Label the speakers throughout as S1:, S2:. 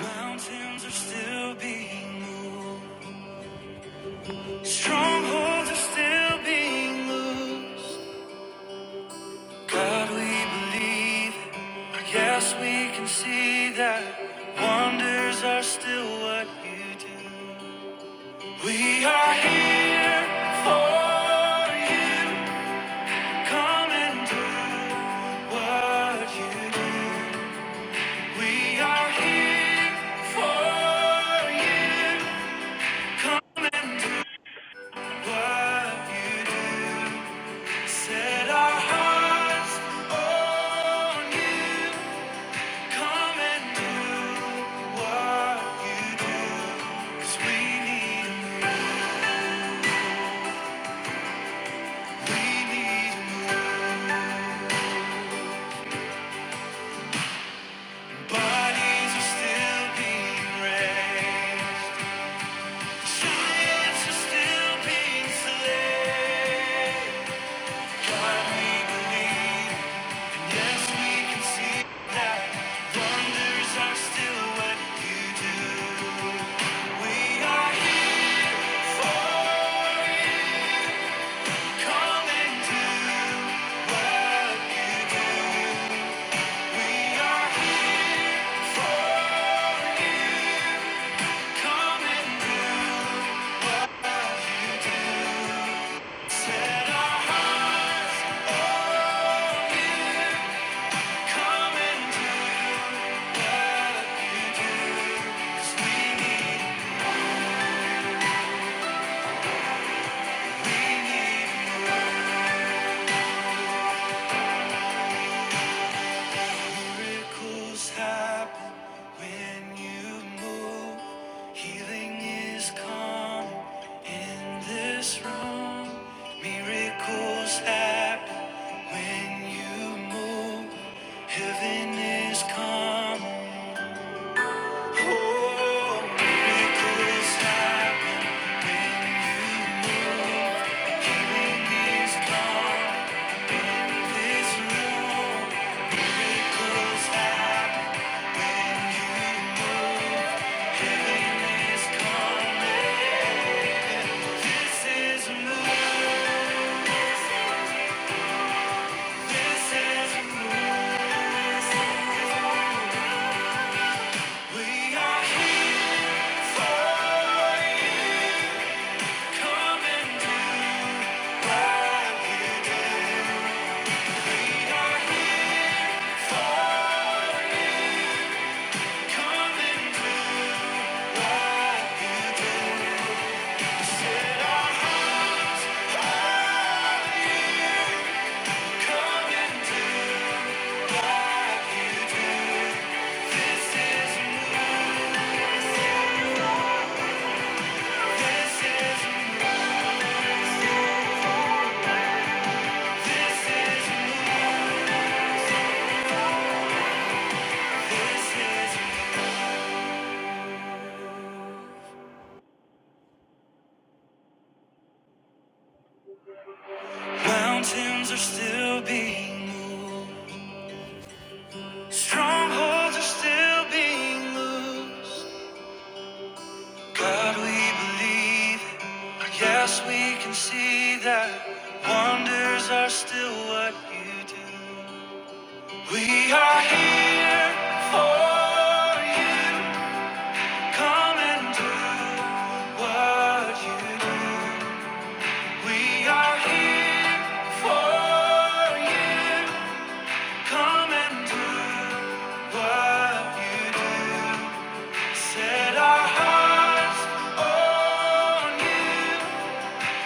S1: Mountains are still being moved. Strongholds are still being loosed. God, we believe. it. Yes, we can see that wonders are still what you do. We are here for you. Come and do what you do. We are here for you. Come what you do. Set our hearts on you. Come and do what You. 'Cause we need a move, we need a move. Bodies are still being raised. Giants are still being slain. God, we believe. Yes, we can see that wonders are still what you do. We are here for you. Coming to work, we are here for you. Coming to set our hearts on you. Coming to, 'cause we need Miracles happen when you move. Healing is coming in this room. Miracles happen when you move. Heaven is coming. Oh, miracles happen. Healing is coming. in This room. Miracles happen. Is coming. This is a move. We are here for you. Come and do what we are here for. Come and do it our hearts. Come and do this is this is. Mountains are still being moved. Strongholds are still being loosed. God, we believe. it. Yes, we can see that wonders are still what you do. We are here for you. Come and do what you do. We are here for you. Come and do what you do. Set our hearts on you.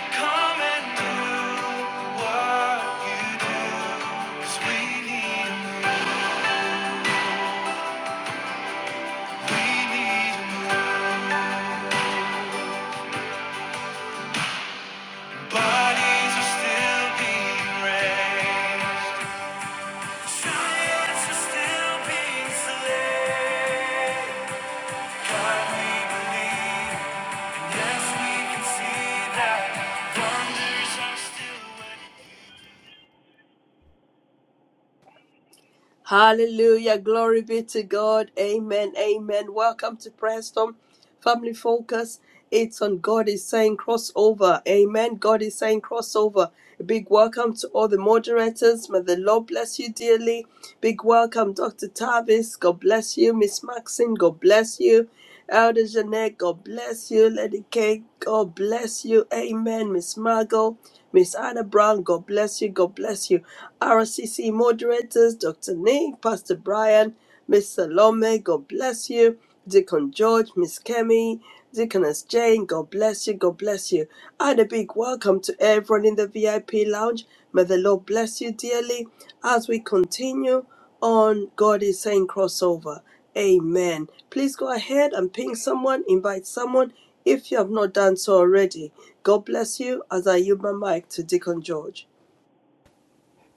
S1: Come and do what you do. 'Cause we need a move. We need a move. Bodies are still being raised. Giants are still being slain. God, we believe, and yes, we can see that wonders are still waiting.
S2: Hallelujah. Glory be to God. Amen. Amen. Welcome to Prayer Storm Family Focus. It's on God is saying crossover. Amen. God is saying crossover. A Big welcome to all the moderators. May the Lord bless you dearly. Big welcome, Dr. Tavis. God bless you. Miss Maxine, God bless you. Elder Jeanette, God bless you. Lady Kay, God bless you. Amen. Miss Margot, Miss Anna Brown, God bless you. God bless you. RCC moderators, Dr. Nick, Pastor Brian. Miss Salome, God bless you. Deacon George, Miss Kemi, Deaconess Jane, God bless you, God bless you. And a big welcome to everyone in the VIP lounge. May the Lord bless you dearly as we continue on God is saying crossover. Amen. Please go ahead and ping someone, invite someone if you have not done so already. God bless you as I yield my mic to Deacon George.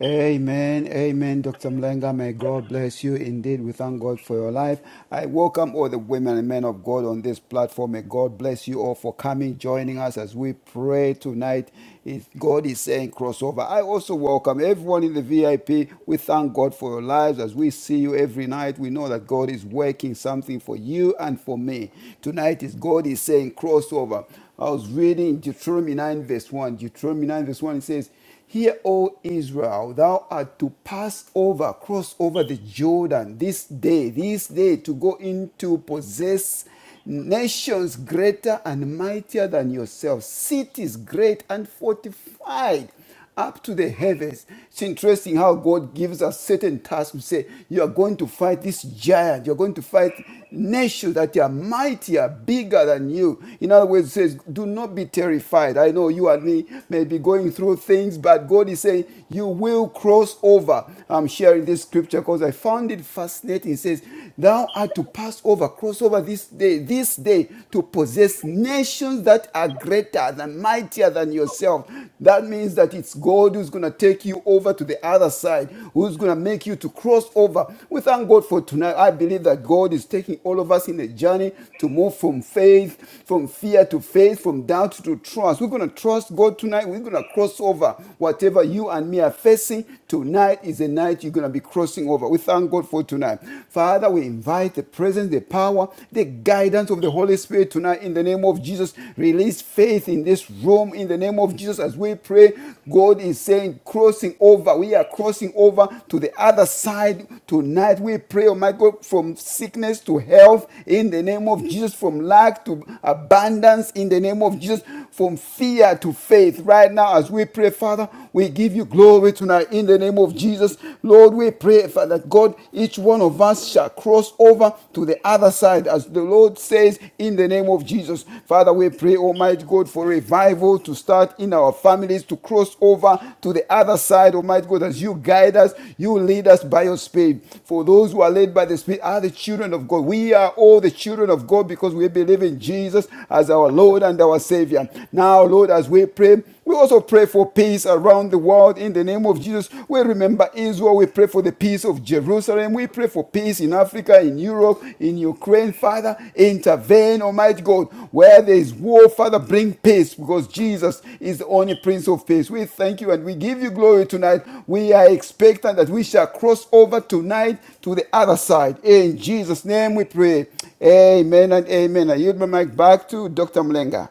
S3: Amen, amen, Dr. Mlenga. May God bless you. Indeed, we thank God for your life. I welcome all the women and men of God on this platform. May God bless you all for coming, joining us as we pray tonight. If God is saying crossover, I also welcome everyone in the VIP. We thank God for your lives as we see you every night. We know that God is working something for you and for me. Tonight is God is saying crossover. I was reading Deuteronomy 9, verse 1. Deuteronomy 9, verse 1, it says, Hear, O Israel, thou art to pass over, cross over the Jordan this day, this day to go into possess nations greater and mightier than yourselves, cities great and fortified up to the heavens. It's interesting how God gives us certain tasks to say, You are going to fight this giant, you're going to fight nations that are mightier, bigger than you. In other words, it says, do not be terrified. I know you and me may be going through things, but God is saying, you will cross over. I'm sharing this scripture because I found it fascinating. It says, thou art to pass over, cross over this day, this day to possess nations that are greater than mightier than yourself. That means that it's God who's going to take you over to the other other side, who's going to make you to cross over. We thank God for tonight. I believe that God is taking all of us in a journey to move from faith, from fear to faith, from doubt to trust. We're going to trust God tonight. We're going to cross over. Whatever you and me are facing tonight is a night you're going to be crossing over. We thank God for tonight. Father, we invite the presence, the power, the guidance of the Holy Spirit tonight in the name of Jesus. Release faith faith in this room in the name of Jesus as we pray. God is saying, crossing over. We are crossing over to the other side tonight. We pray, oh my God, from sickness to health in the name of Jesus, from lack to abundance in the name of Jesus, from fear to faith. Right now, as we pray, Father, we give you glory tonight in the name of Jesus. Lord, we pray, Father, that God, each one of us shall cross over over to the other side, as the Lord says in the name of Jesus. Father, we pray, Almighty God, for revival to start in our families, to cross over to the other side, Almighty God, as you guide us, you lead us by your Spirit. For those who are led by the Spirit are the children of God. We are all the children of God because we believe in Jesus as our Lord and our Savior. Now, Lord, as we pray, we also pray for peace around the world in the name of Jesus. We remember Israel. We pray for the peace of Jerusalem. We pray for peace in Africa, in Europe, in Ukraine. Father, intervene, Almighty God. Where there is war, Father, bring peace because Jesus is the only Prince of Peace. We thank you and we give you glory tonight. We are expectant that we shall cross over tonight to the other side. In Jesus' name we pray. Amen and amen. I yield my mic back to Dr. Mlenga.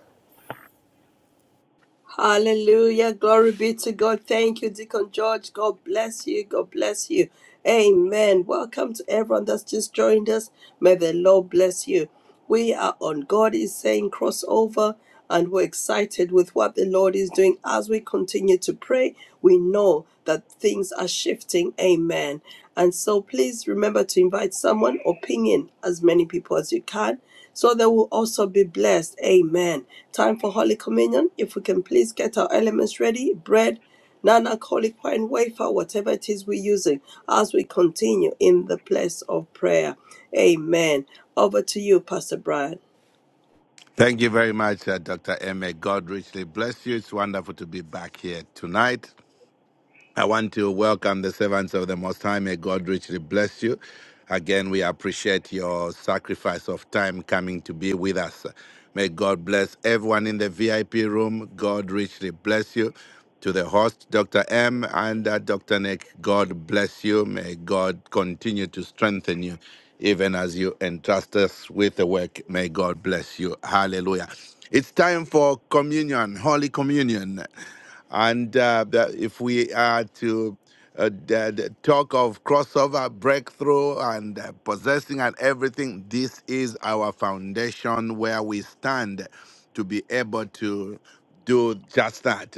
S2: Hallelujah. Glory be to God. Thank you, Deacon George. God bless you. God bless you. Amen. Welcome to everyone that's just joined us. May the Lord bless you. We are on God is saying crossover, and we're excited with what the Lord is doing. As we continue to pray, we know that things are shifting. Amen. And so please remember to invite someone or ping in as many people as you can so they will also be blessed. Amen. Time for Holy Communion. If we can please get our elements ready bread, non alcoholic wine, wafer, whatever it is we're using as we continue in the place of prayer. Amen. Over to you, Pastor Brian.
S4: Thank you very much, uh, Dr. M. God richly bless you. It's wonderful to be back here tonight. I want to welcome the servants of the Most High. May God richly bless you. Again, we appreciate your sacrifice of time coming to be with us. May God bless everyone in the VIP room. God richly bless you. To the host, Dr. M and uh, Dr. Nick, God bless you. May God continue to strengthen you even as you entrust us with the work. May God bless you. Hallelujah. It's time for communion, Holy Communion. And uh, the- if we are to uh, the, the talk of crossover, breakthrough, and uh, possessing and everything. This is our foundation where we stand to be able to do just that.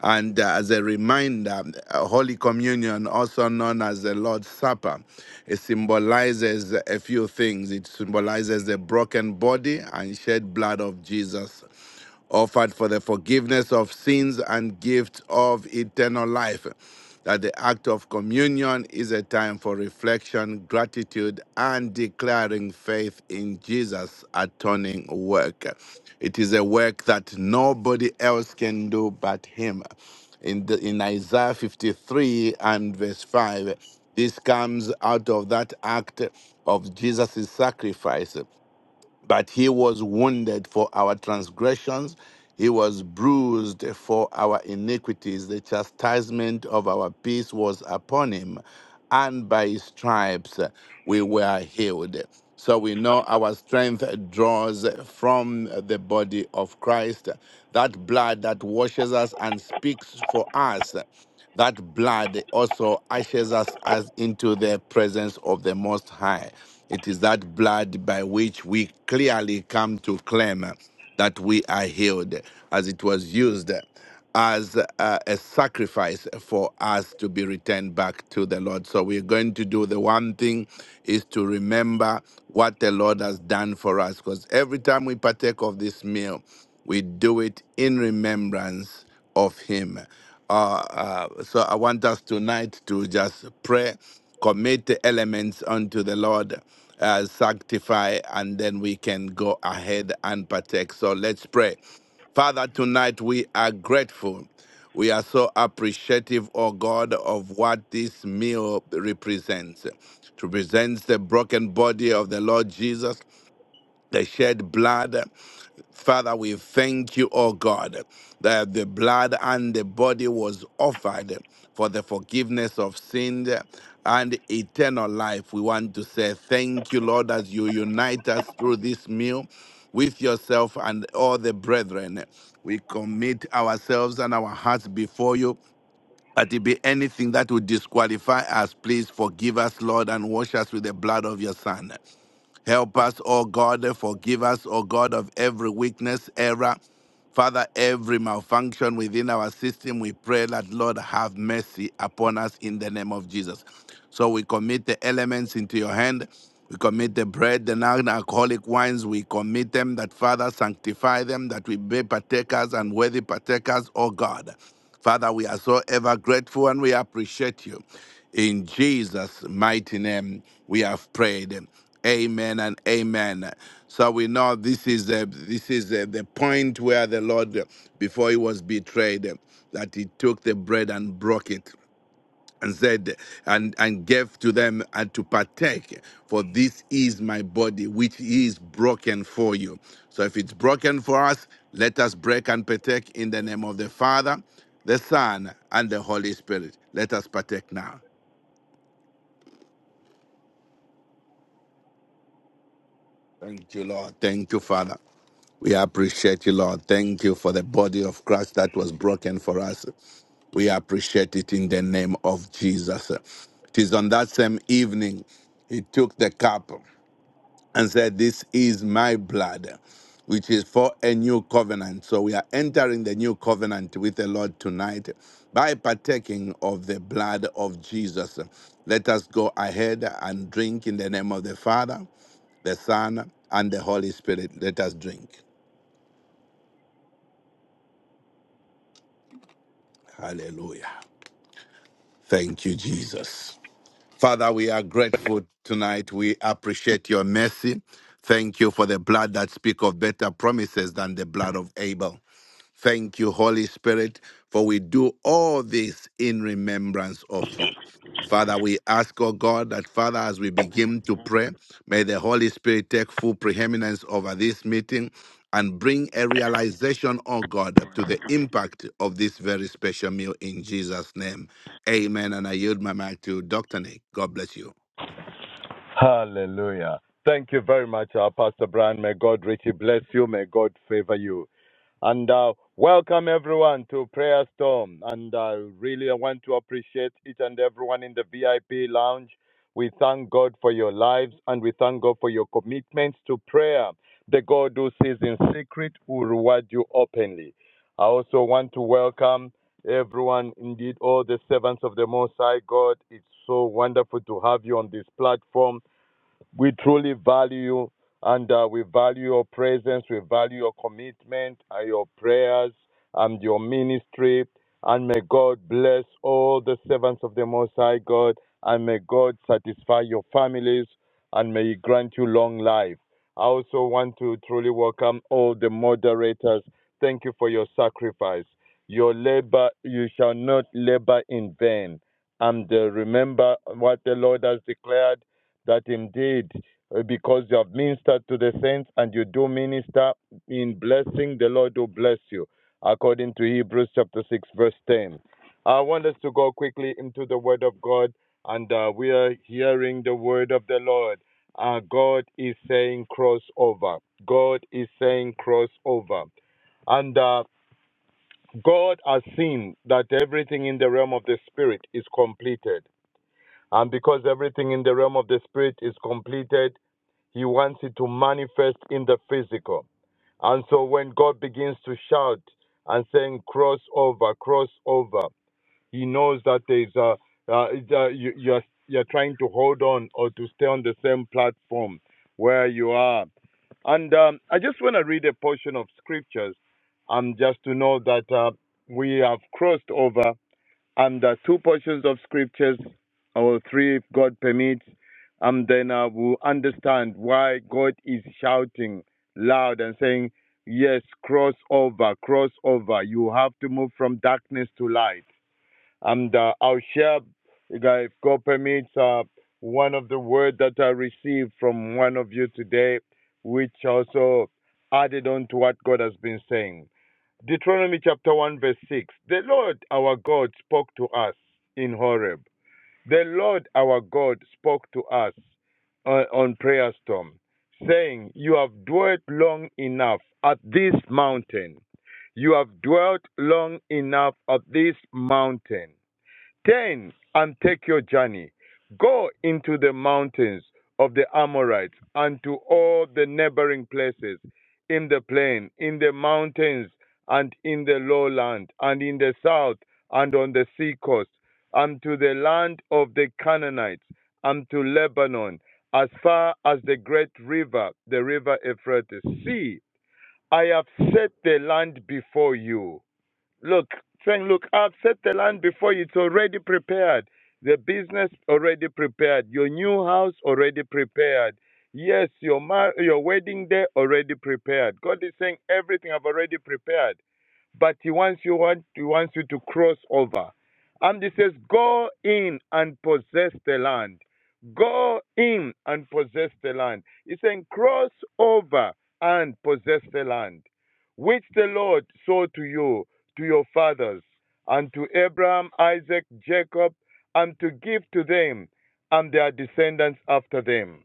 S4: And uh, as a reminder, uh, Holy Communion, also known as the Lord's Supper, it symbolizes a few things. It symbolizes the broken body and shed blood of Jesus offered for the forgiveness of sins and gift of eternal life. That the act of communion is a time for reflection, gratitude, and declaring faith in Jesus' atoning work. It is a work that nobody else can do but Him. In, the, in Isaiah 53 and verse 5, this comes out of that act of Jesus' sacrifice. But he was wounded for our transgressions, he was bruised for our iniquities. The chastisement of our peace was upon him, and by his stripes uh, we were healed. So we know our strength draws from the body of Christ, that blood that washes us and speaks for us. That blood also ushers us as into the presence of the Most High. It is that blood by which we clearly come to claim that we are healed, as it was used as uh, a sacrifice for us to be returned back to the Lord. So we're going to do the one thing is to remember what the Lord has done for us, because every time we partake of this meal, we do it in remembrance of Him. Uh, uh, so I want us tonight to just pray, commit the elements unto the Lord, uh, sanctify, and then we can go ahead and partake. So let's pray. Father, tonight we are grateful. We are so appreciative, oh God, of what this meal represents. It represents the broken body of the Lord Jesus, the shed blood. Father, we thank you, O God, that the blood and the body was offered for the forgiveness of sin and eternal life. We want to say thank you, Lord, as you unite us through this meal with yourself and all the brethren. We commit ourselves and our hearts before you. That it be anything that would disqualify us, please forgive us, Lord, and wash us with the blood of your Son. Help us, O God, forgive us, O God, of every weakness, error. Father, every malfunction within our system, we pray that, Lord, have mercy upon us in the name of Jesus. So we commit the elements into your hand. We commit the bread, the non-alcoholic wines. We commit them that, Father, sanctify them, that we be partakers and worthy partakers, O God. Father, we are so ever grateful and we appreciate you. In Jesus' mighty name, we have prayed. Amen and amen. So we know this is the this is the, the point where the Lord, uh, before he was betrayed, uh, that he took the bread and broke it and said and and gave to them and to partake for this is my body which is broken for you so if it's broken for us let us break and partake in the name of the father the son and the holy spirit let us partake now thank you lord thank you father We appreciate you, Lord. Thank you for the body of Christ that was broken for us. We appreciate it in the name of Jesus. It is on that same evening he took the cup and said, This is my blood, which is for a new covenant. So we are entering the new covenant with the Lord tonight by partaking of the blood of Jesus. Let us go ahead and drink in the name of the Father, the Son, and the Holy Spirit. Let us drink. Hallelujah. Thank you, Jesus. Father, we are grateful tonight. We appreciate your mercy. Thank you for the blood that speaks of better promises than the blood of Abel. Thank you, Holy Spirit, for we do all this in remembrance of you. Father, we ask, oh God, that Father, as we begin to pray, may the Holy Spirit take full preeminence over this meeting and bring a realization, oh God, to the impact of this very special meal in Jesus' name. Amen. And I yield my mic to Dr. Nick. God bless you.
S5: Hallelujah. Thank you very much, uh, Pastor Brian. May God richly bless you. May God favor you. And uh, welcome everyone to Prayer Storm. And uh, really, I want to appreciate each and everyone in the VIP lounge. We thank God for your lives and we thank God for your commitments to prayer. The God who sees in secret will reward you openly. I also want to welcome everyone, indeed, all the servants of the Most High God. It's so wonderful to have you on this platform. We truly value you, and uh, we value your presence, we value your commitment, and your prayers, and your ministry. And may God bless all the servants of the Most High God, and may God satisfy your families, and may He grant you long life. I also want to truly welcome all the moderators. Thank you for your sacrifice. Your labor, you shall not labor in vain. And uh, remember what the Lord has declared that indeed, uh, because you have ministered to the saints and you do minister in blessing, the Lord will bless you, according to Hebrews chapter 6, verse 10. I want us to go quickly into the Word of God, and uh, we are hearing the Word of the Lord. Uh, God is saying crossover. God is saying crossover. And uh, God has seen that everything in the realm of the Spirit is completed. And because everything in the realm of the spirit is completed, he wants it to manifest in the physical. And so when God begins to shout and saying, cross over, cross over, he knows that there is a, uh, it's a- you, you're, you're trying to hold on or to stay on the same platform where you are. And um, I just want to read a portion of scriptures um, just to know that uh, we have crossed over um, there two portions of scriptures, or three if God permits, and um, then I will understand why God is shouting loud and saying, Yes, cross over, cross over. You have to move from darkness to light. And uh, I'll share, if God permits, uh, one of the words that I received from one of you today, which also added on to what God has been saying. Deuteronomy chapter 1, verse 6. The Lord our God spoke to us in Horeb. The Lord our God spoke to us uh, on prayer storm, saying, You have dwelt long enough at this mountain. You have dwelt long enough at this mountain. Turn and take your journey. Go into the mountains of the Amorites and to all the neighboring places in the plain, in the mountains, and in the lowland, and in the south, and on the sea coast, and to the land of the Canaanites, and to Lebanon, as far as the great river, the river Euphrates. See, I have set the land before you Look, saying, look, I've set the land before you. It's already prepared. The business already prepared. Your new house already prepared. Yes, your mar- your wedding day already prepared. God is saying everything I've already prepared, but He wants you want He wants you to cross over. And He says, go in and possess the land. Go in and possess the land. He's saying cross over and possess the land, which the Lord saw to you to your fathers, and to Abraham, Isaac, Jacob, and to give to them and their descendants after them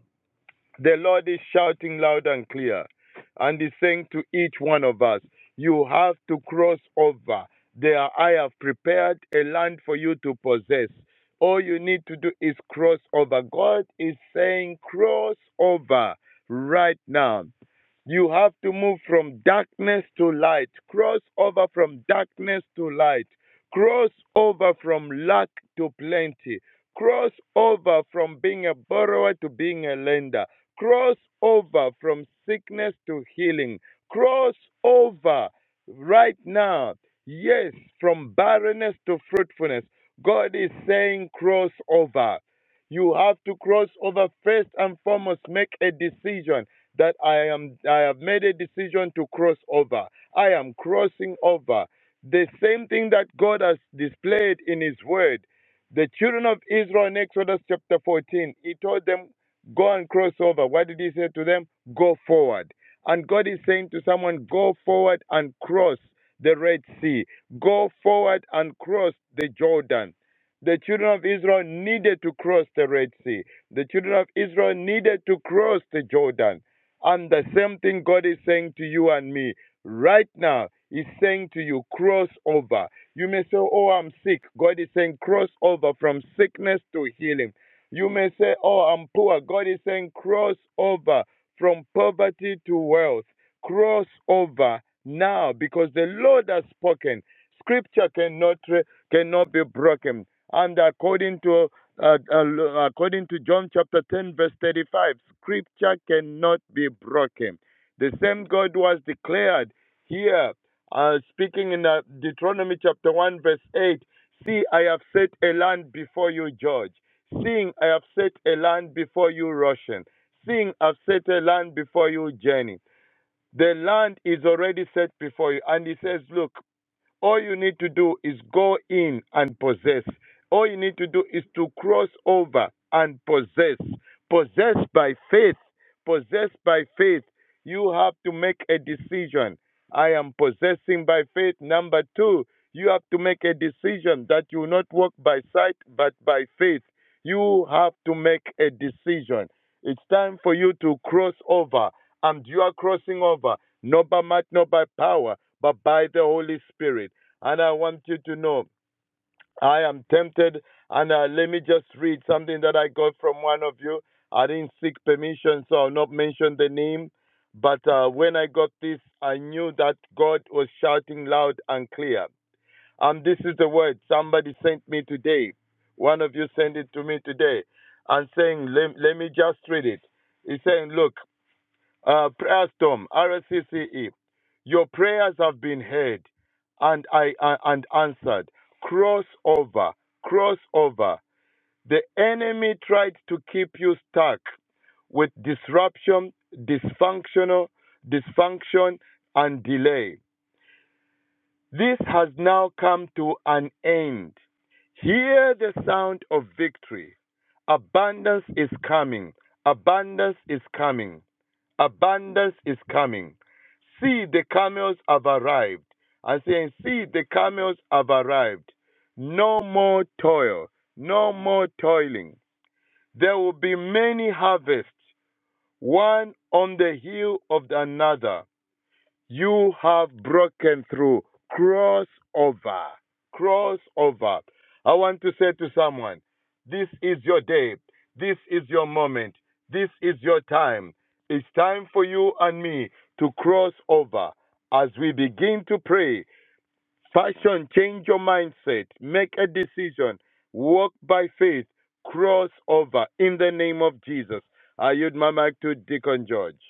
S5: the Lord is shouting loud and clear, and is saying to each one of us, You have to cross over. There, I have prepared a land for you to possess. All you need to do is cross over. God is saying, Cross over right now. You have to move from darkness to light, cross over from darkness to light, cross over from lack to plenty, cross over from being a borrower to being a lender cross over from sickness to healing, cross over right now. Yes, from barrenness to fruitfulness. God is saying cross over. You have to cross over first and foremost, make a decision that I am I have made a decision to cross over. I am crossing over. The same thing that God has displayed in his word. The children of Israel in Exodus chapter 14, he told them Go and cross over. What did he say to them? Go forward. And God is saying to someone, go forward and cross the Red Sea. Go forward and cross the Jordan. The children of Israel needed to cross the Red Sea. The children of Israel needed to cross the Jordan. And the same thing God is saying to you and me right now. He's saying to you, cross over. You may say, Oh, I'm sick. God is saying, cross over from sickness to healing you may say, Oh, I'm poor. God is saying, cross over from poverty to wealth. Cross over now because the Lord has spoken. Scripture cannot, cannot be broken. And according to uh, uh, according to John chapter 10 verse 35, scripture cannot be broken. The same God was declared here, uh, speaking in uh, Deuteronomy chapter 1 verse 8, see, I have set a land before you, George. Seeing I have set a land before you, Russian. Seeing I've set a land before you, Jenny. The land is already set before you. And he says, Look, all you need to do is go in and possess. All you need to do is to cross over and possess. Possess by faith. Possess by faith. You have to make a decision. I am possessing by faith. Number two, you have to make a decision that you will not walk by sight but by faith. You have to make a decision. It's time for you to cross over. And you are crossing over not by might, not by power, but by the Holy Spirit. And I want you to know, I am tempted. And uh, let me just read something that I got from one of you. I didn't seek permission, so I'll not mention the name. But uh, when I got this, I knew that God was shouting loud and clear. Um, this is the word somebody sent me today. One of you sent it to me today, and saying, let, let me just read it. He's saying, look, uh, prayer storm, RSCCE. Your prayers have been heard and I uh, and answered. Cross over, cross over. The enemy tried to keep you stuck with disruption, dysfunctional, dysfunction, and delay. This has now come to an end. Hear the sound of victory. Abundance is coming. Abundance is coming. Abundance is coming. See, the camels have arrived. I'm saying, see, the camels have arrived. No more toil. No more toiling. There will be many harvests, one on the heel of another. You have broken through. Cross over. Cross over. I want to say to someone, this is your day. This is your moment. This is your time. It's time for you and me to cross over as we begin to pray. Fashion, change your mindset. Make a decision. Walk by faith. Cross over in the name of Jesus. I yield my mic to Deacon George.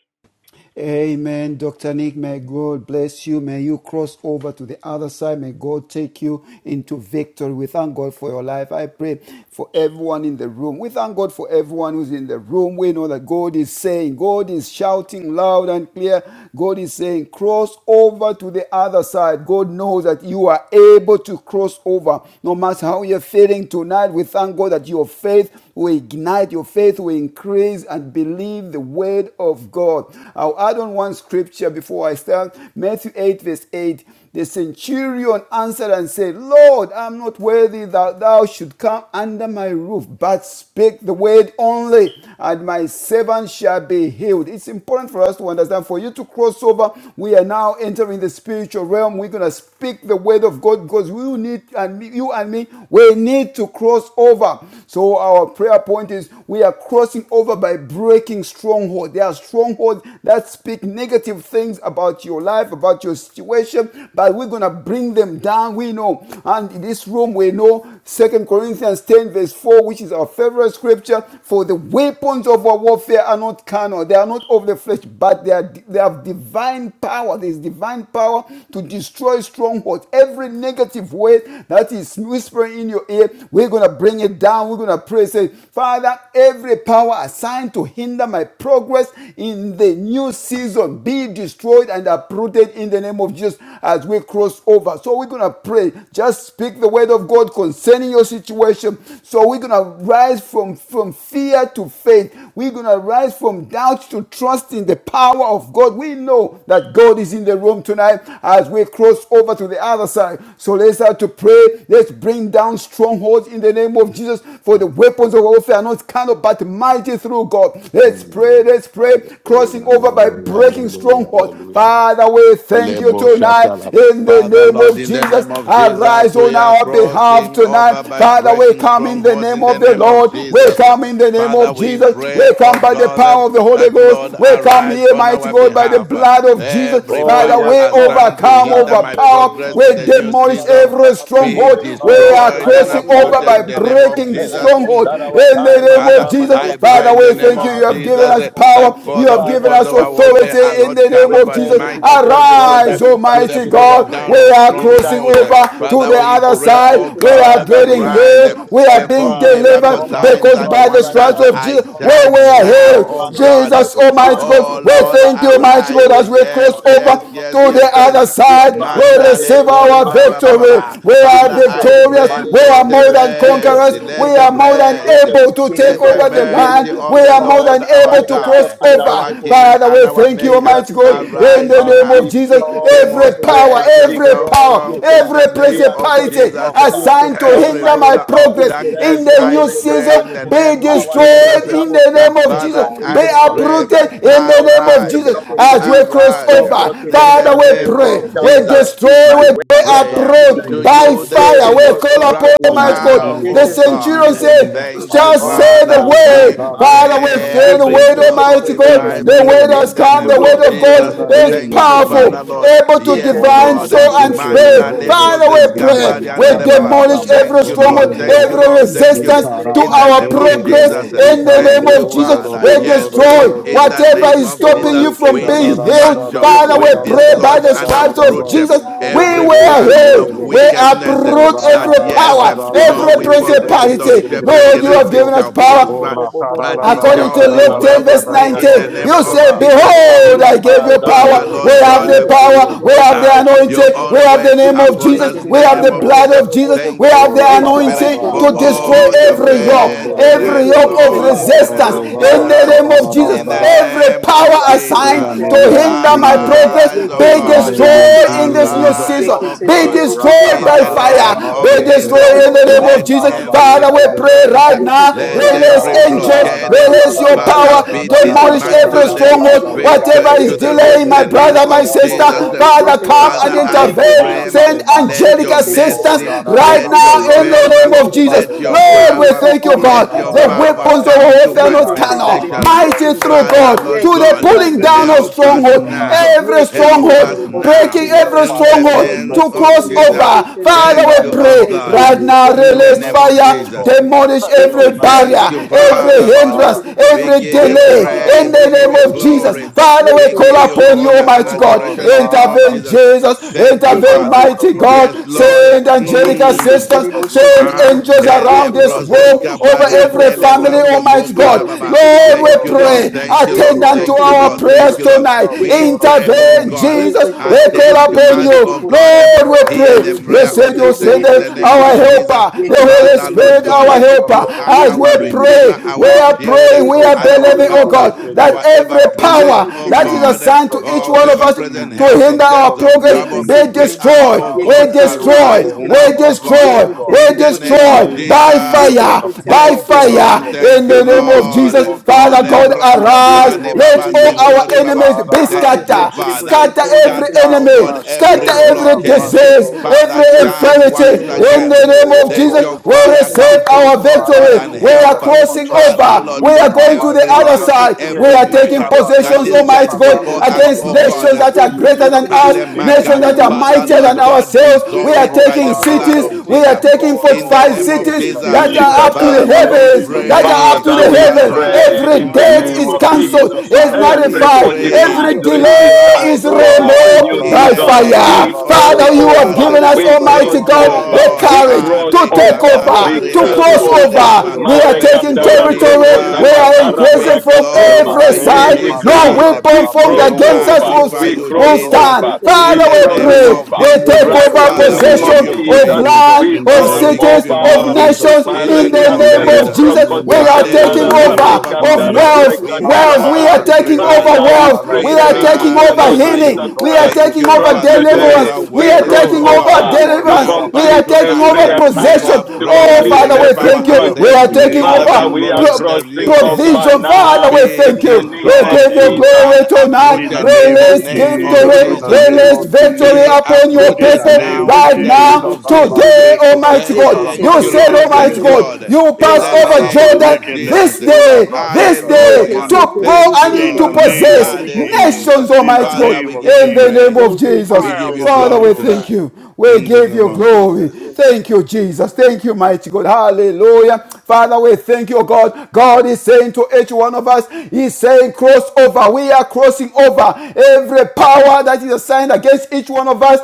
S3: Amen. Dr. Nick, may God bless you. May you cross over to the other side. May God take you into victory. We thank God for your life. I pray for everyone in the room. We thank God for everyone who's in the room. We know that God is saying, God is shouting loud and clear. God is saying, cross over to the other side. God knows that you are able to cross over. No matter how you're feeling tonight, we thank God that your faith will ignite your faith, will increase and believe the word of God. I'll add on one scripture before I start Matthew 8, verse 8. The centurion answered and said, Lord, I'm not worthy that thou should come under my roof, but speak the word only, and my servant shall be healed. It's important for us to understand. For you to cross over, we are now entering the spiritual realm. We're going to speak the word of God because we will need and and me, you and me, we need to cross over. So our prayer point is we are crossing over by breaking stronghold. There are strongholds that speak negative things about your life, about your situation, but we're gonna bring them down. We know, and in this room we know Second Corinthians 10, verse 4, which is our favorite scripture. For the weapons of our warfare are not carnal, they are not of the flesh, but they are they have divine power. There's divine power power to destroy strongholds. Every negative word that is whispering in your ear, we're going to bring it down. We're going to pray. Say, Father, every power assigned to hinder my progress in the new season be destroyed and uprooted in the name of Jesus as we cross over. So we're going to pray. Just speak the word of God concerning your situation. So we're going to rise from, from fear to faith. We're going to rise from doubt to trust fasting, the power of God. We know that God is in the room tonight as we cross over to the other side. So let's start to pray. Let's bring down strongholds in the name of Jesus. For the weapons of warfare are not carnal, but mighty through God. Let's
S4: Mm.
S3: pray. Let's pray.
S4: Hallelujah,
S3: Crossing over by
S4: hallelujah,
S3: breaking
S4: hallelujah,
S3: strongholds.
S4: hallelujah.
S3: Father, we thank you
S4: Lebo
S3: tonight
S4: Shatala.
S3: in the
S4: Father,
S3: name
S4: Lord,
S3: of
S4: in the
S3: Jesus.
S4: name of Jesus,
S3: Arise
S4: we
S3: on
S4: are
S3: our behalf
S4: crossing
S3: tonight.
S4: over by
S3: Father, we
S4: breaking
S3: come in the
S4: strongholds
S3: name
S4: in the
S3: of the
S4: name of
S3: Lord. We come
S4: Jesus.
S3: come in the name
S4: Father,
S3: of
S4: we
S3: Jesus.
S4: pray,
S3: We come
S4: oh
S3: by the
S4: God,
S3: power of the Holy
S4: that Lord
S3: Ghost. We come
S4: arise
S3: here,
S4: on
S3: mighty
S4: our
S3: God, by the
S4: behalf.
S3: blood of Jesus.
S4: Every
S5: Oh,
S3: Father,
S4: power
S3: we
S5: yes, Lord.
S4: assigned to
S5: We
S3: overcome,
S5: come
S4: hinder
S5: in
S4: my
S5: the
S3: overpower.
S5: name of
S4: progress
S3: We
S4: in the new
S5: Jesus
S3: demolish
S5: Christ, the
S4: season
S3: every
S5: Son of the
S4: be
S5: living
S3: stronghold. We
S2: You
S5: God.
S2: can
S3: are
S2: say
S4: destroyed
S5: And
S4: and
S3: crossing
S5: our
S2: terrible,
S3: over
S5: Father,
S4: uprooted
S5: we
S4: in
S3: by
S4: the
S5: come
S4: name
S5: to
S4: of
S3: breaking
S2: you
S5: declare
S2: can
S4: Jesus.
S3: stronghold
S5: that our
S3: in the
S5: time has
S3: name
S4: Father,
S3: of
S5: come and
S3: Jesus.
S4: I
S5: our
S4: pray
S3: Father,
S5: time
S4: in the
S3: we
S5: is
S4: name
S3: thank you.
S4: of
S5: now
S3: You
S5: to
S3: have given
S4: Jesus
S5: cross
S3: us
S4: eh,
S3: power.
S5: over.
S4: that for
S3: You
S4: the
S3: have
S5: Father,
S3: given
S4: weapons
S5: we
S3: us
S4: of our
S5: come to
S4: warfare are
S3: authority in
S5: contend
S4: not
S3: the name
S4: carnal
S5: with
S3: of
S4: but
S3: Jesus.
S5: anything
S4: mighty
S5: and
S4: through
S5: everything
S4: God eh,
S5: that
S3: Arise,
S5: is
S4: to the
S3: Almighty
S5: standing in our
S4: pulling
S3: God.
S5: way.
S4: down
S3: We
S4: of
S3: are
S5: It's
S3: crossing
S5: time
S4: strongholds.
S5: for
S4: eh.
S5: us
S3: over
S5: to
S3: to
S4: Father,
S3: the
S5: cross
S4: we
S3: other
S4: pray,
S5: over.
S2: you
S4: oh
S3: side healed.
S2: can
S3: We
S2: say
S4: God,
S3: are
S2: terrible,
S5: Father, we
S3: getting
S5: are
S4: arise, eh,
S3: healed.
S5: crossing
S3: We are being
S4: perform
S5: over.
S2: Yes,
S4: miracles,
S3: delivered
S4: signs,
S5: Almighty
S3: because
S5: God,
S4: and
S3: by the
S5: right in
S3: stripes
S4: wonders.
S5: the
S3: of
S4: I
S3: Jesus,
S5: name of
S3: we
S4: charge
S5: Jesus
S3: were
S5: Christ,
S4: now,
S5: the
S3: healed.
S4: oh
S5: Son of the
S4: God. eh.
S3: Jesus,
S5: living God.
S3: Almighty
S4: Oh
S3: God, we
S5: Our
S4: Lord,
S3: thank you,
S5: Father, we
S3: Almighty God,
S4: arise.
S5: pray
S3: as we
S5: in
S4: Yes,
S3: cross
S5: the
S4: yes,
S5: name
S3: over
S5: of
S4: yes,
S3: to the
S4: yes,
S5: Jesus.
S4: yes.
S3: other
S5: The
S3: side, we
S5: Father,
S4: Mandale
S3: receive
S5: every
S3: our
S4: Koriba
S5: power
S4: Baba
S3: victory.
S4: Baba.
S5: assigned
S3: We
S5: to
S3: are
S4: Father,
S5: hinder
S4: I
S3: victorious.
S4: pray,
S5: my
S3: We are
S4: let the
S3: more
S5: progress
S3: than
S5: in the
S3: conquerors.
S4: mercy,
S5: new
S3: We
S4: let the
S3: are
S5: season,
S3: more than
S5: in
S4: mercy.
S5: the
S3: able
S5: new
S3: to take
S4: Let
S5: season,
S4: the
S3: over the
S5: be
S4: mercy
S3: land. We
S4: of the
S3: are more
S5: destroyed
S4: Lord
S3: than
S4: our
S3: able
S5: right
S3: to
S5: now
S3: cross
S4: God,
S5: and
S4: our
S3: over.
S4: King,
S5: uprooted
S3: Father,
S4: and
S3: we
S5: in
S4: our
S3: thank you,
S4: Maker
S5: Jesus'
S3: Almighty God,
S5: name.
S2: Yekeşetirebo
S3: in
S4: arise
S3: the
S5: As
S2: şetirebo.
S3: name
S4: now.
S3: of
S5: we
S3: Jesus.
S5: cross
S3: Every
S2: Yekeşetirebo
S5: over,
S3: power,
S5: as
S4: Demonstrate
S5: we
S3: every
S2: yekeşetirebo.
S4: yourself
S5: cross
S3: power,
S4: strong
S5: over,
S4: in
S3: every
S4: the
S2: Yekeşetirebo
S5: we
S4: name
S5: are
S4: of
S2: şetirebo.
S5: crossing
S3: principality
S4: Jesus.
S5: over.
S3: assigned to
S4: Every
S3: hinder
S2: Yekeşetirebo.
S3: my
S5: Almighty
S4: ruler
S5: God,
S4: of
S3: progress
S5: there is
S3: in
S4: darkness,
S3: the
S5: no
S2: Yekeşetirebo
S4: I
S3: new
S2: bo bo
S3: season
S4: pray
S2: bo
S4: in
S2: bo
S4: the
S5: principality,
S2: bo.
S6: In
S5: no
S3: be
S4: name
S6: the
S4: of
S5: power, no
S3: destroyed
S4: Jesus.
S5: ruler
S3: in
S5: of
S2: Yekeşetirebo.
S3: the
S4: God,
S3: name
S5: darkness,
S3: of Jesus.
S4: Father,
S5: no witch,
S3: Be
S4: I
S2: Yekeşetirebo
S5: no
S4: pray,
S5: wizard
S3: uprooted in
S2: yekeşetirebo.
S3: the
S5: no
S3: name of
S5: sickness,
S4: arise,
S3: Jesus
S5: no
S3: as we
S2: Yekeşetirebo.
S5: disease,
S3: cross
S4: arise
S5: no
S3: over.
S5: forces of
S4: in the
S2: Yekeşetirebo
S3: Father, we
S2: bo
S5: darkness
S4: name
S2: bo bo
S3: pray,
S2: bo
S4: of
S2: bo
S3: we
S5: shall
S4: Jesus
S2: bo bo.
S5: stand in
S3: destroy,
S5: my
S3: we
S5: way
S3: be
S5: on
S4: prayer
S5: this
S2: Yekeşetirebo.
S4: to
S5: 19th
S3: by
S4: you, the
S5: day,
S3: fire.
S4: living
S3: We
S4: God,
S5: oh
S3: call
S5: God.
S2: Yekeşetirebo
S3: upon
S4: right
S2: bo
S5: Oh
S2: bo.
S5: my
S3: Almighty
S5: God.
S4: now,
S6: name
S3: God. The
S6: of
S4: oh
S5: Mm.
S3: centurion
S2: Yekeşetirebo.
S4: God.
S3: said,
S6: Jesus,
S4: Thank you,
S6: I'm
S3: just
S5: Oh
S3: say
S6: mercy,
S3: the
S4: Father.
S6: O
S5: Father,
S4: We
S6: Lord,
S3: word.
S6: I'm
S5: I
S3: Father, we
S6: mercy
S5: pray
S6: on
S4: pray
S5: right
S3: say
S6: all
S4: and
S3: the
S5: now
S4: we
S5: in
S6: things.
S3: word,
S2: Yekese
S5: the name
S2: terebo,
S3: Almighty
S6: In the
S3: God,
S4: glorify
S2: yekese
S3: the word
S6: name
S3: Spirit
S2: telebo,
S4: in
S3: has
S6: of
S4: the
S3: come.
S4: name
S5: of
S3: The
S5: the
S4: of
S5: Lord.
S3: word of
S6: Jesus,
S2: yekese
S6: in
S4: Jesus.
S3: God
S6: the
S2: terebo,
S3: is
S6: name
S4: Thank
S6: of
S4: you,
S2: yekese
S4: Father,
S3: powerful,
S2: terebo,
S6: Jesus.
S4: Lord.
S3: able to
S4: Yes,
S6: Oh,
S2: yekese
S3: divine
S4: Lord.
S3: soul
S2: telebo,
S3: and
S6: Rabazeke,
S2: yekese
S4: Manda
S3: spirit.
S6: Lord,
S2: terebo,
S6: those
S3: Father,
S6: who
S3: we
S6: live in
S4: lebrozeska pari
S2: yekese
S3: pray. We
S4: ande de
S2: terebo, she
S4: baba.
S6: the
S3: demolish
S2: terebo,
S3: every
S4: Thank you,
S3: stronghold,
S4: Lord.
S2: yekese
S4: Thank
S6: land,
S4: you,
S3: every
S2: telebo,
S4: Lord. Thank you.
S2: yekese
S3: resistance
S6: Likara
S3: to
S2: terebo,
S4: In the
S3: our
S4: name of
S6: mazeke
S3: progress
S2: yekese
S4: Jesus.
S6: lebo
S2: terebo,
S3: in the
S2: she
S6: zitala
S4: Thank
S3: name
S4: you,
S3: of
S2: terebo,
S6: libondo
S3: Jesus.
S6: do
S4: Father.
S3: We
S6: do do do
S4: Yes.
S2: yekese
S6: do do
S3: destroy
S6: do
S2: terebo,
S6: do
S4: In the
S6: bo.
S3: whatever
S4: name
S3: is
S2: yekese
S4: of
S6: O
S3: stopping
S4: Jesus,
S3: you
S2: terebo, she
S6: rike
S3: from
S4: we
S6: da da
S2: terebo,
S3: being
S6: da da
S3: healed.
S6: da da
S4: dismantle,
S6: da
S3: Father,
S2: Yeke
S6: da
S3: we
S4: we
S6: da da
S3: pray
S6: da
S2: şeterebo
S3: by
S6: da da
S4: dislodge
S3: the
S4: and
S2: şeterebo
S6: ba
S3: stripes of
S4: uproot
S2: şeterebo.
S3: Jesus.
S6: zunke
S3: We
S2: Yeke
S4: every
S6: lebo
S3: were
S4: plan
S2: şeterebo
S6: zunde
S4: of
S3: healed.
S2: yeke
S6: lebo.
S3: We
S2: şeterebo
S4: wickedness eh,
S6: O
S2: yeke
S3: uproot
S6: raka
S4: that
S3: every
S2: şeterebo.
S6: da da
S4: yes,
S6: da
S4: eh,
S3: power,
S6: da da
S2: Yeke
S4: no
S6: ba
S3: every
S6: yeke
S4: weapon
S2: şeterebo
S6: de
S4: formed
S6: gede
S4: or
S6: gede
S3: principality.
S6: gede
S2: şeterebo.
S4: shaped
S6: gede gede
S3: Lord,
S6: gede
S3: you
S4: against
S3: have
S4: me
S2: Yeke
S3: given
S6: bo.
S3: us
S4: shall
S2: şeterebo
S6: O
S3: power
S2: bo
S4: prosper,
S2: bo bo
S6: raka
S2: bo
S6: da
S2: bo
S4: and
S6: da
S2: bo
S4: it
S6: da
S2: bo bo
S6: da
S3: According
S4: shall
S6: da
S3: to
S6: da
S4: be
S6: da
S3: Luke
S2: şeterebo.
S6: da
S4: well
S5: Kusatara
S3: 10,
S6: da
S4: with
S3: verse
S6: da
S4: me
S6: da
S5: baraka
S4: in
S6: ba
S4: the
S3: 19,
S5: tere
S4: name
S3: you
S6: zunke.
S3: say,
S4: of
S5: bababa.
S2: Yeke
S4: Jesus.
S6: O
S3: Behold,
S2: şeterebo
S5: Abba
S3: I
S4: Mm.
S2: bo
S3: gave
S6: ba
S3: you
S2: bo
S5: Father,
S2: bo bo
S6: zunde
S5: we
S4: Father,
S2: bo.
S3: power. We
S4: Lord
S6: lebo
S3: have
S5: declare
S3: the
S4: God.
S2: Yeke
S6: luke
S5: and we
S3: power. We
S6: lebo.
S2: şeterebo
S3: have the
S2: yeke
S4: Have
S5: pronounce in the
S4: your
S3: anointing.
S2: şeterebo.
S3: We
S4: own
S5: name
S3: have
S5: of
S4: way
S3: the name
S2: Yeke
S3: of
S5: Jesus.
S4: upon
S3: Jesus.
S4: us in
S3: We
S4: the
S2: şeterebo
S3: have
S2: bo
S4: name
S3: the
S2: bo
S4: of
S2: bo
S3: blood
S2: bo
S4: Jesus.
S3: of
S2: bo
S3: Jesus.
S2: bo bo
S4: Thank
S3: We
S2: bo.
S4: you,
S3: have
S6: Oh,
S3: the
S6: ya
S4: Holy
S6: ba
S2: Yeke
S6: ba ba
S4: Spirit,
S3: anointing
S6: ba ba
S5: Sakaraba,
S4: for
S3: to
S6: ba
S2: şeterebo bo
S6: ba.
S3: destroy
S2: bo
S6: You
S4: all
S2: bo
S6: can
S4: your
S2: bo
S6: do
S3: every
S2: bo
S6: do
S2: bo bo.
S3: yoke,
S6: do do do do do
S3: every
S2: Yeke
S6: do
S4: faithfulness,
S6: do
S3: yoke of
S6: do.
S4: Lord,
S6: You
S2: şeterebo.
S4: in
S6: ba
S4: the
S6: ba
S4: name
S3: resistance
S5: We
S6: do
S4: of
S6: ba
S5: are
S3: in
S6: ba la
S4: Jesus.
S3: the
S6: ba
S3: name
S6: da
S3: of
S5: crossing
S6: da da da
S3: Jesus.
S4: In
S6: da
S4: the
S6: da.
S5: over,
S3: Every
S4: name
S5: we
S3: power
S4: of
S5: are
S6: In
S2: Yekese
S3: assigned
S6: the
S5: crossing
S4: Jesus.
S3: to
S6: name
S2: terrible
S5: over,
S6: of
S2: shit
S3: hinder my
S2: terrible.
S5: we
S6: Jesus.
S5: are
S3: progress
S4: Arise, O
S6: In
S3: be
S5: crossing
S6: the
S2: Yekese
S4: God.
S6: name
S5: over
S2: terrible
S6: of
S2: shit
S3: destroyed in
S5: in
S3: this
S2: terrible.
S5: the
S3: new
S6: Jesus.
S5: name
S3: season.
S4: Arise,
S5: of
S4: O
S2: Yekese
S3: Be
S5: Jesus
S4: God.
S6: Oh,
S2: terrible bo
S6: ra
S5: Christ,
S2: bo
S6: ka
S3: destroyed
S2: bo
S4: In
S6: ra
S3: by
S2: bo
S4: the
S6: ra
S5: the
S2: bo
S6: ra
S2: bo.
S5: Son
S6: ra
S3: fire.
S5: of
S4: name
S6: ba
S5: the
S4: of
S3: Be
S6: ze
S5: Living
S6: kele
S4: Jesus.
S5: God.
S3: destroyed in
S6: bro
S3: the
S6: ra
S3: name
S5: Our
S3: of
S4: Let
S6: zun ta
S3: Jesus.
S6: la
S5: Father,
S6: ba
S5: this
S3: Father,
S6: ye
S5: is
S4: every
S3: Father, we
S6: ke
S5: our
S6: de de
S3: pray
S6: de.
S4: hindrance,
S3: right
S5: prayer,
S3: now,
S2: Yekese
S6: Oh,
S5: this
S4: let
S6: ra
S5: is
S6: ka
S2: terrible
S3: release
S4: every
S6: ra
S5: our
S2: shit
S6: ra ra
S2: terrible.
S3: angels,
S6: ra
S5: cry,
S6: ra
S4: blockade,
S6: ra ra
S3: release
S6: ra
S2: Yekese
S3: your
S6: ra ra ra
S4: Father,
S3: power,
S2: terrible.
S4: be
S6: ra ra ra ra
S3: demolish
S2: Yekese
S6: ra
S3: every
S6: ra
S2: terrible
S4: dismantled,
S6: ra
S2: shit
S6: ba
S3: stronghold,
S2: terrible.
S4: be
S6: ze ke
S3: whatever
S4: cursed
S3: is
S4: to
S6: de de
S4: the
S6: de
S4: root
S2: Yekese
S3: delaying
S4: in
S6: de
S3: my
S4: the
S6: de de.
S2: terrible.
S4: name
S5: with
S3: brother,
S5: the
S3: my
S4: of
S2: Yekese
S5: help
S3: sister.
S2: terrible.
S6: Oh,
S4: Jesus.
S3: Father,
S2: Yekese
S3: come
S6: Ribadoza
S3: and
S4: Father, I
S6: Halebo
S3: intervene.
S4: pray,
S2: terrible.
S3: Send
S6: Shatalimande.
S4: let
S3: angelic
S4: your
S2: Yekese terrible. Yekese
S5: of the
S6: Oh,
S3: assistance
S2: terrible.
S4: mercy,
S5: Son of
S6: Rada
S5: the
S3: right
S6: Rada
S4: let
S5: Living
S4: your
S2: Yekese
S5: God.
S6: Baya
S3: now in
S2: terrible
S3: the
S4: favor,
S6: Karaba
S2: shit
S3: name
S5: Oh
S3: of
S2: terrible.
S3: Jesus.
S5: Father,
S4: let your
S5: we
S6: Zenderebo
S3: Lord, we
S4: power,
S6: Rupa
S2: Yekese
S3: thank you,
S2: terrible
S4: let
S6: Bayana
S3: God.
S2: shit
S4: your
S5: thank
S3: The
S6: Rada
S5: our
S2: terrible.
S6: Rada.
S4: power
S3: weapons of
S5: God
S4: come to
S3: warfare are not
S5: for
S2: Yekese
S6: Lezatara
S3: carnal,
S2: terebo
S5: the
S4: manifestation.
S2: she
S6: Baya
S5: cross
S3: mighty
S2: terebo.
S5: over.
S3: through
S4: Father,
S3: God
S6: Tenderebo.
S4: Lord
S3: to the
S4: God,
S2: Yekese
S6: In the
S3: pulling
S2: terebo
S3: down
S6: name
S3: of
S6: of
S2: she
S4: help us
S2: terebo.
S3: stronghold,
S6: Jesus.
S4: now.
S3: every
S6: In
S2: Yekese
S4: Help
S6: the
S3: stronghold
S4: us
S6: name
S2: terebo
S6: of
S2: she
S4: now.
S3: breaking
S6: Jesus.
S2: terebo.
S3: every
S4: In
S6: Father,
S4: the
S6: let your
S3: stronghold
S4: name
S3: to
S6: mercy
S2: Yekese
S4: of
S3: cross
S6: speak
S2: terebo
S4: Jesus,
S6: for us
S2: she
S3: over.
S2: terebo.
S3: Father,
S6: in
S3: we
S4: thank
S6: the
S4: you, oh
S6: name of
S3: pray
S2: Thank
S4: God.
S2: you,
S3: right
S6: Jesus.
S3: now,
S6: Let
S2: Jesus.
S4: In
S6: your
S4: the
S3: release
S4: name
S6: mercy,
S4: of
S6: O
S3: fire,
S4: Jesus.
S6: God,
S3: demolish
S6: let your
S3: every
S2: Yekese
S6: mercy
S4: Thank
S3: barrier,
S4: you,
S2: terebo
S6: speak,
S2: she
S6: O God,
S3: every
S4: Father,
S2: terebo
S4: Lord.
S2: she
S3: hindrance,
S6: Father.
S2: terebo.
S4: We
S6: We
S3: every
S4: give
S6: soak
S4: you
S6: the
S3: delay
S2: Yekese
S6: entire
S3: in
S6: room
S4: praise.
S6: with
S3: the
S2: terebo
S4: We
S6: the
S4: give
S2: she
S3: name
S4: you
S6: blood of
S3: of
S2: terebo.
S3: Jesus.
S4: glory.
S6: Jesus.
S3: Father, we
S4: We
S6: We
S4: give
S3: call
S2: Yekese
S4: you
S3: upon
S6: soak,
S2: terebo.
S3: you,
S4: honor
S6: O
S4: and
S3: Almighty God.
S6: God,
S4: adoration in the name of
S6: Father.
S3: Intervene,
S4: Jesus.
S6: The
S3: Jesus.
S6: soak
S4: Thank
S6: the
S4: you,
S3: Intervene,
S6: entire room
S4: Father.
S2: Yekese
S6: with the
S3: mighty
S6: blood
S2: teribo
S6: of
S4: Yes,
S3: God.
S4: Lord.
S2: teribo.
S6: Jesus,
S3: Send
S6: the blood
S3: angelic
S6: of
S2: Yekese
S4: Mm.
S6: Jesus,
S3: assistance.
S6: the
S2: teribo
S6: blood of
S3: Send
S4: Ah,
S2: teribo.
S3: angels
S6: Jesus,
S4: ele
S3: around this
S6: the
S2: Yekese
S6: blood
S4: broses
S6: of
S2: teribo.
S3: room over every
S6: Jesus,
S4: kapariande
S2: Yekese
S6: the
S4: le
S6: blood
S3: family,
S6: of
S2: teribo.
S4: braske ko
S3: Almighty God.
S6: Jesus,
S2: Yekese
S4: karababa.
S6: the
S2: teribo
S3: Lord, we
S6: blood
S4: Thank
S6: of
S4: you,
S2: teribo.
S4: Lord.
S3: pray.
S4: Thank
S6: Jesus,
S4: you,
S6: the
S4: Lord.
S3: Attend
S6: blood
S2: Yekese
S3: unto
S6: of
S4: Thank you,
S3: our
S2: teribo
S4: Lord.
S3: prayers
S4: Thank you,
S6: Jesus,
S3: prayers
S2: teribo.
S4: Lord.
S3: tonight.
S6: the
S4: We
S6: blood of
S2: Yekese
S4: pray,
S2: teribo.
S4: oh
S3: Intervene,
S2: O
S4: God,
S6: Jesus,
S3: Jesus.
S6: the
S2: yekese
S3: We
S6: blood of
S2: teribo
S3: call
S4: attend to
S3: upon
S4: us,
S2: teribo
S6: Jesus
S2: bo
S4: oh
S3: you.
S2: bo bo
S4: God.
S2: bo
S6: the
S2: bo
S3: Lord, we
S2: bo.
S6: blood of
S4: Hear
S3: pray.
S4: the
S3: You
S4: prayer
S2: Yekese
S4: of
S3: said
S6: Jesus,
S4: the
S3: you
S6: the
S2: teribo
S6: blood
S3: send
S4: saints in
S6: of
S3: us
S4: the
S2: yekese
S4: name
S3: our
S4: of
S2: teribo.
S6: Jesus,
S4: Jesus.
S3: helper,
S6: the
S3: the
S6: blood
S2: Yekese
S3: Holy
S6: of
S4: Father,
S2: teribo
S4: Lord
S3: Spirit, our
S4: God,
S6: Jesus,
S2: teribo.
S6: the
S3: helper.
S4: you
S6: blood of
S4: are
S3: As we
S4: our
S2: Yekese
S6: Jesus.
S2: teribo
S4: Redeemer,
S3: pray, we
S4: our
S6: Ah,
S3: are
S2: teribo.
S4: shield,
S3: praying, we
S6: Balebros,
S3: are
S2: Yekese
S4: and our
S3: believing,
S2: teribo
S3: oh
S2: bo
S4: buckler,
S2: bo bo
S3: God,
S2: bo
S3: that
S2: bo
S6: Atalebarekete,
S4: our
S2: bo.
S4: ever
S3: every
S6: the blood of
S4: present,
S3: power
S4: oh
S2: Yekese
S3: that is
S2: terrible.
S4: God,
S6: Jesus,
S3: assigned
S6: the
S3: to each
S6: blood
S4: of
S3: one
S6: of
S3: of
S4: ever
S3: us
S4: present
S6: Jesus,
S3: to
S4: help
S6: the
S3: hinder
S4: in
S3: our
S6: blood
S4: times
S6: of
S4: of
S3: progress
S2: Yeke
S4: trouble.
S3: be
S6: Jesus.
S4: We
S2: setelebo,
S4: ask,
S3: destroyed.
S6: Father,
S4: oh
S6: we
S2: yeke
S4: God,
S3: We
S6: pray, O
S2: setelebo,
S6: God,
S3: destroy,
S4: arise
S6: for
S4: now,
S2: setelebo,
S3: we
S6: open
S4: oh
S6: heavens,
S4: God
S6: O
S2: yeke
S3: destroy,
S6: God,
S3: we
S4: in the
S2: setelebo,
S6: in
S4: name
S6: the
S4: of
S3: destroy
S2: setelebo,
S6: name of
S3: by
S6: Jesus.
S4: Jesus.
S2: yeke
S6: Let
S3: fire,
S6: the fire
S3: by
S2: setelebo,
S6: of
S4: Thank
S6: the
S4: you,
S6: Holy
S2: setelebo,
S4: Lord.
S3: fire
S6: Ghost,
S4: Thank
S3: in
S4: you,
S3: the
S2: yeke
S6: in
S3: name
S6: the
S3: of
S4: Lord.
S6: name
S2: setelebo,
S3: Jesus.
S6: of
S2: yeke
S3: Father, Father God,
S2: setelebo,
S6: Jesus,
S4: Olembra
S6: in the
S3: arise.
S2: yeke
S6: name
S4: kasari
S6: of
S3: Let
S4: baba
S2: setelebo,
S3: all
S6: Jesus.
S3: our
S4: sentori
S2: setelebo,
S4: baba.
S3: enemies be
S6: Father, have
S2: yeke
S4: Thank you,
S3: scattered.
S6: mercy,
S2: setelebo,
S4: Father.
S6: O
S3: Scatter
S6: God.
S2: setelebo,
S3: every
S4: Scatter,
S6: Have
S4: oh
S2: setelebo,
S3: enemy.
S4: God,
S6: mercy, O
S4: every
S3: Scatter
S2: yeke
S6: God.
S3: every
S6: Have
S2: setelebo,
S6: mercy,
S4: blockade.
S3: disease,
S6: O God.
S2: setelebo,
S4: Father,
S3: every
S6: Let
S2: yeke
S6: your
S4: charge once
S6: spirit,
S3: infirmity.
S2: setelebo,
S6: O
S3: In
S6: God,
S3: the
S4: again.
S2: setelebo,
S3: name
S2: bo
S6: fill
S3: of
S6: us,
S2: bo
S4: Let
S2: bo,
S3: Jesus,
S4: your
S6: O
S3: we
S6: God, right
S4: fire
S2: yeke
S6: now.
S3: receive
S4: come forth,
S3: our
S2: setelebo,
S4: oh
S6: Father,
S4: God,
S2: setelebo,
S4: and
S3: victory. We
S2: yeke
S6: everything
S3: are
S4: help.
S6: that is
S2: setelebo,
S3: crossing
S6: contrary to
S4: Father,
S6: your
S3: over.
S4: Lord
S3: We
S6: will
S3: are
S4: God,
S6: in our
S3: going to
S6: life,
S3: the
S4: every
S3: other
S6: Father,
S4: mark,
S3: side. We
S6: let
S2: Yekeşeterebo,
S4: every
S6: it
S3: are
S6: be
S4: mark
S3: taking
S2: şeterebo,
S6: shattered, let
S4: that
S3: possessions,
S6: it
S4: is
S6: be
S3: Almighty
S4: set
S3: God,
S6: scattered,
S4: before
S6: O
S2: yekeşeterebo,
S4: us,
S6: God, in
S3: against
S4: oh
S6: the
S2: şeterebo,
S6: name
S3: nations
S4: God
S6: of
S3: that are greater
S6: Jesus.
S3: than
S2: yekeşeterebo,
S4: as a
S3: us,
S6: In the
S4: marker.
S3: nations that
S2: yekeşeterebo,
S6: name
S3: are
S6: of
S4: Father,
S3: mightier than
S4: Lord
S6: Jesus,
S2: yekeşeterebo,
S4: God,
S6: we
S3: ourselves.
S6: pray,
S3: We
S4: dissolve
S6: O
S3: are
S4: it
S6: God,
S4: by
S3: taking
S4: the
S2: yekeşeterebo,
S6: Father,
S4: blood
S3: cities.
S6: for
S4: of
S2: şeterebo,
S3: We are
S4: Jesus.
S6: open
S3: taking
S2: şeterebo,
S6: doors,
S4: In
S6: O
S4: the
S3: fortified
S6: God.
S4: name of
S3: cities
S6: In the
S2: yekeşeterebo,
S4: Jesus,
S3: that
S6: name
S2: bo
S3: are
S6: of
S2: bo
S3: up
S2: bo
S3: to the
S2: bo bo
S4: Father,
S3: heavens
S2: bo
S4: we
S6: Jesus, in the
S3: heavens, that
S2: şeterebo,
S6: name
S3: are up
S4: pray.
S6: of
S3: to
S5: Father,
S3: the
S5: we
S3: heavens.
S6: Jesus,
S2: yekeşeterebo,
S4: Arise
S5: pray
S3: Every
S6: in
S5: in
S6: the
S5: the
S4: now,
S2: şeterebo,
S3: debt
S4: O
S5: name
S6: name
S3: is
S6: of
S5: of
S4: God.
S2: şeterebo,
S3: cancelled,
S5: Jesus.
S6: Jesus, in
S3: is
S6: the
S4: Father, we
S6: name
S5: Every
S6: of
S3: nullified.
S2: yekeşeterebo,
S4: pray.
S5: fortified
S3: Every
S6: Jesus.
S2: şeterebo,
S3: delay
S5: resistance
S6: Oh,
S3: is
S4: Arise,
S6: Rabba,
S5: for
S4: O
S6: da,
S5: our
S4: God,
S6: da,
S5: new
S3: removed
S6: da,
S4: in
S2: yekeşeterebo,
S3: by
S6: da,
S4: the
S5: season,
S6: da,
S3: fire.
S6: da,
S2: şeterebo,
S4: name
S5: we
S6: da,
S4: of
S6: da,
S5: cross
S3: Father,
S6: da,
S3: you
S6: da,
S3: have
S6: da,
S4: Jesus.
S5: over,
S3: given
S2: yekeşeterebo,
S3: us,
S6: da, da,
S5: we
S6: da, da, da, da, da, da,
S5: cross
S3: Almighty
S4: Thank
S6: ba,
S4: you,
S2: şeterebo,
S3: God,
S6: yeke
S5: over,
S3: the
S4: Lord.
S6: rebo.
S5: we
S3: courage
S5: cross
S3: to take
S6: Zunda
S5: over,
S6: raba
S5: we
S3: over,
S2: Yeke
S3: to
S6: yeke
S5: cross
S3: cross
S2: seteri
S6: brudo
S5: over.
S6: zunde
S4: Arekasatarebasotarebaba.
S3: over.
S2: boşeteri
S3: We
S6: reba
S2: bo.
S3: are
S6: reke
S4: Thank
S3: taking
S6: ba
S4: you,
S5: Marekatara
S2: Yeke
S6: reke ba
S5: broko
S3: territory.
S2: seteri
S3: We
S6: shuta
S4: Jesus.
S6: la
S3: are
S5: zakatara
S2: boşeteri bo.
S6: bristo.
S4: We
S3: increasing from
S5: brakataraba.
S2: Yeke
S6: Liba
S4: glorify
S3: every
S4: you,
S5: We
S2: seteri
S6: reke
S3: side. No
S5: decree,
S4: Jesus.
S2: boşeteri
S6: mandora
S2: bo.
S6: da
S3: weapon
S5: we
S6: da ba
S3: formed
S4: We
S5: cross
S2: Yeke
S6: yoko
S3: against
S6: ba
S3: us
S5: over,
S3: will,
S2: seteri bo.
S4: magnify
S6: shete
S5: we
S6: le
S4: you,
S6: ba
S5: cross
S3: will
S6: zonde
S2: Yeke
S4: Jesus
S5: over,
S3: stand.
S2: seteri
S4: in
S3: Father,
S5: we
S4: the
S3: we
S6: the
S5: cross
S4: name
S2: boşeteri
S3: pray.
S6: name
S2: bo.
S6: of
S4: of
S5: over.
S3: We
S4: Jesus.
S3: take
S2: Yeke
S5: Right
S6: Jesus,
S5: now,
S3: over
S5: in
S6: in
S5: the
S4: Father,
S6: the
S2: seteri
S4: we
S5: name of
S4: give
S6: name
S3: possession
S4: you
S6: of
S2: boşeteri bo.
S3: of
S5: Jesus,
S4: praise.
S6: Jesus,
S3: land,
S5: we
S6: in the
S3: of
S4: Father,
S5: cross
S3: city
S4: we
S6: name of
S4: give
S3: principalities
S4: you
S3: of
S5: over.
S4: glory
S6: Jesus,
S2: Yeke
S3: nations
S2: se
S4: in the
S3: in
S6: in
S2: terebo
S3: the
S4: name
S6: the
S2: she
S4: of
S3: name
S6: name
S3: of
S6: of
S2: terebo.
S4: Jesus.
S3: Jesus. We are
S2: Yeke
S6: Jesus,
S2: se
S6: in the
S3: taking
S2: terebo
S4: Hallelujah,
S6: name
S2: she
S6: of
S4: Jehovah
S3: over
S2: terebo.
S3: of
S4: God.
S6: Jesus.
S2: Yeke
S3: wealth,
S4: We
S2: she
S6: Ah,
S3: wealth.
S2: terebo
S6: Father,
S3: We
S2: she
S3: are
S6: I
S2: terebo
S6: pray,
S3: taking
S2: she
S6: oh
S4: magnify
S3: over
S2: terebo.
S4: you.
S6: God,
S5: Father, we
S3: wealth.
S6: Father,
S5: pray
S3: We
S5: in
S4: We
S2: Yeke
S5: the
S3: are
S2: she
S5: name
S6: for
S5: of
S2: terebo
S3: taking
S6: over,
S5: the
S3: over
S2: yeke
S5: Lord
S2: she
S4: magnify you.
S6: open
S5: Jesus
S2: terebo
S3: healing. We are
S2: yeke
S6: doors,
S5: Christ.
S2: she
S4: Thank
S3: taking
S4: you,
S2: terebo.
S6: open
S3: over
S5: From
S4: Father,
S6: heavens,
S4: for
S6: oh
S4: you
S2: Yeke
S6: God,
S5: today,
S4: are
S2: she
S3: deliverance. We
S5: we
S2: terebo
S3: are
S6: or
S4: worthy,
S5: cross
S4: Lamb
S6: cross
S2: yeke
S3: taking
S4: of
S2: she
S6: over,
S3: over
S5: over
S2: terebo
S6: oh
S4: God.
S6: God,
S2: yeke
S5: to
S2: she
S6: into that
S3: deliverance.
S4: Help
S3: We
S2: terebo.
S4: us
S3: are
S6: place
S5: complete
S6: of
S3: taking
S5: every
S3: over
S2: Yeke
S4: tonight.
S2: se
S6: prosperity, oh
S4: We
S3: possession.
S6: God,
S2: terebo
S4: are
S5: assignment,
S2: bo
S5: to
S2: bo
S4: praying
S6: in
S2: bo
S6: the
S3: Oh,
S4: that
S2: bo
S5: complete
S2: bo
S3: Father,
S4: every
S6: name
S2: bo.
S3: we
S6: of
S5: every
S4: power
S3: thank you.
S6: Jesus,
S3: We
S2: Yeke
S6: in
S5: project.
S3: are
S4: ascend
S6: the
S2: se
S4: to
S3: taking
S6: name of
S2: terebo
S4: hinder
S2: bo
S4: my
S5: Father,
S2: bo
S3: over
S5: we
S2: bo.
S5: are
S6: Jesus.
S4: progress in the real
S5: crossing
S2: Yeke se
S4: season
S5: over
S3: provision.
S2: terebo she
S3: Father,
S5: now
S3: we
S2: terebo.
S4: be
S5: in
S3: thank
S5: the
S3: you. We
S5: name of
S6: Thank
S3: give
S4: destroyed
S3: you
S6: you, Lord,
S5: Jesus.
S3: glory
S4: and
S6: in
S3: tonight.
S6: the
S4: uprooted in
S6: name
S4: the
S6: of
S3: Release
S2: Yeke
S4: name
S2: se
S4: of
S6: Jesus, in
S2: terebo
S3: victory.
S6: the
S2: she
S4: Jesus
S6: name
S3: Release
S6: of
S2: terebo she
S3: victory
S2: terebo.
S4: be
S6: Jesus.
S3: upon your
S2: Yeke
S6: In the
S4: uprooted
S2: se
S3: people
S6: name
S4: now
S2: terebo
S6: of
S4: in
S3: right
S2: she
S4: the
S3: now.
S4: name
S2: terebo
S6: Jesus,
S4: of
S2: she
S4: Jesus.
S2: terebo.
S3: Today,
S6: Abareke
S3: Almighty God.
S6: Bazuka
S2: Yeke se
S4: Thank
S3: You
S4: you,
S3: said,
S2: terebo
S6: Labareke
S4: Lord.
S2: she
S4: Thank
S3: Almighty
S4: you,
S6: Telebro.
S3: God,
S2: terebo.
S4: Lord.
S3: you
S4: In
S3: pass
S4: the
S2: Yeke
S3: over
S2: se
S4: name
S2: terebo.
S4: of
S3: Jordan
S6: Radarabayeke
S4: Jesus.
S3: this
S6: Lekzula
S3: day, this
S6: Bradoza
S3: day,
S4: Hallelujah.
S3: to
S6: Talamandi.
S3: go
S2: Yekesetelebo,
S4: Thank you,
S3: and
S6: In
S3: into
S6: the
S4: Lord.
S2: shetelebo,
S6: name
S3: possess
S6: of
S2: shetelebo.
S4: Hallelujah.
S3: nations,
S6: Jesus. In the
S3: Almighty
S4: Father,
S3: God.
S6: name
S4: we
S6: of
S4: give you
S3: In the
S6: Jesus.
S3: name
S4: praise.
S3: of
S2: Thank you,
S4: We
S3: Jesus.
S6: Fire
S4: give
S6: of
S4: you
S6: the
S2: Jesus.
S3: Father,
S6: Holy
S2: Thank
S4: glory
S3: we
S2: you,
S3: thank
S4: tonight
S6: Ghost.
S2: Father.
S3: you. We
S4: in the
S3: give
S4: name
S3: you
S2: Thank
S4: of
S2: you,
S3: glory.
S4: Jesus.
S2: Jesus.
S3: Thank you, Jesus. Thank you, mighty God. Hallelujah. Father, we thank you, God. God is saying to each one of us, He's saying, cross over. We are crossing over every power that is assigned against each one of us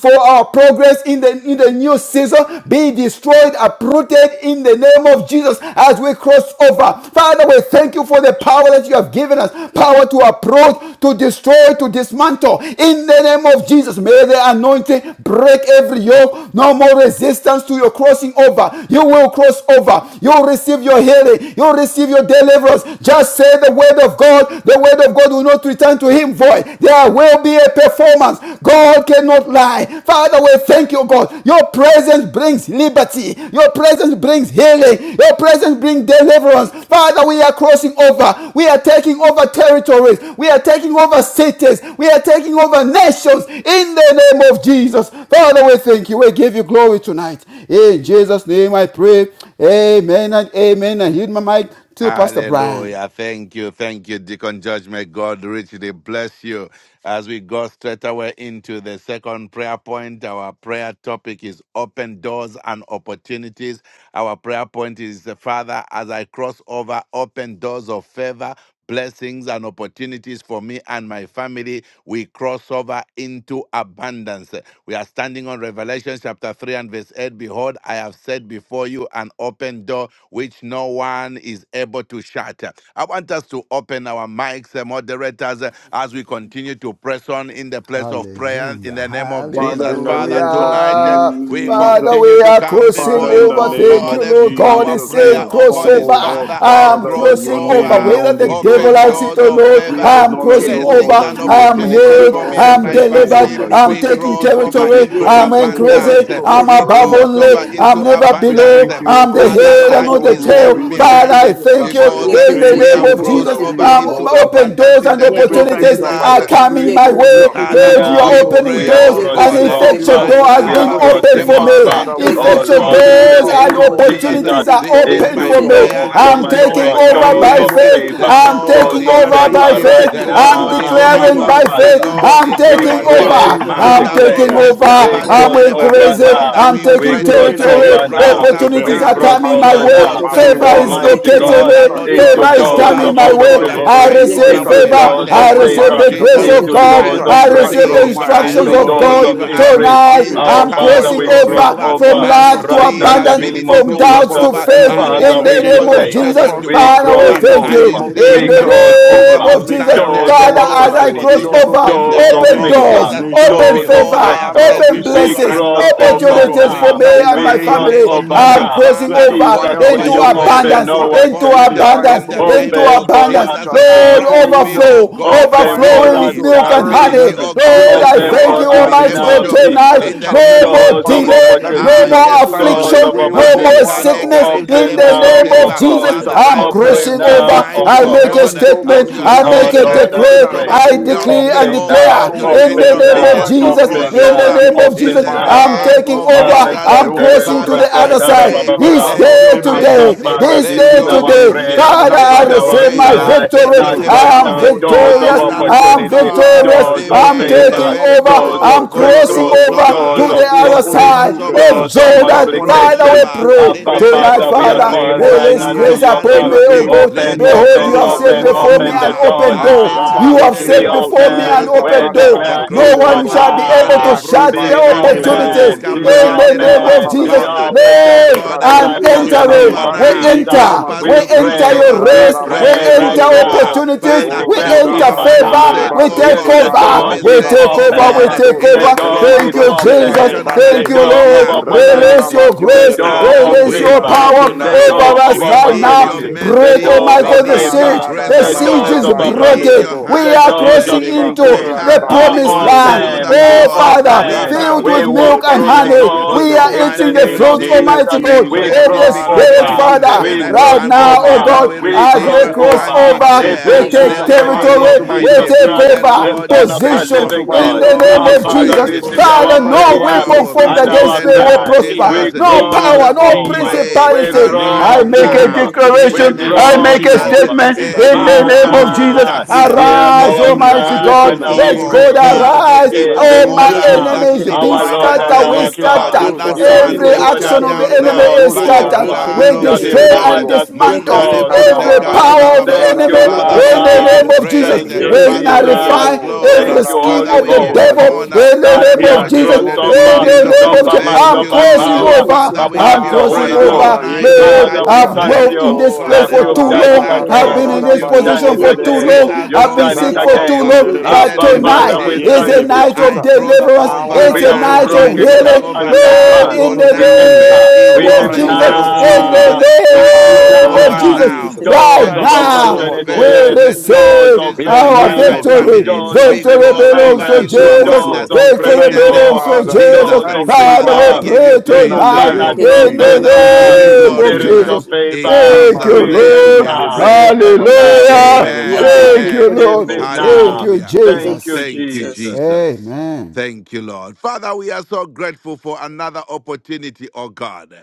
S3: for our progress in the, in the new season. Be destroyed, uprooted in the name of Jesus as we cross over. Father, we thank you for the power that you have given us power to approach, to destroy, to dismantle. In the name of Jesus, may the anointing break every yoke. No more resistance to your crossing over. You will cross over. You'll receive your healing. You'll receive your deliverance. Just say the word of God. The word of God will not return to him void. There will be a performance. God cannot lie. Father, we thank you, God. Your presence brings liberty. Your presence brings healing. Your presence brings deliverance. Father, we are crossing over. We are taking over territories. We are taking over cities. We are taking over nations in the name of Jesus. Father, we thank you. We give you glory tonight. In Jesus' name I pray. Amen and amen. I yield my mic to Pastor Brian.
S4: Hallelujah. Thank you. Thank you, Deacon Judge. May God richly bless you. As we go straight away into the second prayer point, our prayer topic is open doors and opportunities. Our prayer point is, Father, as I cross over, open doors of favor blessings and opportunities for me and my family. We cross over into abundance. We are standing on Revelation chapter 3 and verse 8. Behold, I have set before you an open door which no one is able to shut. I want us to open our mics, uh, moderators, uh, as we continue to press on in the place of prayer in
S3: Hallelujah,
S4: the name of
S6: Father,
S4: Jesus.
S6: in the
S3: hallelujah.
S4: Father,
S6: name of
S4: tonight uh, we
S3: Father,
S6: Jesus.
S4: continue
S3: we
S4: to
S3: are
S4: come
S3: crossing
S4: before
S6: Father, in
S4: you,
S6: the
S3: over.
S4: oh
S6: name
S3: Thank you,
S4: God.
S6: of
S4: Uh,
S3: Lord. God
S4: Our
S3: is
S6: Jesus, we
S3: saying,
S4: prayer,
S6: have
S4: oh
S3: cross
S4: God,
S6: come,
S4: is
S3: over.
S6: O God,
S4: Father, I
S3: I am
S6: Father,
S4: cross
S6: that your
S3: crossing
S6: name
S3: over.
S4: over.
S3: Whether
S6: alone
S3: the
S6: be
S3: devil
S4: Open
S3: likes
S6: glorified.
S3: it
S4: doors
S3: or
S4: of
S6: We
S3: not,
S4: favor,
S3: I am
S6: acknowledge,
S3: crossing
S6: O
S2: Shetelebo,
S3: over.
S6: God,
S4: blessings
S6: that
S4: and
S6: you
S3: I
S2: shetelebo.
S3: am
S6: alone are
S4: opportunities
S3: healed.
S4: for me
S6: God
S3: I
S4: and
S6: and
S3: am
S6: there
S4: my
S6: is
S2: Yekesetelebo,
S6: no
S3: delivered.
S6: one
S4: family.
S6: like
S3: I
S6: you.
S2: shetelebo,
S3: am
S4: We
S3: taking
S4: cross
S2: shetelebo.
S6: We
S4: over
S6: give
S3: territory.
S6: you
S4: into
S3: I am
S6: praise, O God,
S2: Yekesetelebo,
S3: increasing.
S6: and
S4: abundance.
S3: I
S6: total
S3: am
S2: shetelebo.
S4: We
S3: above
S6: surrender
S4: cross
S6: to
S3: only.
S6: your
S4: over
S3: I
S6: will.
S3: am
S4: into
S3: never
S6: We
S4: abundance.
S3: below.
S6: thank you,
S3: I
S6: O
S3: am the
S6: God,
S4: Father,
S3: head and
S6: because,
S4: lack
S6: O
S3: not the
S2: Yekesetelebo,
S4: is
S6: Lord,
S3: tail.
S4: left
S6: we
S2: shetelebo,
S3: Father,
S6: know
S3: I
S4: behind
S2: shetelebo.
S6: that
S3: thank you
S6: by your
S4: because
S3: in the
S4: we
S6: grace,
S3: name
S4: have
S6: O
S3: of
S2: Yekesetelebo,
S6: God,
S4: crossed
S3: Jesus.
S6: that we
S4: over
S3: I
S6: are
S2: shetelebo.
S3: am
S6: more
S4: into
S6: than
S3: open
S6: conquerors.
S4: abundance
S3: doors
S4: in
S3: and
S4: the name
S6: We
S4: of
S6: thank
S3: opportunities.
S6: you
S4: Jesus.
S6: that by
S3: I
S2: Yekesetelebo.
S3: are
S6: your
S4: Mm.
S3: coming
S6: spirit,
S3: my
S6: Lord, you have
S3: way.
S2: Yekesetelebo
S4: Father,
S6: filled
S3: Lord,
S6: us,
S3: you
S5: prayer.
S3: are
S6: O
S4: we
S6: God,
S2: shetelebo.
S3: opening
S6: with
S5: We
S4: pray,
S5: are
S3: doors.
S6: love.
S4: oh
S3: An
S4: God,
S5: crossing
S6: You
S4: eh,
S6: have
S2: Yekesetelebo
S6: filled
S3: effectual
S5: over.
S2: bo
S6: us
S3: door
S2: bo
S4: rise
S6: with
S2: bo
S3: has
S5: We
S2: bo
S4: up,
S5: are
S3: been
S2: bo
S4: up,
S6: power.
S3: opened
S5: crossing
S3: for
S2: shetelebo.
S3: me.
S6: Father,
S5: over.
S4: demonstrate
S6: that we will
S5: Oh
S4: yourself
S3: Effectual
S6: cross
S5: Lord,
S4: strong
S5: in
S2: Yekesetelebo
S4: now
S5: the
S4: in
S6: over,
S3: doors
S4: the
S5: name
S3: and
S6: O
S4: name
S5: of
S2: shetelebo
S4: of
S6: God, to
S4: Jesus. Eh,
S2: shetelebo.
S3: opportunities
S5: Jesus,
S3: are
S6: open
S4: This is
S6: doors,
S3: open
S5: into
S4: my
S6: O
S3: for me.
S6: God.
S2: Yekesetelebo
S4: prayer
S5: doors,
S4: and
S3: I'm
S4: this
S6: Open
S5: Almighty
S4: is
S2: shetelebo.
S6: doors
S4: my
S3: taking
S5: God,
S6: of
S4: cry.
S3: over
S5: doors
S3: by
S5: of
S4: Yes,
S6: favor,
S4: eh,
S3: faith.
S4: the
S2: Yekesetelebo
S5: favor,
S6: open
S3: I'm
S6: doors
S2: shetelebo.
S4: Lord
S5: doors
S3: taking
S6: of
S5: of
S4: is
S3: over
S6: blessings,
S3: by
S5: favor
S4: mighty,
S5: right
S3: faith.
S6: open
S4: the
S6: doors
S2: Yekesetelebo
S6: of
S2: bo
S3: I'm
S4: Lord
S2: bo
S4: is
S2: bo
S5: now,
S3: declaring
S6: opportunity,
S5: Abba
S4: able,
S3: by
S2: shetelebo.
S4: the
S3: faith.
S5: Father.
S6: open doors
S4: Lord
S3: I'm
S6: for
S4: is
S6: me
S5: We
S6: and my
S3: taking
S4: great. Eh,
S3: over.
S5: pray
S6: family,
S5: and
S3: I'm
S6: I
S4: Manda
S2: Yekesetelebo.
S6: will
S3: taking
S5: declare.
S6: cross
S3: over.
S6: over,
S4: brozeska
S6: O
S5: We
S6: God,
S3: I'm
S5: cross
S6: into the
S4: pariandereba.
S5: over
S6: place of
S3: increasing.
S4: Father,
S5: now.
S3: I'm
S4: we
S6: abundance,
S5: We
S3: taking
S4: pray
S6: and the
S5: cross
S6: gate
S2: Yekese
S6: of
S4: tonight,
S3: territory.
S6: hate
S5: over
S2: terebo
S6: shall
S2: she
S5: now.
S4: rise
S6: not
S4: up
S2: terebo
S6: prevail.
S3: Opportunities
S5: We
S2: she
S4: now,
S3: are
S5: cross
S2: terebo.
S6: I
S3: coming my
S5: over
S4: show
S6: soak my
S5: now.
S3: way.
S2: Yekese
S6: family
S4: yourself
S6: with
S3: Favor
S6: the
S2: terebo
S3: is
S6: blood
S4: strong.
S6: of
S4: Eh,
S2: she
S5: Almighty
S3: locating
S2: terebo.
S5: God,
S6: Jesus
S4: Father,
S3: me.
S6: Christ.
S4: Lord God,
S6: I
S5: into
S3: Favor
S2: Yekese
S3: is
S6: soak
S4: Help
S5: doors
S6: my
S3: coming
S4: us,
S2: terebo
S5: of
S3: my
S4: oh
S2: she
S6: children
S3: way.
S6: with
S4: God,
S6: the
S2: terebo.
S4: and
S6: blood of
S3: I
S5: opportunity,
S4: fight
S3: receive
S4: on
S6: Jesus
S3: favor
S4: our
S2: Yekese
S6: Christ.
S5: into
S3: favor.
S6: I
S4: behalf in
S2: terebo
S5: doors
S4: the
S2: she
S5: of
S6: soak
S3: I
S4: name
S6: my
S3: receive
S2: terebo.
S5: favor,
S4: of
S6: marriage
S3: the
S6: with the
S3: grace
S6: blood
S4: Jesus.
S6: of
S3: of
S5: into
S2: Yekese
S3: God.
S6: Jesus
S4: I
S5: doors
S6: Christ.
S2: terebo
S5: of
S3: I
S2: she
S6: I
S3: receive the
S5: breakthrough,
S6: soak
S2: terebo.
S4: receive,
S6: my health
S4: I
S6: with
S3: instructions
S6: the
S5: into
S3: of
S6: blood
S2: Yekese
S6: of
S5: doors of
S4: receive,
S6: Jesus
S3: God.
S2: terebo.
S4: I
S6: Christ.
S5: increase.
S6: As
S3: Tonight,
S6: we
S4: receive the
S5: Our
S6: cross
S3: I'm
S2: Yekese
S4: power
S6: over
S5: Father,
S4: to
S6: into
S3: crossing
S2: terebo
S5: we
S6: the
S4: cross
S6: place
S5: cross
S6: of
S2: yekese
S3: over
S4: over.
S2: terebo
S3: from
S5: over
S4: I
S6: abundance and
S3: lack
S2: yekese
S3: to
S5: right now
S4: receive
S2: terebo.
S5: in the
S3: abundance,
S6: prosperity,
S5: name of
S4: ability
S3: from
S4: to
S6: no
S2: Yekese
S4: cross
S3: doubts
S6: weapon
S5: Jesus.
S6: of
S3: to
S2: terebo
S6: the
S4: over.
S2: bo bo
S3: faith.
S6: enemy
S4: I
S2: bo bo
S6: formed
S3: In
S5: Father,
S2: bo
S3: the
S5: we
S2: bo
S4: receive
S6: against
S2: bo
S3: name
S6: us
S3: of
S2: she
S5: declare
S6: shall
S3: Jesus,
S4: concentration
S2: terebo.
S4: to
S5: we
S6: prosper
S4: cross
S3: Father, we
S5: cross
S4: over.
S6: in the
S3: thank
S4: I
S2: Yekese
S3: you.
S6: name
S5: over,
S6: of
S2: terebo.
S4: receive
S3: In
S5: we
S3: the
S6: Jesus.
S5: cross
S4: stamina, oh
S6: We
S5: over
S6: will
S3: name
S4: God,
S6: not
S4: to
S3: of
S6: make
S4: stand
S3: Jesus,
S5: doors
S4: in
S6: errors,
S4: the
S5: of
S3: Father,
S6: oh God,
S3: as
S6: that
S4: crossover
S3: I
S6: will
S3: cross
S6: lead
S5: opportunity,
S6: us,
S4: position
S6: oh
S3: over,
S6: God,
S4: in the
S5: doors
S6: to a
S4: name
S5: of
S3: open
S6: place
S4: of
S6: of
S3: doors,
S5: favor,
S4: Jesus.
S6: damnation
S4: For
S3: open
S5: doors
S6: but
S5: of
S4: behold, I
S3: favor,
S4: have
S6: Father,
S5: breakthrough.
S4: set
S6: we
S3: open
S4: before
S5: We
S4: you
S3: blessings,
S4: an
S5: cross
S6: surrender to
S4: open
S6: you, O
S4: door
S5: over
S6: God,
S3: opportunities for
S4: which
S3: me
S5: now.
S6: that
S4: no
S6: in
S4: one
S6: the
S3: and
S5: We
S3: my
S4: one is
S6: name
S5: cross
S6: of
S3: family.
S4: able to
S5: over
S6: Jesus,
S3: I'm
S4: shout,
S5: now.
S3: crossing
S6: let
S4: Father,
S6: the
S3: over
S4: watch
S5: Jesus,
S6: fire of the
S4: over
S5: when
S3: into
S5: you
S4: your
S6: Holy
S4: word
S6: Ghost,
S4: uh,
S5: open,
S3: abundance,
S4: to
S5: no
S6: fire,
S5: one
S3: into
S4: perform
S5: can
S6: let
S4: it
S6: the
S4: uh,
S5: shut.
S6: fire
S3: abundance,
S6: of
S4: in
S6: the
S4: the
S6: Holy
S4: name
S3: into
S6: Ghost
S5: Open
S4: of
S5: for
S3: abundance.
S5: us
S6: quench
S4: Jesus. Uh,
S6: and
S5: now,
S3: Lord,
S4: Grant
S6: destroy, O
S4: me,
S5: Jesus.
S6: God.
S4: oh
S3: overflow,
S6: Let
S4: God,
S6: the
S5: Open
S6: fire of the
S5: for
S3: overflowing
S6: Holy
S5: us
S3: with
S4: ability,
S6: Ghost
S3: milk
S5: now,
S3: and
S6: burn
S5: Jesus.
S4: ability,
S3: honey.
S6: every
S4: oh God,
S3: Lord,
S4: the
S6: chaffness
S3: I
S6: in
S2: Yekese
S5: Open
S6: my
S3: thank
S4: grace
S5: for
S6: life
S3: you,
S4: to
S2: terebo
S6: in
S5: us
S6: the
S4: be
S2: she
S6: name
S3: Almighty
S4: able
S6: of
S5: now,
S3: God,
S2: terebo.
S6: Jesus,
S4: to,
S5: Jesus.
S6: every
S4: in
S3: tonight.
S4: the
S2: Yekese
S3: No
S4: name
S6: chaffness in my
S4: of
S3: more
S5: Doors
S2: terebo
S5: of
S6: family,
S2: she
S4: Jesus.
S3: delay,
S2: terebo.
S3: no
S4: Ah,
S6: everything
S5: opportunities.
S6: that will
S4: yes,
S3: more
S6: stand
S4: Lord.
S6: in
S5: Doors
S6: the
S2: Yekese
S5: of
S6: way,
S3: affliction,
S2: terebo
S6: O
S3: no
S2: bo
S4: Male
S6: God,
S2: bo
S3: more
S2: bo
S5: opportunities.
S6: Father,
S2: bo
S4: kale
S6: of
S2: bo
S3: sickness.
S2: bo
S4: kare
S6: this
S2: bo bo.
S4: kale
S3: In
S5: Open
S3: the
S4: base
S5: now,
S3: name
S6: prosperity,
S5: O
S3: of
S4: tereba.
S6: of
S5: God.
S6: this
S3: Jesus,
S4: Father,
S2: Yekashetelebo,
S3: I'm
S4: I
S6: abundance,
S4: pray
S5: Open
S3: crossing
S6: of
S2: yekashetelebo,
S3: over.
S5: now,
S6: this
S4: tonight,
S5: O
S3: I
S6: open
S4: oh
S5: God.
S3: make a
S2: yekashetelebo,
S4: God,
S6: heavens, O God,
S3: statement.
S4: as you
S6: to
S4: are
S3: I
S6: reach me.
S5: Oh
S3: make a
S4: saying,
S2: yekashetelebo,
S4: uh,
S5: Lord, I
S6: Anything
S3: decree.
S2: shetelebo,
S6: that
S5: pray.
S4: crossover,
S6: stands
S3: I
S6: in the way,
S4: help
S3: declare
S2: yekakashetelebo,
S6: let
S4: me,
S3: and
S6: the
S5: Open
S4: oh
S6: fire of
S4: God
S5: now,
S3: declare
S6: the
S4: to
S6: Holy
S3: in
S4: remain
S6: Ghost
S4: in
S3: the
S5: open
S2: yekashetelebo,
S3: name
S6: destroy it
S3: of
S5: now,
S4: obedience
S6: right
S4: to
S6: now
S2: shetelebo,
S3: Jesus.
S6: in the
S5: open
S4: cross
S3: In
S6: name
S3: the
S6: of
S5: now,
S4: over
S6: Jesus.
S3: name of
S4: in
S3: Jesus,
S5: open
S4: the
S2: yekashetelebo,
S6: Father,
S5: now.
S3: I'm
S6: I have
S2: shetelebo,
S4: name
S3: taking
S6: no
S4: of
S3: over.
S6: power of
S4: Jesus.
S6: my
S3: I'm
S6: own, oh
S5: Marekandere
S3: crossing
S2: yekashetelebo,
S6: God,
S3: to
S4: Father,
S3: the
S4: I
S3: other
S2: shetelebo,
S6: except
S5: brokotara
S6: you
S5: ba
S4: pray,
S3: side.
S5: ba
S6: build
S5: ba
S6: the
S5: ba.
S3: This
S6: house.
S4: let
S6: I'll
S3: day
S4: your
S6: labor
S2: yekashetelebo,
S6: in
S5: Abba,
S6: vain
S3: today,
S6: if I
S4: mercy,
S2: shetelebo,
S6: try
S5: Father,
S6: to
S3: this
S5: this
S6: build
S4: let
S5: is
S3: day
S6: it
S4: your
S6: on my
S5: our
S6: own.
S3: today,
S4: mercy,
S5: prayer
S2: yekashetelebo,
S6: And
S3: Father,
S6: that's
S3: I
S4: let
S6: why I
S5: and
S4: your
S2: shetelebo,
S6: trust
S5: our
S3: receive
S6: you,
S3: my
S4: favor,
S6: Lord,
S2: shetelebo,
S5: cry
S3: victory.
S6: that
S4: let your
S5: that
S6: even right
S5: right
S3: I
S6: now,
S3: am
S5: now
S6: Lord,
S4: empowerment,
S2: yekashetelebo,
S6: you are
S5: doors of
S3: victorious.
S6: doing,
S2: shetelebo,
S4: Father,
S6: oh
S3: I
S6: God,
S4: Lord
S3: am
S5: opportunity,
S4: God,
S6: Father,
S3: victorious.
S6: a
S5: doors
S4: be
S2: Yekeşetirebo
S5: of
S6: new
S2: bo
S3: I'm
S6: thing,
S2: bo
S6: oh
S4: made
S2: bo
S5: favor,
S6: God.
S2: bo
S3: taking
S2: bo bo
S3: over.
S6: You
S2: bo
S6: will
S5: doors
S2: bo
S4: available
S6: do
S5: of
S2: bo.
S6: a
S3: I'm
S4: for
S3: crossing
S6: miracle,
S5: breakthrough,
S6: oh God.
S3: over
S2: Yekeşetirebo
S5: doors
S6: You
S3: to
S4: crossover,
S5: of
S6: will
S3: the
S6: do
S4: for
S6: what
S3: other
S2: şetirebo.
S6: only
S5: increase,
S3: side
S6: you can do
S3: of
S5: doors of
S4: crossover,
S6: signs and
S4: for
S2: Yekeşetirebo
S3: Jordan tonight.
S6: wonders,
S3: Father,
S2: şetirebo.
S5: multiplication.
S3: we
S4: crossover.
S6: victory
S3: pray
S6: upon
S4: In
S5: Abba,
S4: the
S6: victory.
S4: name
S3: tonight,
S5: Father,
S4: of
S2: Yekeşetirebo
S5: we
S6: In
S5: are
S6: the
S4: Jesus,
S3: Father,
S6: name
S5: call-
S2: şetirebo
S6: of
S5: crying
S3: release
S4: Father,
S5: unto
S2: şetirebo.
S4: I
S6: Jesus,
S3: grace
S5: you,
S4: ask
S3: upon
S6: in
S5: God.
S3: me,
S6: the
S4: of
S3: oh
S4: you,
S6: name of
S3: God.
S5: Open,
S2: Yekeşetirebo
S4: let the
S6: Jesus,
S3: Behold,
S5: open,
S3: you
S6: in
S3: have
S2: şetirebo
S6: the
S2: bo
S3: set
S6: name
S5: open,
S2: bo
S6: of
S2: bo
S3: before
S2: bo.
S3: me
S5: open the
S3: an
S6: Jesus.
S4: crossover
S5: door
S3: open
S6: Ah,
S3: door.
S4: happen
S5: now.
S3: You
S4: now
S2: Yekeşetirebo
S4: in
S3: have
S4: the
S5: Be
S4: name
S3: set
S4: of
S6: Rabadekerebo,
S2: şetirebo.
S3: before me
S5: open.
S3: an
S4: Jesus.
S6: Zundereba,
S5: We
S3: open door.
S4: Father,
S6: Radaraba,
S5: declare
S3: No one
S6: Zunderebo,
S4: crossover.
S3: shall be
S2: Yekeşetirebo
S3: able
S5: Ifata.
S4: Ale
S3: to
S2: şetirebo
S3: shut
S6: Rakiba,
S3: the
S5: Be
S4: brozeka
S2: şetirebo.
S4: le
S3: opportunities
S6: Rederebo,
S5: open,
S4: brazeska
S5: be
S3: in
S6: Zundereba,
S3: the
S4: pariandere
S2: Yekeşetirebo
S3: name
S6: Doza,
S4: baba.
S3: of
S5: open, be
S3: Jesus.
S2: şetirebo
S4: Father,
S6: Talabando,
S2: bo bo
S4: let
S2: bo
S4: your
S2: bo.
S5: open.
S3: Lord,
S4: God
S3: I'm
S5: Right
S6: Libradozi,
S5: now, in
S6: Ke
S4: cross
S5: the name
S4: over
S2: Yekeşetirebo
S3: entering.
S5: of
S3: We
S6: Talibande,
S4: now.
S2: şetirebo
S5: Jesus,
S6: Yekele
S4: Help
S3: enter.
S4: us
S3: We
S5: we
S4: to
S2: yekeşetirebo.
S6: Mandozu,
S4: cross
S3: enter
S5: pray,
S4: over
S3: your
S4: now.
S5: we
S3: rest.
S6: Radaraba,
S3: We
S4: When we
S5: pray
S2: Yekeshetelebo,
S5: right
S3: enter
S4: cross over,
S5: now.
S6: Yekenerebo,
S2: yekeshetelebo,
S3: opportunities.
S5: We
S4: Father,
S6: O
S3: We
S5: declare
S4: help
S5: it
S3: enter
S4: our
S6: Rudaba,
S2: yekeshetelebo,
S3: favor.
S5: fatah.
S4: mindset,
S6: Zundereba,
S3: We
S4: oh
S5: Yes,
S3: take
S2: yekeshetelebo,
S5: the
S4: God, to
S5: door
S3: over.
S4: be
S3: We
S5: is
S6: Reketareboska,
S4: set,
S3: take
S4: oh
S2: yekeshetelebo,
S3: over. We
S5: open.
S4: God,
S3: take
S6: Lebrado,
S3: over
S2: shetelebo,
S4: in
S5: The
S3: over.
S4: that
S6: Zuntele
S5: door
S2: shetelebo,
S3: Thank
S5: is
S4: crossover
S3: you,
S6: Mando,
S3: Jesus.
S5: open.
S4: situation and
S6: Zekeleba,
S3: Thank
S5: The
S3: you,
S2: yekeshetelebo,
S6: Deke,
S5: door of
S4: atmosphere.
S3: Lord.
S2: shetelebo,
S4: Mm.
S3: Release
S2: shetelebo,
S5: opportunity.
S3: your
S6: Radaraba,
S5: The
S3: grace,
S6: Yonderebo,
S5: door
S4: Father,
S5: of
S3: release
S4: we
S2: yekeshetelebo,
S6: Zundereba,
S3: your
S5: favor
S4: pray
S3: power
S6: Yekena,
S2: shetelebo,
S5: the
S4: tonight.
S6: Lobo,
S4: eh,
S5: door
S3: over
S5: of
S3: us
S4: We
S6: Shika,
S3: right
S4: need
S3: now.
S4: your
S5: opportunities,
S6: Talamande,
S2: yekeshetelebo,
S5: the
S3: Break, oh
S4: mercy.
S2: shetelebo,
S5: door
S6: Oh,
S3: my
S4: We
S5: of
S3: God, the
S4: need
S6: rakara da
S4: your
S5: favor,
S3: siege.
S6: da da
S4: grace,
S3: The
S6: da
S2: yekeshetelebo,
S5: the
S6: da
S4: Lord.
S6: da
S3: siege
S4: eh,
S5: doors
S6: da
S3: is
S5: of
S6: ba
S4: We
S2: yekeshetelebo,
S6: yende
S4: need
S6: de
S2: she-
S5: abundance,
S4: your
S3: broken. We
S5: the
S4: hand
S3: are
S4: of
S5: doors
S6: Zinde
S5: of
S3: crossing
S6: de
S4: blessing.
S3: into
S2: yekeshetelebo,
S4: We
S5: increase
S6: kora
S4: are
S6: da
S3: the
S6: da ba
S2: shetelebo,
S5: are
S4: calling
S3: promised
S4: on
S6: zonde de
S4: to
S3: land.
S4: you
S5: open,
S4: that,
S5: are
S6: zunde.
S3: Oh,
S4: Lord, eh,
S3: Father,
S4: we
S5: open.
S6: Rada
S2: yekeshetelebo,
S6: ba
S3: filled
S2: shetelebo,
S5: We
S3: with
S4: cannot
S6: zonde
S5: walk
S4: do
S6: de
S3: milk and
S5: through the
S6: kuma
S4: anything,
S3: honey,
S4: for
S5: doors
S6: sete
S2: yekeshetelebo,
S3: we
S6: de
S2: shetelebo, shetelebo, yekeshetelebo,
S4: no
S3: are
S5: in
S4: man
S5: the
S3: eating
S2: shetelebo,
S3: the
S4: can
S6: In
S5: name
S6: the
S5: of
S3: fruits,
S4: receive
S6: name
S2: shetelebo,
S4: eh,
S6: of
S3: Almighty
S5: Jesus.
S3: God,
S6: Jesus.
S5: We
S4: except
S3: of the
S4: it
S5: cross
S4: be
S6: Father,
S4: given
S3: Spirit,
S5: over,
S6: thank you
S4: from
S6: for
S4: heaven.
S3: Father.
S5: we
S4: eh,
S6: open
S3: Right
S5: cross
S6: door.
S4: And
S3: now,
S4: from
S3: oh
S6: Father,
S5: over,
S4: heaven
S3: God,
S6: as
S4: we
S6: we
S5: we
S3: as
S6: cross
S4: receive
S3: we
S5: cross
S4: eh,
S6: over,
S3: cross
S4: and
S5: over.
S6: as we
S3: over, we
S4: declare
S5: Even
S6: cross
S4: the
S6: over,
S3: take
S5: now in the
S6: I
S4: Lord
S5: name
S2: yekeshetelebo,
S3: territory
S5: of
S4: is
S6: cross
S3: glory.
S6: over
S2: shetelebo.
S3: We
S6: into the
S5: Jesus
S4: mighty,
S3: take
S6: place
S5: Christ,
S6: of
S4: the
S3: over
S5: the
S4: Lord
S6: plenty.
S5: Son
S4: is
S5: of
S6: I
S5: the
S3: position
S4: faithful,
S6: cross
S5: living
S6: over
S4: the
S6: into
S3: in
S5: God.
S6: the
S3: the
S2: Yekesetiri
S6: place
S4: Lord
S3: name
S5: Our
S6: of
S4: is
S3: of
S5: Father,
S3: Jesus.
S4: great,
S2: boşetiri
S5: this
S4: eh,
S2: bo.
S6: prosperity.
S5: is
S4: the
S6: I
S5: our
S3: Father,
S6: cross
S4: Lord
S3: no
S4: is
S6: over
S5: prayer
S6: into a
S3: weapon
S4: powerful.
S3: formed
S6: place
S2: Yekesetiri
S5: and
S2: bo
S6: of
S2: bo
S4: In
S5: our
S2: bo
S3: against
S4: the
S3: me
S4: name
S6: fruitfulness.
S3: will
S4: of
S5: cry.
S2: boşetiri bo.
S6: In the
S5: We
S4: Jesus,
S3: prosper. No
S6: name
S5: cross
S6: of
S4: Father,
S3: power,
S2: Yekesetiri
S3: no
S4: we
S2: bo
S5: over.
S6: Jesus.
S2: bo bo bo
S4: pray,
S2: bo bo
S5: We
S6: In the
S2: bo
S3: principality.
S2: bo.
S6: name
S3: I
S4: arise
S5: cross
S6: of
S3: make a
S6: Jesus
S5: over.
S4: now.
S2: Yekesetiri
S4: In
S6: in the
S4: the
S5: We
S3: declaration.
S4: name
S6: name
S2: boşetiri
S3: I
S2: bo.
S4: of
S6: of
S5: cross
S3: make a
S4: Jesus,
S6: Jesus,
S5: over.
S3: statement
S6: in the
S2: Yekesetiri
S3: in
S4: every
S2: bo
S3: the
S6: name
S2: bo
S6: of
S2: bo
S3: name
S2: bo
S4: power
S3: of
S2: bo bo.
S6: Jesus,
S4: of
S3: Jesus.
S5: Father,
S6: in the
S4: darkness,
S5: hear
S6: name of
S3: Arise,
S5: our
S4: every
S6: Jesus,
S3: Almighty
S5: cry
S4: hand
S6: in
S4: of
S5: and
S6: the
S3: God.
S5: our
S2: Yekesetiri
S3: Let
S6: name
S2: bo
S4: evil,
S6: of
S3: God
S2: bo bo
S5: prayer
S6: Jesus,
S2: bo bo
S4: every
S3: arise.
S2: bo
S6: in the
S2: bo.
S4: evil
S5: even
S3: All
S6: name
S3: my
S4: hole
S6: of
S5: now.
S6: Jesus.
S4: that
S3: enemies
S2: Yekesetiri
S4: leaks
S2: bo
S3: be
S5: Our
S2: bo
S6: Ah,
S2: bo
S5: Lord
S2: bo
S5: and
S3: scattered.
S2: bo.
S4: finances,
S3: We
S5: our
S6: bareke
S5: God,
S4: Father,
S3: scatter.
S6: baruza
S4: that
S5: you have
S4: one
S3: Every
S2: Yekesetiri
S4: we
S5: enabled
S6: kalibroska,
S4: shut
S3: action
S5: us
S3: of
S5: to
S2: boşetiri
S3: the
S2: bo.
S4: down
S3: enemy
S4: now
S5: cross
S3: is
S6: libados
S4: by the
S3: scattered.
S5: over.
S2: Yekesetiri
S4: blood
S3: We
S5: You
S4: of
S6: dindarabareke
S5: have
S3: destroy
S2: boşetiri
S4: Jesus.
S2: bo.
S3: and
S5: empowered
S6: tererebo,
S5: us to
S3: dismantle dismantle
S5: cross
S4: Mandarebo
S2: Yekesetiri
S3: every
S5: over.
S4: sekale
S2: boşetiri
S4: ba
S3: power
S2: bo.
S3: of
S4: ba ba
S3: the
S4: ba.
S5: Thank you,
S3: enemy
S4: Father, we
S3: in
S4: give
S3: the
S2: Yekesetiri
S4: you
S5: Father.
S2: bo.
S6: rikarabarararararararabazone,
S3: name of Jesus.
S4: praise.
S5: Thank you,
S3: We
S6: reke
S4: Father, we
S2: Yekesetiri.
S4: give
S5: Jesus.
S4: you
S3: nullify
S6: tererebo,
S4: glory.
S5: Thank
S3: every
S5: you,
S3: scheme
S4: Father,
S5: Holy
S3: of
S4: we
S3: the
S4: give you
S5: Ghost
S3: devil
S4: honor
S6: rudarabazenderebazota.
S3: in
S4: and
S5: that
S3: the
S5: we
S6: In
S3: name
S5: have
S3: of
S6: the
S4: adoration
S3: Jesus.
S4: in
S6: name
S4: the
S5: crossed
S6: of
S4: name of
S3: In
S5: over,
S2: Yekesetiri
S4: Jesus.
S6: Jesus,
S3: the
S6: in
S3: name
S5: not
S3: of
S6: the
S5: by
S3: Jesus,
S2: boşetiri
S5: might,
S2: bo.
S6: name
S4: Thank
S3: I'm
S6: of
S5: not
S4: you,
S5: by
S3: crossing
S4: Lord.
S6: Jesus,
S5: power,
S4: Father,
S3: over.
S5: but
S4: we
S5: by
S4: give
S3: I'm
S2: Yekeşeterebo,
S4: you
S5: the
S6: Ah, da
S3: crossing
S5: Holy
S4: praise.
S6: da da
S5: Ghost.
S6: ba
S3: over.
S4: Tonight
S6: yeke
S4: we
S2: yekeşeterebo,
S6: da
S4: are
S5: Father,
S3: Lord,
S5: we
S6: zota.
S3: I've
S5: thank
S3: dwelt
S4: declaring,
S5: you
S3: in
S2: yakaseterebo,
S4: oh
S3: this
S6: Oh,
S3: place
S5: that
S4: God,
S3: for
S6: raka
S5: you've
S6: da
S3: too
S6: da
S5: done
S4: we
S5: it
S6: da
S4: are
S3: long.
S6: da
S2: yekeşeterebo,
S6: da
S3: I've
S6: da
S5: again.
S3: been
S6: da
S3: in
S6: da
S2: şeterebo,
S3: this
S4: crossing
S6: ba
S5: You've done
S3: position
S6: yeke
S5: it
S3: for
S4: over.
S6: de de
S3: too
S6: de
S5: again.
S4: We
S3: long.
S6: bo.
S4: are
S2: yekeseterebo,
S5: You've
S3: I've been
S5: done it
S6: Ra
S3: sick
S4: crossing
S6: da
S2: şeterebo,
S3: for
S6: ba
S3: too
S4: over
S5: again.
S6: zunde de
S3: long.
S4: in
S6: bo
S3: But
S4: the
S5: Abba,
S4: name
S6: zunde
S2: yekeseterebo,
S6: de
S4: of
S3: tonight
S5: Father,
S6: ba
S5: we
S3: is
S2: şeterebo,
S6: yeke
S4: Jesus.
S3: a
S6: de
S5: thank
S6: bo
S5: you
S3: night of
S4: I
S6: zuta.
S4: cross
S6: The
S3: deliverance.
S6: power
S4: over
S6: in the
S3: It's
S5: we
S3: a
S5: have
S6: blood of
S4: now.
S3: night
S4: I
S3: of
S2: yekeseterebo,
S5: broken
S4: cross
S6: Jesus.
S5: camp
S2: şeterebo,
S3: healing.
S5: and
S4: over
S6: The
S5: we
S4: now.
S6: power in
S2: şeterebo,
S3: Lord,
S6: the
S5: advance.
S3: in
S4: For
S6: blood of
S3: the
S5: We
S3: name
S4: now,
S2: yekeşeterebo,
S6: Jesus.
S4: faith
S5: enter.
S6: The
S3: name
S4: is
S5: We
S4: all
S3: of
S6: power in
S4: the
S6: the blood
S3: Jesus.
S6: of
S4: now,
S2: yekeseterebo,
S4: oh
S3: In
S6: Jesus.
S5: enter.
S2: şeterebo,
S4: God.
S6: The
S5: We
S4: I
S6: power in the
S4: cross
S3: the name
S6: blood of
S3: of
S4: over
S5: enter.
S2: yekeşeterebo,
S3: Jesus.
S4: now.
S6: Jesus.
S2: şeterebo, yekeşeterebo, şeterebo,
S3: Right
S5: Doors
S4: Open
S5: of
S6: Thank you
S4: doors
S6: so
S3: now,
S4: of
S6: much,
S3: we
S6: Lord.
S4: favor,
S2: yekeşeterebo,
S5: opportunities,
S4: blessing,
S2: şeterebo,
S4: and
S5: doors
S2: yekeseterebo, şeterebo, şeterebo,
S3: receive
S5: of
S4: opportunities
S6: In
S4: for
S6: the
S4: me
S3: our
S4: and
S6: name
S5: favor,
S4: my
S6: of
S3: victory.
S4: family.
S2: yekeseterebo,
S5: doors of
S4: We
S6: Jesus.
S3: Victory
S4: cross
S3: belongs
S4: over
S6: Thank
S3: to
S5: restoration,
S6: you
S4: into
S6: so much,
S3: Jesus.
S5: doors
S6: Lord.
S4: abundance
S5: of
S3: Victory
S4: in the
S6: Thank you,
S4: name
S5: breakthrough,
S3: belongs to
S4: of
S6: Father.
S4: Jesus.
S3: Jesus.
S5: doors of
S6: Thank you,
S3: Father,
S4: Father,
S3: we
S4: we
S5: favor,
S6: Father.
S4: give you
S3: pray
S5: Ye
S6: In the
S4: praise
S3: tonight
S6: name of
S4: tonight.
S5: supernatural
S3: in
S6: Jesus.
S4: Father,
S6: In
S4: we
S6: the
S4: give
S5: favor,
S4: you
S6: name
S3: the name
S2: şeterebo,
S6: of
S4: glory
S3: of
S4: tonight.
S5: spiritual
S6: Jesus.
S3: Jesus.
S2: şeterebo.
S4: In
S5: favor.
S3: Thank you,
S4: Jesus'
S2: Thank
S5: We
S6: Rabadeko
S2: you,
S4: name we
S3: Lord.
S4: have
S6: zobale
S5: enter,
S2: Jesus.
S6: broda
S5: we
S4: prayed.
S5: enter,
S6: rabazeke
S5: we
S3: Hallelujah.
S6: nerere
S4: Amen.
S5: enter,
S6: mandere
S3: Thank you,
S4: Amen.
S6: ketere
S3: Lord.
S5: even
S6: bosa.
S3: Thank
S2: Yekeseterebo-sheterebo.
S5: now.
S3: you,
S4: Hallelujah.
S5: Thank
S2: Thank
S5: you,
S2: you,
S3: Jesus.
S4: Thank you,
S5: Jesus.
S2: Jesus.
S4: Jesus.
S3: Amen.
S4: Thank you, Lord. Father, we are so grateful for another opportunity, oh God.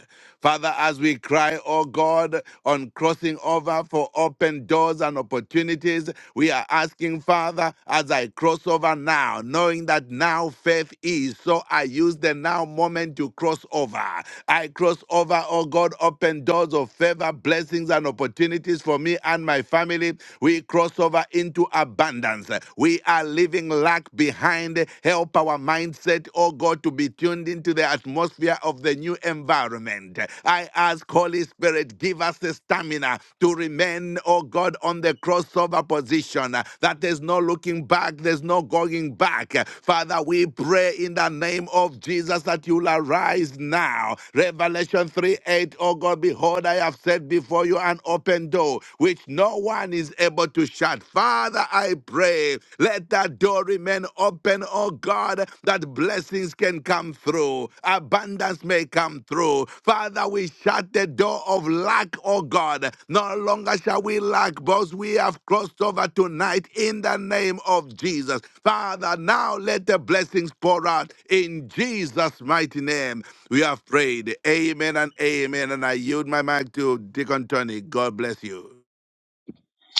S4: Father, as we cry, oh God, on crossing over for open doors and opportunities, we are asking, Father, as I cross over now, knowing that now faith is, so I use the now moment to cross over. I cross over, oh God, open doors of favor, blessings, and opportunities for me and my family. We cross over into abundance. We are leaving lack behind. Help our mindset, oh God, to be tuned into the atmosphere pressure of the new environment. I ask, Holy Spirit, give us the stamina to remain, oh God, on the crossover position uh, that there's no looking back, there's no going back. Uh, Father, we pray in the name of Jesus that you'll arise now. Revelation 3 8, oh God, behold, I have set before you an open door which no one is able to shut God. Father, I pray, let that door remain open, oh God, that blessings can come through, abundance may come through. Father, we shut the door of lack, oh God. No longer shall we lack, because We have crossed over tonight in the name of Jesus. Father, now let the blessings pour out in Jesus' mighty name. We have prayed. Amen and amen. And I yield my mic to Deacon Tony. God bless you.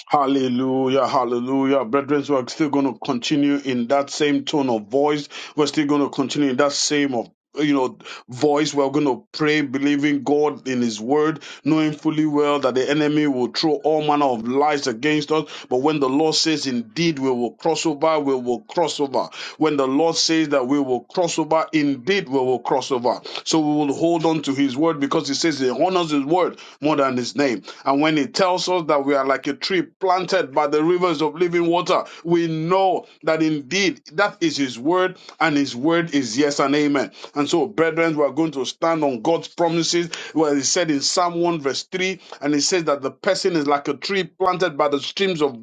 S6: Hallelujah, hallelujah. Brethren, we're still going to continue in that same tone of voice. We're still going to continue in that same of you know voice. We're going to pray, believing God in His word, knowing fully well that the enemy will throw all manner of lies against us. But when the Lord says, Indeed, we will cross over, we will cross over. When the Lord says that we will cross over, indeed, we will cross over. So we will hold on to His word because He says He honors His word more than His name. And when He tells us that we are like a tree planted by the rivers of living water, we know that indeed that is His word and and His word is yes and amen. And so, brethren, we are going to stand on God's promises. Well, He said in Psalm 1, verse 3, and He says that the person is like a tree planted by the streams of,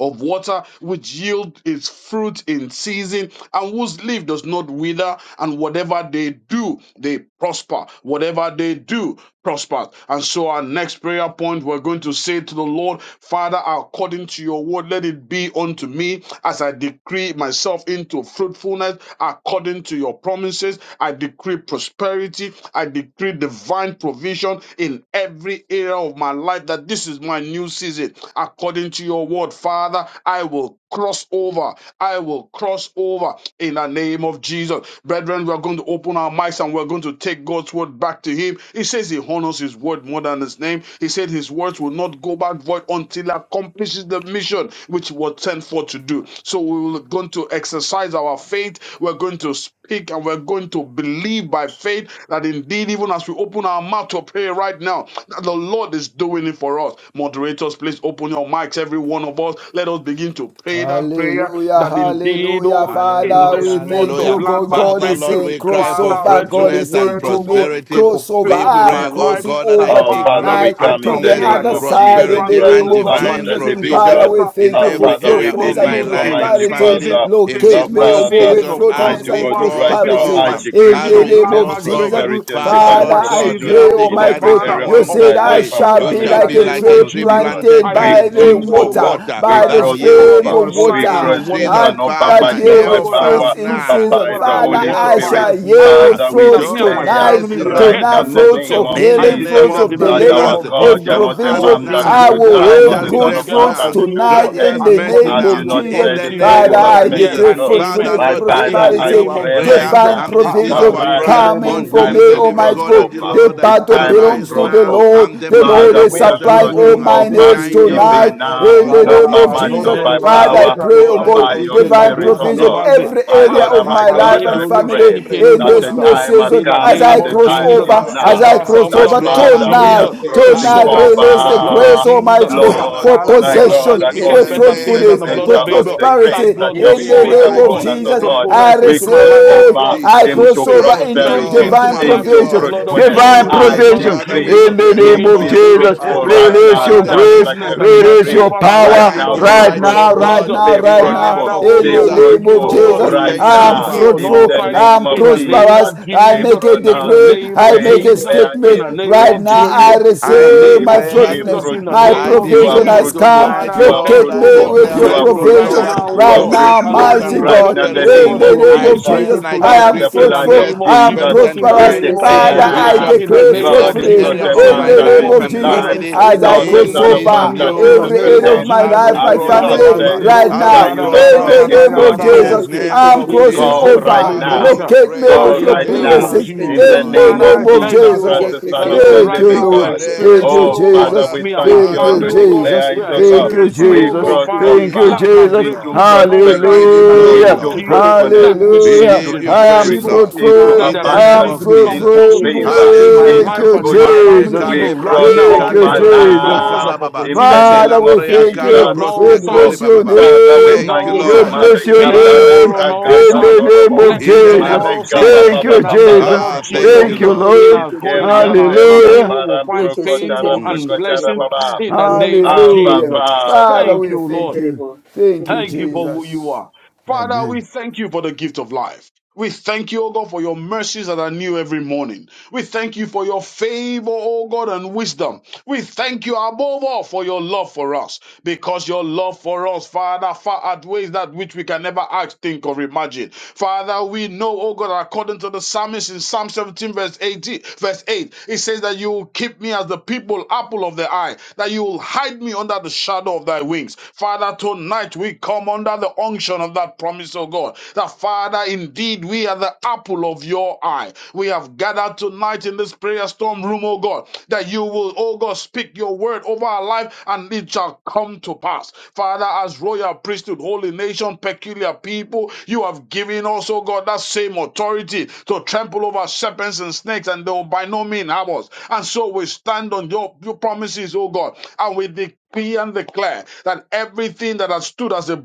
S6: of water, which yield its fruit in season, and whose leaf does not wither, and whatever they do, they prosper. Whatever they do, prosper. And so, our next prayer point, we're going to say to the Lord, Father, according to your word, let it be unto me as I decree myself into fruitfulness, according to your promises. I decree prosperity. I decree divine provision in every area of my life that this is my new season. According to your word, Father, I will cross over. I will cross over in the name of Jesus. Brethren, we are going to open our mics and we're going to take God's word back to Him. He says He honors His word more than His name. He said His words will not go back void until He accomplishes the mission which He was sent for to do. So we are going to exercise our faith. We're going to speak and we're going to believe by faith that indeed, even even as we open our mouth to pray right now, that the Lord is doing it for us. Moderators, please open your mics, every one of us. Let us begin to pray that prayer
S3: Hallelujah,
S6: that indeed,
S3: hallelujah,
S6: oh, in
S3: Father.
S4: Hallelujah,
S6: this
S3: We
S6: month
S3: thank
S6: of
S3: you,
S4: hallelujah.
S3: God.
S6: landmark
S3: God
S4: Father,
S3: is
S4: Lord,
S6: breakthrough,
S3: saying,
S4: we cry
S3: "Cross
S4: for
S6: Father,
S3: over."
S6: let
S3: God
S6: your
S3: is
S4: fruitfulness and
S3: saying
S6: word,
S3: to
S6: oh
S3: me,
S6: God, be
S4: prosperity.
S3: "Cross over."
S4: We
S6: fulfilled in
S3: I'm
S6: my
S4: pray, oh
S6: life.
S3: crossing
S4: God, that
S6: That
S4: I
S3: over
S5: Oh, Father,
S6: Father,
S4: decree
S5: we
S3: tonight
S6: I
S5: come
S3: to
S5: in
S6: shall
S3: the
S5: the
S6: be
S4: fruitfulness,
S6: like
S5: name
S3: other
S6: a
S5: of
S6: tree
S3: side
S5: Jesus
S3: in
S4: prosperity,
S3: the
S6: planted,
S5: Christ,
S4: and
S3: name
S5: the
S6: oh
S3: of
S6: God,
S5: Son of
S6: by
S4: divine
S5: the
S3: Jesus.
S6: streams
S5: living
S6: of
S4: provision
S3: Father,
S5: God.
S3: we
S6: water
S4: in
S3: thank you
S5: Our
S6: that
S3: for
S6: will
S4: every
S5: Father,
S6: yield
S5: we
S4: area
S6: forth
S4: of
S3: fruitfulness and
S4: my
S5: believe,
S6: fruit
S4: life
S6: in
S4: and
S5: Almighty
S3: prosperity.
S4: family
S5: Father,
S6: season.
S4: in
S6: This is
S3: Locate
S5: the
S4: this
S3: me,
S6: my
S4: new
S3: or go
S5: Father,
S6: season
S3: with
S4: season
S6: of
S4: as
S3: fruitfulness
S5: mighty
S4: we
S3: and
S5: God,
S6: crossover.
S5: right
S4: cross
S6: This
S5: now
S6: is
S3: prosperity
S5: I
S6: my
S4: over
S5: decree
S3: in
S6: season
S4: as
S3: the
S6: of
S4: we
S3: name
S5: fruitfulness,
S3: of
S4: cross
S6: landmark
S4: over.
S3: Jesus.
S6: breakthrough.
S5: prosperity, and
S6: This
S4: Father,
S6: is
S5: divine
S3: Father,
S6: my
S4: Lord
S3: I
S4: God, you
S5: provision
S6: season,
S3: pray,
S4: have
S6: oh
S5: in
S6: God,
S3: Almighty
S4: declared
S5: every
S4: in
S3: God,
S4: Psalm
S6: Father,
S5: area
S3: you
S5: of
S4: 1
S6: of
S5: my
S3: said,
S4: verse
S3: I
S5: life
S4: 3,
S5: and
S6: breakthrough
S3: shall
S4: you
S3: be
S6: in
S5: family
S4: shall
S6: the
S3: like
S4: be
S5: in
S3: a
S5: this
S6: name
S4: like a
S6: of
S3: tree
S5: new
S4: tree
S6: Jesus.
S5: season.
S3: planted
S4: planted
S6: I
S4: by
S5: We
S4: the
S3: by
S5: cross
S3: the
S4: streams
S6: decree,
S4: of
S6: oh
S5: over,
S6: God,
S3: water,
S4: water
S6: that
S5: we
S3: by
S6: I
S3: the
S4: that
S6: am,
S5: cross
S6: oh
S4: yields
S6: God,
S3: streams
S5: over,
S4: its
S6: for
S3: of
S6: a
S4: fruit
S5: we
S6: sign and
S3: water,
S4: in
S6: a
S5: cross
S6: wonder.
S5: over,
S4: season.
S5: not
S3: and
S6: I
S5: by
S3: that
S5: might,
S4: Father,
S6: decree,
S5: not
S3: yield
S6: oh
S5: by
S3: its
S6: God,
S4: help
S6: I am
S4: us
S5: power,
S3: fruits in
S5: but
S4: now.
S6: fruitful, oh
S3: season.
S5: by
S6: God,
S5: the
S6: and I will
S3: Father,
S5: Holy
S3: I
S4: Help
S6: multiply.
S5: Spirit.
S3: shall
S4: us
S6: I
S4: now.
S3: yield
S5: Father,
S6: decree
S5: we
S6: that
S3: fruits
S4: Show
S6: me and my
S4: us
S5: declare
S3: tonight,
S6: family,
S4: mercy
S6: we are
S5: right
S4: now.
S6: heads
S5: now
S3: tonight,
S5: in
S6: and
S5: the
S6: not the
S3: fruits
S5: name
S3: of
S6: tail.
S5: of
S4: In
S6: I
S4: the
S3: healing,
S5: Jesus
S4: name
S6: decree
S3: fruits
S6: that
S3: of
S4: of
S6: in the
S5: that
S6: name
S3: deliverance,
S5: our
S4: Jesus,
S6: of
S5: God,
S3: of
S5: you are
S6: Jesus,
S4: show
S5: not a
S4: us
S3: provision.
S6: all
S5: man that
S6: things,
S5: you
S4: now.
S3: I
S6: oh
S5: should
S3: will
S6: God,
S5: lie,
S6: are
S4: Grant
S5: nor
S3: yield
S4: us
S5: the
S6: working
S2: Yekeseterebo-sheterebo-sheterebo.
S5: Son
S3: good
S5: of
S4: grace
S5: Man
S6: together
S3: fruits
S5: that
S6: for
S4: now.
S5: you
S6: me, oh
S5: should
S6: God
S3: tonight
S4: Grant
S3: in
S5: repent.
S4: us
S3: the
S4: mercy
S5: Have
S3: name
S6: according
S2: Yekeseterebo-sheterebo-sheterebo.
S6: to
S5: you
S4: now.
S3: of
S6: your
S5: not
S3: Jesus.
S4: In
S5: said
S4: the
S5: it?
S6: promises,
S5: Shall
S6: oh
S4: name
S5: you
S3: Father,
S6: God,
S5: not
S6: that
S3: I
S6: are
S4: of
S5: make
S6: yea
S5: it
S4: Jesus.
S3: decree
S6: and
S5: good?
S6: amen.
S4: Father,
S3: fruitfulness,
S5: My
S4: Lord,
S6: That in
S4: this
S5: Father,
S6: the
S4: is
S5: I
S3: prosperity,
S2: Yekeseterebo.
S6: name
S4: our
S6: of
S5: pray
S3: divine
S5: right
S2: Yekeseterebo-sheterebo-sheterebo.
S4: prayer
S3: divine
S6: Jesus,
S5: now.
S4: and this
S2: Yekeseterebo-sheterebo-sheterebo.
S6: ah,
S4: is
S5: The
S3: provision
S4: our cry
S5: Father, it's
S3: coming
S6: barekelebo
S4: unto
S3: for me,
S4: you,
S5: time
S4: the
S5: to
S4: living
S5: cross
S3: Almighty
S6: zundelelebo
S4: God,
S3: God.
S4: that the
S5: over.
S2: Yekeseterebo-sheterebo-sheterebo.
S3: The
S6: zundelelebo
S4: Lord
S5: It's
S3: battle
S5: time to
S4: arise
S3: belongs to
S5: cross
S6: sapatalebo
S3: the
S4: now
S6: sa.
S5: over.
S3: Lord.
S4: and
S3: The Lord
S5: Father,
S3: is
S4: demonstrate
S5: we
S2: Yekeseterebo-sheterebo.
S5: are
S6: Idelebo
S4: yourself
S3: supplying
S5: crossing
S3: all
S6: zundelelebo
S4: stronger.
S3: my
S5: over
S3: needs
S4: Shine your
S6: mandekelebo sa.
S4: light,
S3: tonight
S5: even
S2: Yekeseterebo-sheterebo.
S4: oh
S5: now,
S3: in the
S4: God,
S5: not
S3: name
S5: by
S4: in
S3: of
S6: Radaraba
S4: the
S5: might,
S4: name
S2: Yekeseterebo-sheterebo.
S3: Jesus.
S5: not
S4: of
S5: by
S6: zondeleba
S3: Father, I
S4: Jesus.
S5: power,
S6: zotra
S3: pray, oh
S5: but
S6: lebrado
S5: by
S3: God,
S5: your
S6: ziti
S4: Olembroske
S3: divine
S5: Spirit, O
S6: mazota
S4: kokala
S3: provision
S4: baba
S5: God.
S4: baba.
S6: lebade.
S3: every
S5: My
S3: area
S6: Ah,
S5: Lord and
S3: of
S4: Olambria
S5: my
S3: my
S5: God,
S3: life
S5: I
S3: and
S6: babalebo
S4: kalabroske
S6: lo
S5: pray
S3: family
S4: koribre.
S3: in
S2: Yekeseterebo-sheterebo.
S5: that
S6: shinebo
S5: the
S3: this
S6: sa
S3: new
S5: time has
S4: Alambroka
S3: season
S4: si
S5: come
S3: as
S5: and
S3: I
S6: name
S5: the
S6: of
S4: kalambra
S3: cross
S4: ke
S5: time
S6: Jesus.
S5: is
S6: I
S4: toribaba.
S3: over,
S5: now
S3: as
S6: soak
S3: I
S4: Father,
S2: Yekeseterebo-sheterebo.
S3: cross
S6: ourselves
S4: we
S6: with
S5: that
S6: the
S3: over
S4: pray,
S6: blood of
S2: Yes,
S4: have
S5: Father,
S2: you can
S5: we are
S2: say
S6: Jesus.
S3: tonight.
S4: mercy,
S6: We
S2: terrible,
S4: have
S5: crossing
S2: bo-
S3: Tonight,
S6: soak
S2: bo- bo-
S4: mercy,
S6: ourselves
S2: bo-
S6: with
S3: release
S6: the
S2: bo-
S3: the
S4: have
S2: bo-
S6: blood
S2: bo- bo-
S6: of
S2: bo-
S5: over,
S3: grace,
S4: mercy
S2: bo.
S6: Jesus.
S3: Almighty
S6: That
S3: God,
S4: upon
S5: Lord,
S4: us,
S3: for
S4: O
S6: Father, the
S5: my
S4: God,
S6: blood that
S5: God,
S3: possession,
S2: You can
S4: in
S3: for
S6: speaketh
S2: say
S4: the
S5: according
S6: better
S5: to
S2: terrible.
S5: the
S6: things than
S3: fruitfulness,
S4: name
S6: the
S4: that
S6: blood
S4: is
S3: for
S5: measure
S6: of
S5: of
S4: above
S6: Abel.
S5: the
S4: every
S5: grace
S6: That
S4: name.
S5: that
S3: prosperity
S6: blood
S2: You
S5: you
S6: will
S2: can
S5: have
S3: in
S4: We
S3: the
S2: say
S5: poured
S6: speak,
S3: the name
S2: terrible,
S6: oh
S4: cry
S3: of
S4: to
S6: God.
S5: upon
S4: you,
S5: us, oh
S4: the
S3: Jesus,
S4: living
S5: God.
S3: I
S6: Fruitfulness
S4: God,
S5: We
S6: into my
S4: in
S5: cross
S4: the
S6: life.
S4: name
S6: That
S3: receive.
S4: of
S5: over
S6: blood
S3: I
S4: Jesus.
S6: will
S5: into
S3: cross
S6: speak
S3: over
S4: Thank you,
S3: into
S6: prosperity
S5: prosperity,
S4: Lord.
S6: into
S3: divine
S6: my
S4: Thank
S6: life.
S4: you,
S5: into
S6: The
S3: provision.
S4: Lord.
S6: blood of
S5: fruitfulness.
S3: Divine
S4: Oh,
S6: Jesus, the
S5: I
S4: yes,
S6: blood of
S3: provision.
S4: Father,
S5: decree,
S4: we
S3: In
S6: Jesus.
S3: the
S4: pray, oh
S5: Nick,
S3: name
S6: Begin
S3: of
S6: to
S5: be
S4: God,
S6: speak,
S3: Jesus,
S6: oh
S5: fruitful
S6: God.
S5: right
S4: arise
S3: release
S5: now,
S3: your
S4: in the
S6: Father,
S5: just
S3: grace,
S4: name
S5: like
S6: goodness
S5: the
S4: of
S6: and
S5: fig
S3: release
S6: mercy
S4: Jesus.
S5: tree.
S3: your
S6: over my life.
S5: Right
S3: power
S4: Shine
S5: now,
S6: The
S4: your
S5: be
S6: blood
S3: right
S6: of
S4: light, oh
S3: now,
S5: fruitful,
S3: right
S4: God,
S6: Jesus.
S3: now,
S5: be
S4: in
S3: right
S4: the
S3: now.
S4: name
S5: fruitful,
S6: Father,
S4: of
S6: oh
S3: In
S5: be
S6: God,
S3: the
S6: will
S4: Jesus.
S3: name
S6: begin,
S3: of
S5: fruitful
S6: oh God,
S4: Oh,
S6: to
S3: Jesus,
S5: right
S4: thank
S3: I
S4: you,
S3: am
S6: increase
S5: now.
S6: me
S4: Father.
S6: on
S5: In
S6: all
S3: fruitful,
S5: the
S6: sides
S3: I
S5: name
S3: am
S5: of
S6: in the name
S5: Jesus,
S3: prosperous.
S6: of
S3: I
S5: we
S3: make
S6: Jesus.
S3: a
S6: In
S5: pronounce
S6: the
S3: decree,
S5: it.
S6: name
S3: I
S6: of
S5: We
S3: make a
S6: Jesus,
S5: declare
S6: in
S5: it.
S3: statement.
S6: the name
S5: We
S3: Right
S6: of
S3: now, I
S5: decree
S6: Jesus, in
S4: I
S6: the
S3: receive
S6: name
S5: it.
S3: my
S6: of
S4: declare
S2: terrible.
S5: Be
S3: fruitfulness.
S6: Jesus,
S4: to
S6: in the
S3: My
S2: You
S5: fruitful.
S6: name
S4: I
S6: of
S2: can
S5: You
S2: say
S5: are
S3: provision
S4: declare
S3: has
S6: Jesus.
S2: terrible.
S5: fruitful.
S3: come.
S6: Father,
S4: tonight,
S6: I
S5: You are
S6: thank
S4: Lord,
S3: Locate
S2: Thank
S6: you,
S4: I
S6: oh
S3: me
S5: fruitful.
S6: God,
S3: away with
S4: declare
S3: your
S5: You
S6: that
S4: my
S5: are
S2: you, Jesus.
S6: even right
S5: fruitful.
S3: provision
S4: crossover
S6: now,
S5: You
S6: oh
S5: are
S3: right
S4: to
S6: God,
S3: now,
S6: our
S5: fruitful.
S4: fruitfulness
S6: Lord, you
S3: mighty
S4: and
S6: will
S5: Right
S6: bring
S3: God.
S5: now, in the
S6: me,
S2: Yes, it's
S6: oh
S4: prosperity.
S3: In
S6: God,
S5: name
S6: to
S5: of
S3: the
S2: terrible,
S6: a
S3: name
S4: I
S6: place
S3: of
S5: Jesus,
S6: of
S4: pray
S3: Jesus,
S4: and I
S3: I
S6: fruitfulness
S5: by
S3: am
S4: decree
S5: the
S2: terrible.
S6: in the
S5: blood
S3: fruitful,
S5: of
S4: fruitfulness,
S6: name of
S3: I am
S5: Jesus,
S4: prosperity,
S6: Jesus,
S4: and
S6: in the
S5: we
S3: prosperous.
S4: divine
S6: name
S2: Yes,
S6: of
S3: Father,
S6: Jesus,
S3: I
S5: declare
S4: provision
S6: in the
S3: decree
S4: in
S6: name
S5: God
S6: of
S5: is
S4: every
S3: fruitfulness
S6: Jesus,
S5: not
S4: area
S5: a
S4: of
S6: in
S3: in
S6: the
S5: man
S4: my
S5: that
S3: the
S6: name
S5: he
S3: name
S4: life
S6: of
S3: of
S5: should
S4: and
S3: Jesus
S5: lie,
S6: Jesus,
S4: family
S6: in
S3: as
S6: the
S3: I
S5: nor the
S6: name
S3: cross
S4: in
S5: son
S6: of
S5: of
S4: this
S5: man
S3: over
S5: that
S6: Jesus,
S5: he
S6: in
S4: new
S6: the
S5: should
S3: every
S6: name
S3: area
S6: of
S3: of
S4: season
S5: repent.
S3: my
S4: as we
S3: life,
S6: Jesus.
S5: Have
S3: my
S5: you
S4: cross
S6: Ah,
S5: not
S3: family,
S4: over.
S5: said it?
S3: right
S6: Balebro
S4: As we
S5: Shall
S3: now.
S5: you
S6: Zatara
S5: not
S4: cross
S3: In
S5: make
S3: the
S5: it
S6: Barakata
S4: over,
S3: name
S5: good?
S3: of
S4: in the
S5: Mm.
S3: Jesus,
S6: Yararaboske
S4: name
S3: I'm
S4: of
S6: in
S3: crossing
S6: the
S4: Jesus.
S5: Go
S6: Zota
S5: right
S3: over.
S4: Father,
S5: now.
S4: we
S6: Librosa.
S3: Locate me
S4: pray.
S6: Ah,
S5: Go
S3: with
S6: in
S3: your
S6: the
S5: right
S6: name
S4: Help
S5: now.
S6: of
S3: blessings
S4: us, oh
S5: In the
S6: Jesus.
S3: in
S4: God.
S3: the
S5: name
S6: Father,
S5: of
S6: I
S3: name of
S4: Show
S5: Jesus
S6: thank you,
S4: us
S3: Jesus.
S5: Christ,
S6: Lord,
S5: the
S4: mercy,
S5: Son
S6: that
S5: of
S4: God
S6: even
S5: the
S3: Thank
S6: right
S3: you,
S5: living
S6: now
S4: in the
S6: we're
S3: Lord.
S5: God.
S4: name
S3: Thank
S6: experiencing,
S3: you,
S5: Oh,
S4: of
S6: oh God,
S5: Father,
S3: Jesus.
S5: we
S4: Jesus.
S6: me and my
S5: thank
S3: Thank
S5: you and
S3: you,
S5: we
S6: family, oh God,
S4: Hallelujah.
S3: Jesus.
S5: declare
S6: we
S5: it,
S6: are
S5: oh
S4: Thank
S5: God.
S3: Thank
S4: you,
S3: you,
S6: experiencing,
S5: We
S6: oh
S4: Father.
S3: Jesus.
S6: God,
S5: cross
S4: We
S6: Father,
S3: Thank
S4: give
S3: you,
S4: you
S5: over
S6: let my
S4: praise,
S3: Jesus.
S5: into
S4: Lord.
S6: breakthroughs on all
S4: We give
S5: prosperity,
S6: sides
S4: you
S6: in the name
S4: glory,
S6: of
S5: into
S3: Hallelujah.
S4: Lord.
S6: Jesus,
S5: fruitfulness,
S6: that which
S4: We
S6: seems
S5: into
S4: give
S3: Hallelujah.
S4: you
S3: I am
S4: praise,
S5: increase,
S2: it's
S6: impossible.
S2: terrible,
S4: Lord.
S5: into
S6: Father,
S3: fruitful.
S4: In
S6: they're
S4: the
S3: I
S2: terrible.
S4: name
S5: abundance,
S3: am
S6: beginning to
S4: of
S6: become
S5: into
S4: Jesus.
S3: fruitful.
S6: possible
S5: favor,
S2: Yekeshe
S6: in my
S2: terebo,
S3: Thank
S4: Hallelujah.
S5: into
S6: life
S3: you,
S6: and in my
S2: terebo,
S5: goodness.
S4: Male
S6: family,
S3: Jesus.
S5: We
S2: terebo.
S6: even right
S5: cross
S4: kalebraske
S6: now.
S3: Thank you,
S5: over
S2: Yekeshe
S6: Open
S2: terebo.
S4: kalebraseska
S3: Jesus.
S6: doors
S5: now
S6: of
S4: kalababa.
S5: in the
S6: opportunity,
S3: Father,
S5: name of
S3: we
S4: Elambrea
S3: thank
S6: victory
S3: you.
S5: Jesus.
S6: on
S2: Yekeshe
S3: We
S6: all
S4: kalabroske
S5: Oh,
S6: sides,
S2: terebo,
S3: bless your
S4: koribababa.
S2: terebo.
S5: Father,
S6: victory
S5: we
S3: name.
S6: on
S4: Thank you,
S5: thank
S6: all
S5: you.
S3: We
S6: sides
S4: Lord.
S2: Yekeshe
S3: bless your
S2: terebo,
S5: Marekata
S4: Father,
S6: favor
S4: we
S3: name
S6: on
S4: are
S2: terebo.
S5: rebraka
S6: all
S3: in
S6: sides,
S4: grateful.
S3: the name
S5: sandorobo.
S3: of
S4: In
S6: blessings
S4: the
S6: on
S4: name
S3: Jesus.
S6: all
S4: of
S5: Mareka
S6: sides.
S5: papa
S3: Thank
S4: Jesus.
S6: In
S3: you,
S6: the
S5: papa para
S6: name
S3: Jesus.
S6: of
S4: Ah, thank
S5: brokotom.
S4: you,
S3: Thank you,
S2: Yekeshe
S6: Jesus,
S4: Lord.
S6: in
S2: terebo,
S3: Lord.
S6: our going out
S2: terebo,
S6: and
S5: Iskeriam
S6: our coming
S2: terebo.
S6: in,
S5: deriam
S3: Hallelujah.
S6: we will
S5: param
S6: find
S2: Yekeshe
S6: favor
S5: brokotara
S4: Mm.
S2: terebo,
S6: and
S5: brokotara
S2: terebo.
S6: blessings
S5: baba.
S6: in the name
S2: Yekeshe
S6: of
S5: Abba
S2: terebo.
S3: Hallelujah.
S6: Jesus.
S5: Father.
S3: Father,
S6: Thank
S3: we
S6: you,
S2: Yekeshe
S3: thank
S6: Lord.
S3: you.
S2: terebo.
S3: Thank you,
S2: Thank
S6: Thank
S2: you,
S6: you for
S2: Jesus.
S6: who you
S3: Jesus.
S6: are. Father, we
S3: Amen.
S6: thank you for the gift of life. We thank you, O God, for your mercies that are new every morning. We thank you for your favor, O God, and wisdom. We thank you above all for your love for us, because your love for us, Father, far outweighs that which we can never ask, think, or imagine. Father, we know, O God, according to the psalmist in Psalm 17, verse 18, verse 8, it says that you will keep me as the people, apple of the eye, that you will hide me under the shadow of thy wings. Father, tonight we come come under the unction of that promise, oh God. That Father, indeed, we are the apple of your eye. We have gathered tonight in this prayer storm room, oh God, that you will, oh God, speak your word over our life and it shall come to pass. Father, as royal priesthood, holy nation, peculiar people, you have given us, oh God, that same authority to trample over serpents and snakes, and they will by no means harm us. And so we stand on your, your promises, oh God, and we declare decree and declare that everything that has stood as a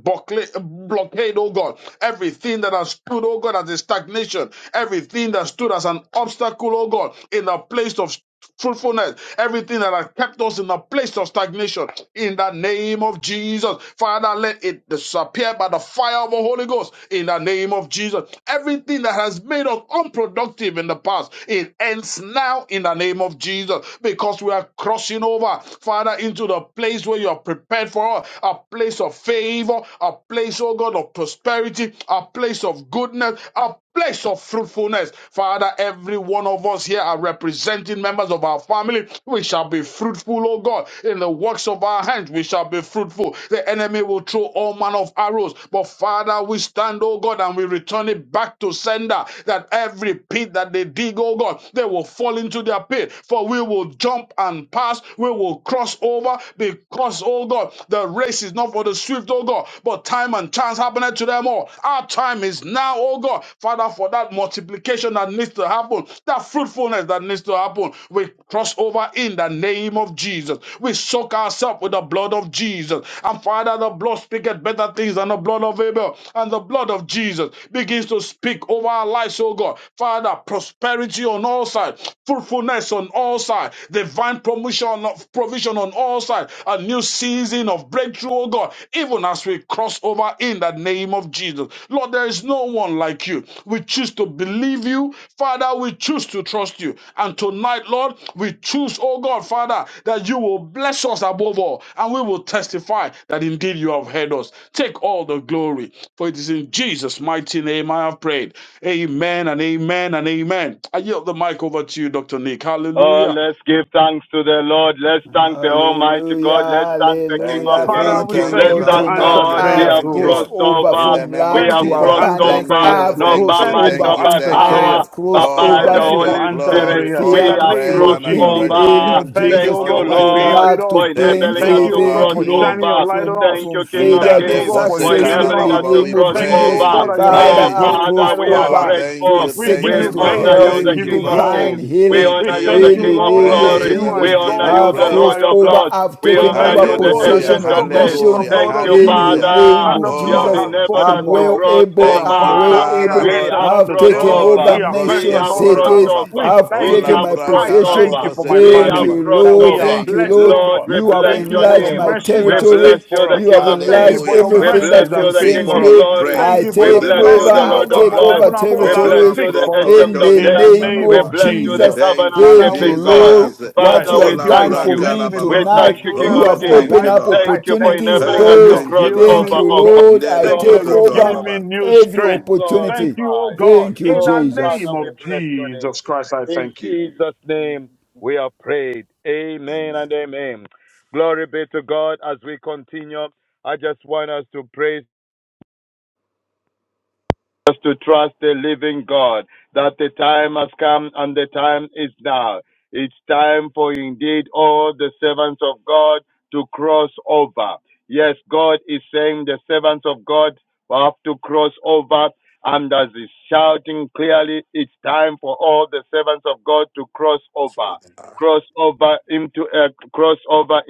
S6: blockade, oh God, everything that has stood, oh God, as a stagnation, everything that stood as an obstacle, oh God, in a place of fruitfulness, everything that has kept us in a place of stagnation, in the name of Jesus, Father, let it disappear by the fire of the Holy Ghost, in the name of Jesus. Everything that has made us unproductive in the past, it ends now, in the name of Jesus, because we are crossing over, Father. Father, into the place where you are prepared for us, a place of favor, a place, oh God, of prosperity, a place of goodness, a place of fruitfulness. Father, every one of us here are representing members of our family. We shall be fruitful, oh God. In the works of our hands, we shall be fruitful. The enemy will throw all manner of arrows. But Father, we stand, oh God, and we return it back to sender that every pit that they dig, oh God, they will fall into their pit. For we will jump and pass. We will cross over because, oh God, the race is not for the swift, oh God, but time and chance happened to them all. Our time is now, oh God. Father, for that multiplication that needs to happen, that fruitfulness that needs to happen, we cross over in the name of Jesus. We soak ourselves with the blood of Jesus. And Father, the blood speaketh better things than the blood of Abel. And the blood of Jesus begins to speak over our lives, oh God. Father, prosperity on all sides, fruitfulness on all sides, divine divine promotion of provision on all sides, a new season of breakthrough, oh God, even as we cross over in the name of Jesus. Lord, there is no one like you. We choose to believe you. Father, we choose to trust you. And tonight, Lord, we choose, oh God, Father, that you will bless us above all, and we will testify that indeed you have heard us. Take all the glory, for it is in Jesus' mighty name I have prayed. Amen and amen and amen. I yield the mic over to you, Dr. Nick.
S5: Oh,
S6: Hallelujah.
S5: let's give thanks to the Lord. Let's thank the Almighty
S3: Hallelujah,
S5: God. Let's thank the King
S4: Thank
S5: of
S4: you,
S3: hallelujah.
S6: Father,
S5: Kings.
S4: Lord.
S3: Thank
S6: we
S3: you,
S4: Thank
S6: thank
S4: you,
S5: Let's
S6: you
S3: Lord.
S6: for
S4: Lord.
S5: thank
S3: Tonight
S4: Thank
S6: answered
S4: you,
S5: God.
S3: I
S5: We
S4: Lord.
S6: prayers,
S5: have
S3: have
S4: Thank
S6: oh
S4: you.
S6: God.
S3: crossed
S5: crossed
S3: over
S4: In
S5: over.
S4: the
S3: from
S4: name
S5: We
S3: lack
S4: of
S6: Thank
S5: have
S6: you
S3: to
S6: for
S5: crossed
S4: Jesus,
S6: answered
S3: abundance.
S4: thank
S5: over.
S4: you.
S3: I
S6: prayers,
S4: Oh,
S3: have
S6: Lord.
S5: Not
S4: thank
S5: by
S3: crossed
S4: you.
S6: Thank
S5: might,
S6: you
S4: Thank
S3: over.
S5: not
S6: for
S4: you.
S5: by
S6: answered
S3: I
S4: Thank you.
S5: power,
S3: have
S6: prayers.
S3: crossed
S5: but by
S4: Oh,
S5: the
S3: over
S6: Thank you
S4: let
S7: Um,
S3: from,
S4: your
S6: for
S5: Holy
S6: answered
S7: Thanks
S3: from
S5: Spirit.
S4: glory,
S7: to
S6: prayers in
S3: fear
S5: We
S4: honor,
S6: the
S3: to
S5: have
S6: name
S7: thank
S4: praise,
S6: of
S4: and
S7: you,
S5: crossed
S3: faith in
S7: God,
S3: the
S6: Jesus.
S7: and
S4: adoration be
S3: name
S7: thank
S5: over.
S3: of
S4: unto
S7: you,
S4: you,
S6: Thank
S7: Lord.
S6: you,
S4: the
S5: Thank
S3: Jesus,
S6: oh
S5: you,
S4: only
S6: God, for
S4: wise
S3: from
S6: being
S4: God.
S5: Lord,
S6: with
S3: lack to
S5: for
S6: us.
S7: Um,
S4: Thank you,
S5: enabling
S6: Thank
S5: us
S3: plenty.
S4: oh
S6: you,
S5: to
S7: Thank
S6: oh
S4: God.
S6: God,
S3: Thank
S5: cross
S3: you,
S6: for
S3: Lord
S6: shining
S4: Mm.
S6: your
S5: over.
S7: you,
S6: light
S3: from
S6: on us.
S7: Lord.
S5: Thank
S3: from
S5: you, King of
S3: failure
S6: Thank you,
S3: to
S6: oh
S4: Ndale
S7: Thank
S5: Kings,
S6: God,
S7: you,
S6: for
S4: pose
S5: for
S3: success
S7: God.
S6: increasing
S4: kala
S3: in
S4: ba
S5: enabling
S6: us.
S3: the
S4: ba
S5: us
S4: ba.
S5: to
S3: name
S4: We
S3: of
S5: cross
S6: Thank you,
S3: Jesus.
S6: oh
S4: praise,
S5: over.
S6: God,
S4: we
S7: Thank
S6: that your
S7: you.
S6: name
S3: Father,
S5: Our
S6: is
S4: praise
S3: I've
S4: you.
S5: Father,
S6: glorified
S3: crossed
S5: we
S6: over
S5: are
S6: our
S4: Oh,
S6: lives.
S7: Give you
S3: over
S7: the
S4: thank
S3: from
S5: grateful.
S4: you,
S7: glory.
S6: We give
S4: thank
S3: sickness
S5: We
S4: you,
S6: you
S3: to
S5: honor
S6: praise
S4: Lord.
S6: and
S3: health
S5: you,
S7: Give
S6: we
S5: the
S3: to
S4: Thank
S6: give
S4: you,
S5: King
S6: you
S5: of
S4: Father.
S3: divine
S5: Kings.
S6: glory.
S5: We
S3: healing
S4: We
S6: We
S5: honor you,
S4: give
S5: the
S6: thank
S3: in
S7: you
S6: you,
S7: the
S5: King
S3: the
S4: you
S5: of
S7: glory.
S3: name
S6: Lord,
S3: of
S6: that
S5: glory.
S4: praise
S6: you
S4: and
S6: are
S4: we
S5: We
S3: Jesus.
S7: Give
S4: give
S5: honor
S4: you
S5: you,
S6: God
S3: I've
S5: the
S6: all
S4: praise.
S6: by
S5: Lord
S3: crossed
S5: of
S3: over,
S6: yourself.
S5: lords.
S7: you
S3: I've
S7: the
S5: We
S7: glory.
S6: We
S3: taken
S7: Give
S5: honor
S6: thank
S3: over
S6: you,
S5: you,
S6: O
S7: you
S5: the
S6: God, that
S7: the
S6: you
S7: glory.
S4: Hallelujah,
S3: possession
S5: Ancient
S7: Give
S3: of
S5: of
S6: struck us
S5: days.
S7: you
S6: with
S7: the
S6: the
S3: nations
S4: hallelujah,
S7: glory.
S6: blood
S5: Thank
S6: of
S5: you,
S3: in the
S6: Jesus,
S4: hallelujah.
S7: Mm,
S3: name
S5: Father.
S6: and the
S3: of
S7: mm,
S5: You
S6: blood
S5: have
S7: Lord,
S3: Jesus.
S6: has
S4: Oh,
S7: I
S5: enabled
S7: ask
S6: spoken
S5: us
S3: I'm
S7: you,
S5: to
S6: for us.
S3: well
S5: cross
S3: able,
S6: The
S4: thank
S3: I'm
S4: you,
S3: well
S5: over.
S6: Father,
S7: my
S6: we are
S4: Father,
S3: able.
S6: heads
S7: Father,
S5: We
S4: Lord.
S6: and
S5: have
S7: I
S6: not
S3: I've
S6: the
S5: crossed
S7: thank
S3: taken
S6: tail.
S4: Oh,
S7: you.
S3: over
S5: over.
S4: la
S6: We are first
S5: We
S6: and
S4: broske
S3: nations,
S5: have
S6: not
S7: Give
S6: the
S4: kori
S5: crossed
S4: baba.
S6: last.
S7: you
S3: cities,
S4: ba.
S7: the
S5: over.
S6: We
S7: glory.
S3: I've
S5: We
S4: Oh,
S6: thank
S3: taken
S6: you.
S5: have
S3: my
S7: Give
S4: lambra
S7: you
S6: I
S5: crossed
S4: kala
S7: the
S3: possession
S7: glory.
S6: thank
S5: over.
S4: bobo
S6: you for my
S7: Give you
S5: We
S4: setori
S3: Thank
S5: have
S6: family,
S4: baba.
S3: you,
S7: the glory.
S5: crossed
S6: that we
S3: Lord.
S6: are
S5: over.
S3: Thank
S4: Thank
S3: you,
S4: you,
S6: blessed,
S3: Lord.
S6: O
S4: Lord.
S5: Lord,
S6: God.
S5: we
S3: You have
S5: bless
S6: Thank
S4: In
S6: you
S5: your
S4: the
S6: for your
S3: enlarged
S4: name
S5: name.
S3: my
S4: of
S6: mercies
S5: We
S6: that
S4: Jesus.
S6: speak
S5: bless
S3: territory.
S5: you,
S6: for
S5: the
S6: us.
S3: You
S5: King
S3: have
S5: of
S6: Thank you
S5: kings.
S3: enlarged
S6: for
S4: Hallelujah,
S6: your
S5: We
S3: everything
S4: Father.
S5: bless
S3: that
S6: mercies that
S5: you, the
S4: We
S6: speak
S5: King
S3: concerns
S6: for
S5: of
S6: us.
S4: give
S3: me.
S5: glory.
S6: Thank
S3: I
S6: you
S4: praise
S6: for
S5: We
S4: to
S6: the
S3: take
S4: the
S5: bless you,
S3: over.
S4: Lord
S5: the
S6: message,
S4: our
S6: oh
S3: I
S5: Lord of
S6: God,
S3: take
S4: God.
S6: from
S5: lords.
S3: over
S6: heaven above
S5: We
S6: that
S4: Oh,
S5: bless
S3: territories
S5: you,
S6: speaks
S5: the
S4: lambro
S6: for us
S5: Ancient
S3: in
S5: of
S3: the
S6: in
S4: kotori
S6: the
S5: days.
S4: baba
S3: name
S6: name
S4: baba.
S5: We
S6: of
S3: of
S4: ba.
S5: bless you, the
S6: Jesus.
S3: Jesus.
S4: Thank
S5: covenant
S4: you,
S6: Father,
S3: Thank you,
S6: we
S5: keeping
S6: thank
S5: God.
S3: Lord.
S6: you.
S4: Jesus.
S6: I
S3: What
S5: Father,
S3: you
S4: Oh,
S5: we
S6: thank
S3: have
S6: you that
S3: done
S6: you
S5: thank
S4: lambra
S6: have
S3: for
S5: you.
S6: blessed
S4: kala
S3: me
S6: me,
S5: We
S6: blessed
S4: baba.
S6: my
S3: tonight,
S5: thank you, King
S6: children,
S3: you
S5: of
S4: Oh,
S3: have
S6: blessed my
S5: Kings.
S4: thank
S3: opened
S4: you,
S6: wife.
S3: up
S4: Lord.
S6: I
S5: Thank you for
S6: thank
S3: opportunities,
S6: you,
S5: enabling
S6: Lord,
S4: Hey,
S6: that
S5: us
S6: you
S5: to
S3: doors.
S6: have
S4: thank you,
S5: cross
S6: healed me,
S3: Thank
S4: Lord.
S5: over,
S3: you,
S6: oh
S5: oh
S6: God.
S3: Lord. I
S4: Ndele
S6: Thank
S5: God.
S6: you
S4: bo
S6: that
S3: take
S6: you have
S4: sotor
S3: over
S6: given
S5: Glorified.
S6: me
S4: baba.
S6: new
S3: every
S5: Be
S6: strength. Thank
S3: opportunity.
S6: you, oh
S5: glorified.
S6: God,
S3: Thank you,
S6: in the
S5: Oh, Father,
S3: Jesus.
S6: name
S5: we
S6: of
S5: bless your name.
S6: Jesus Christ, I
S5: In
S6: thank you.
S5: Jesus' name, we are prayed. Amen and
S4: Amen.
S5: amen. Glory be to God as we continue. I just want us to praise us to trust the living God that the time has come and the time is now. It's time for indeed all the servants of God to cross over. Yes, God is saying the servants of God have to cross over. And as he's shouting clearly, it's time for all the servants of God to cross over. Cross over into a cross over.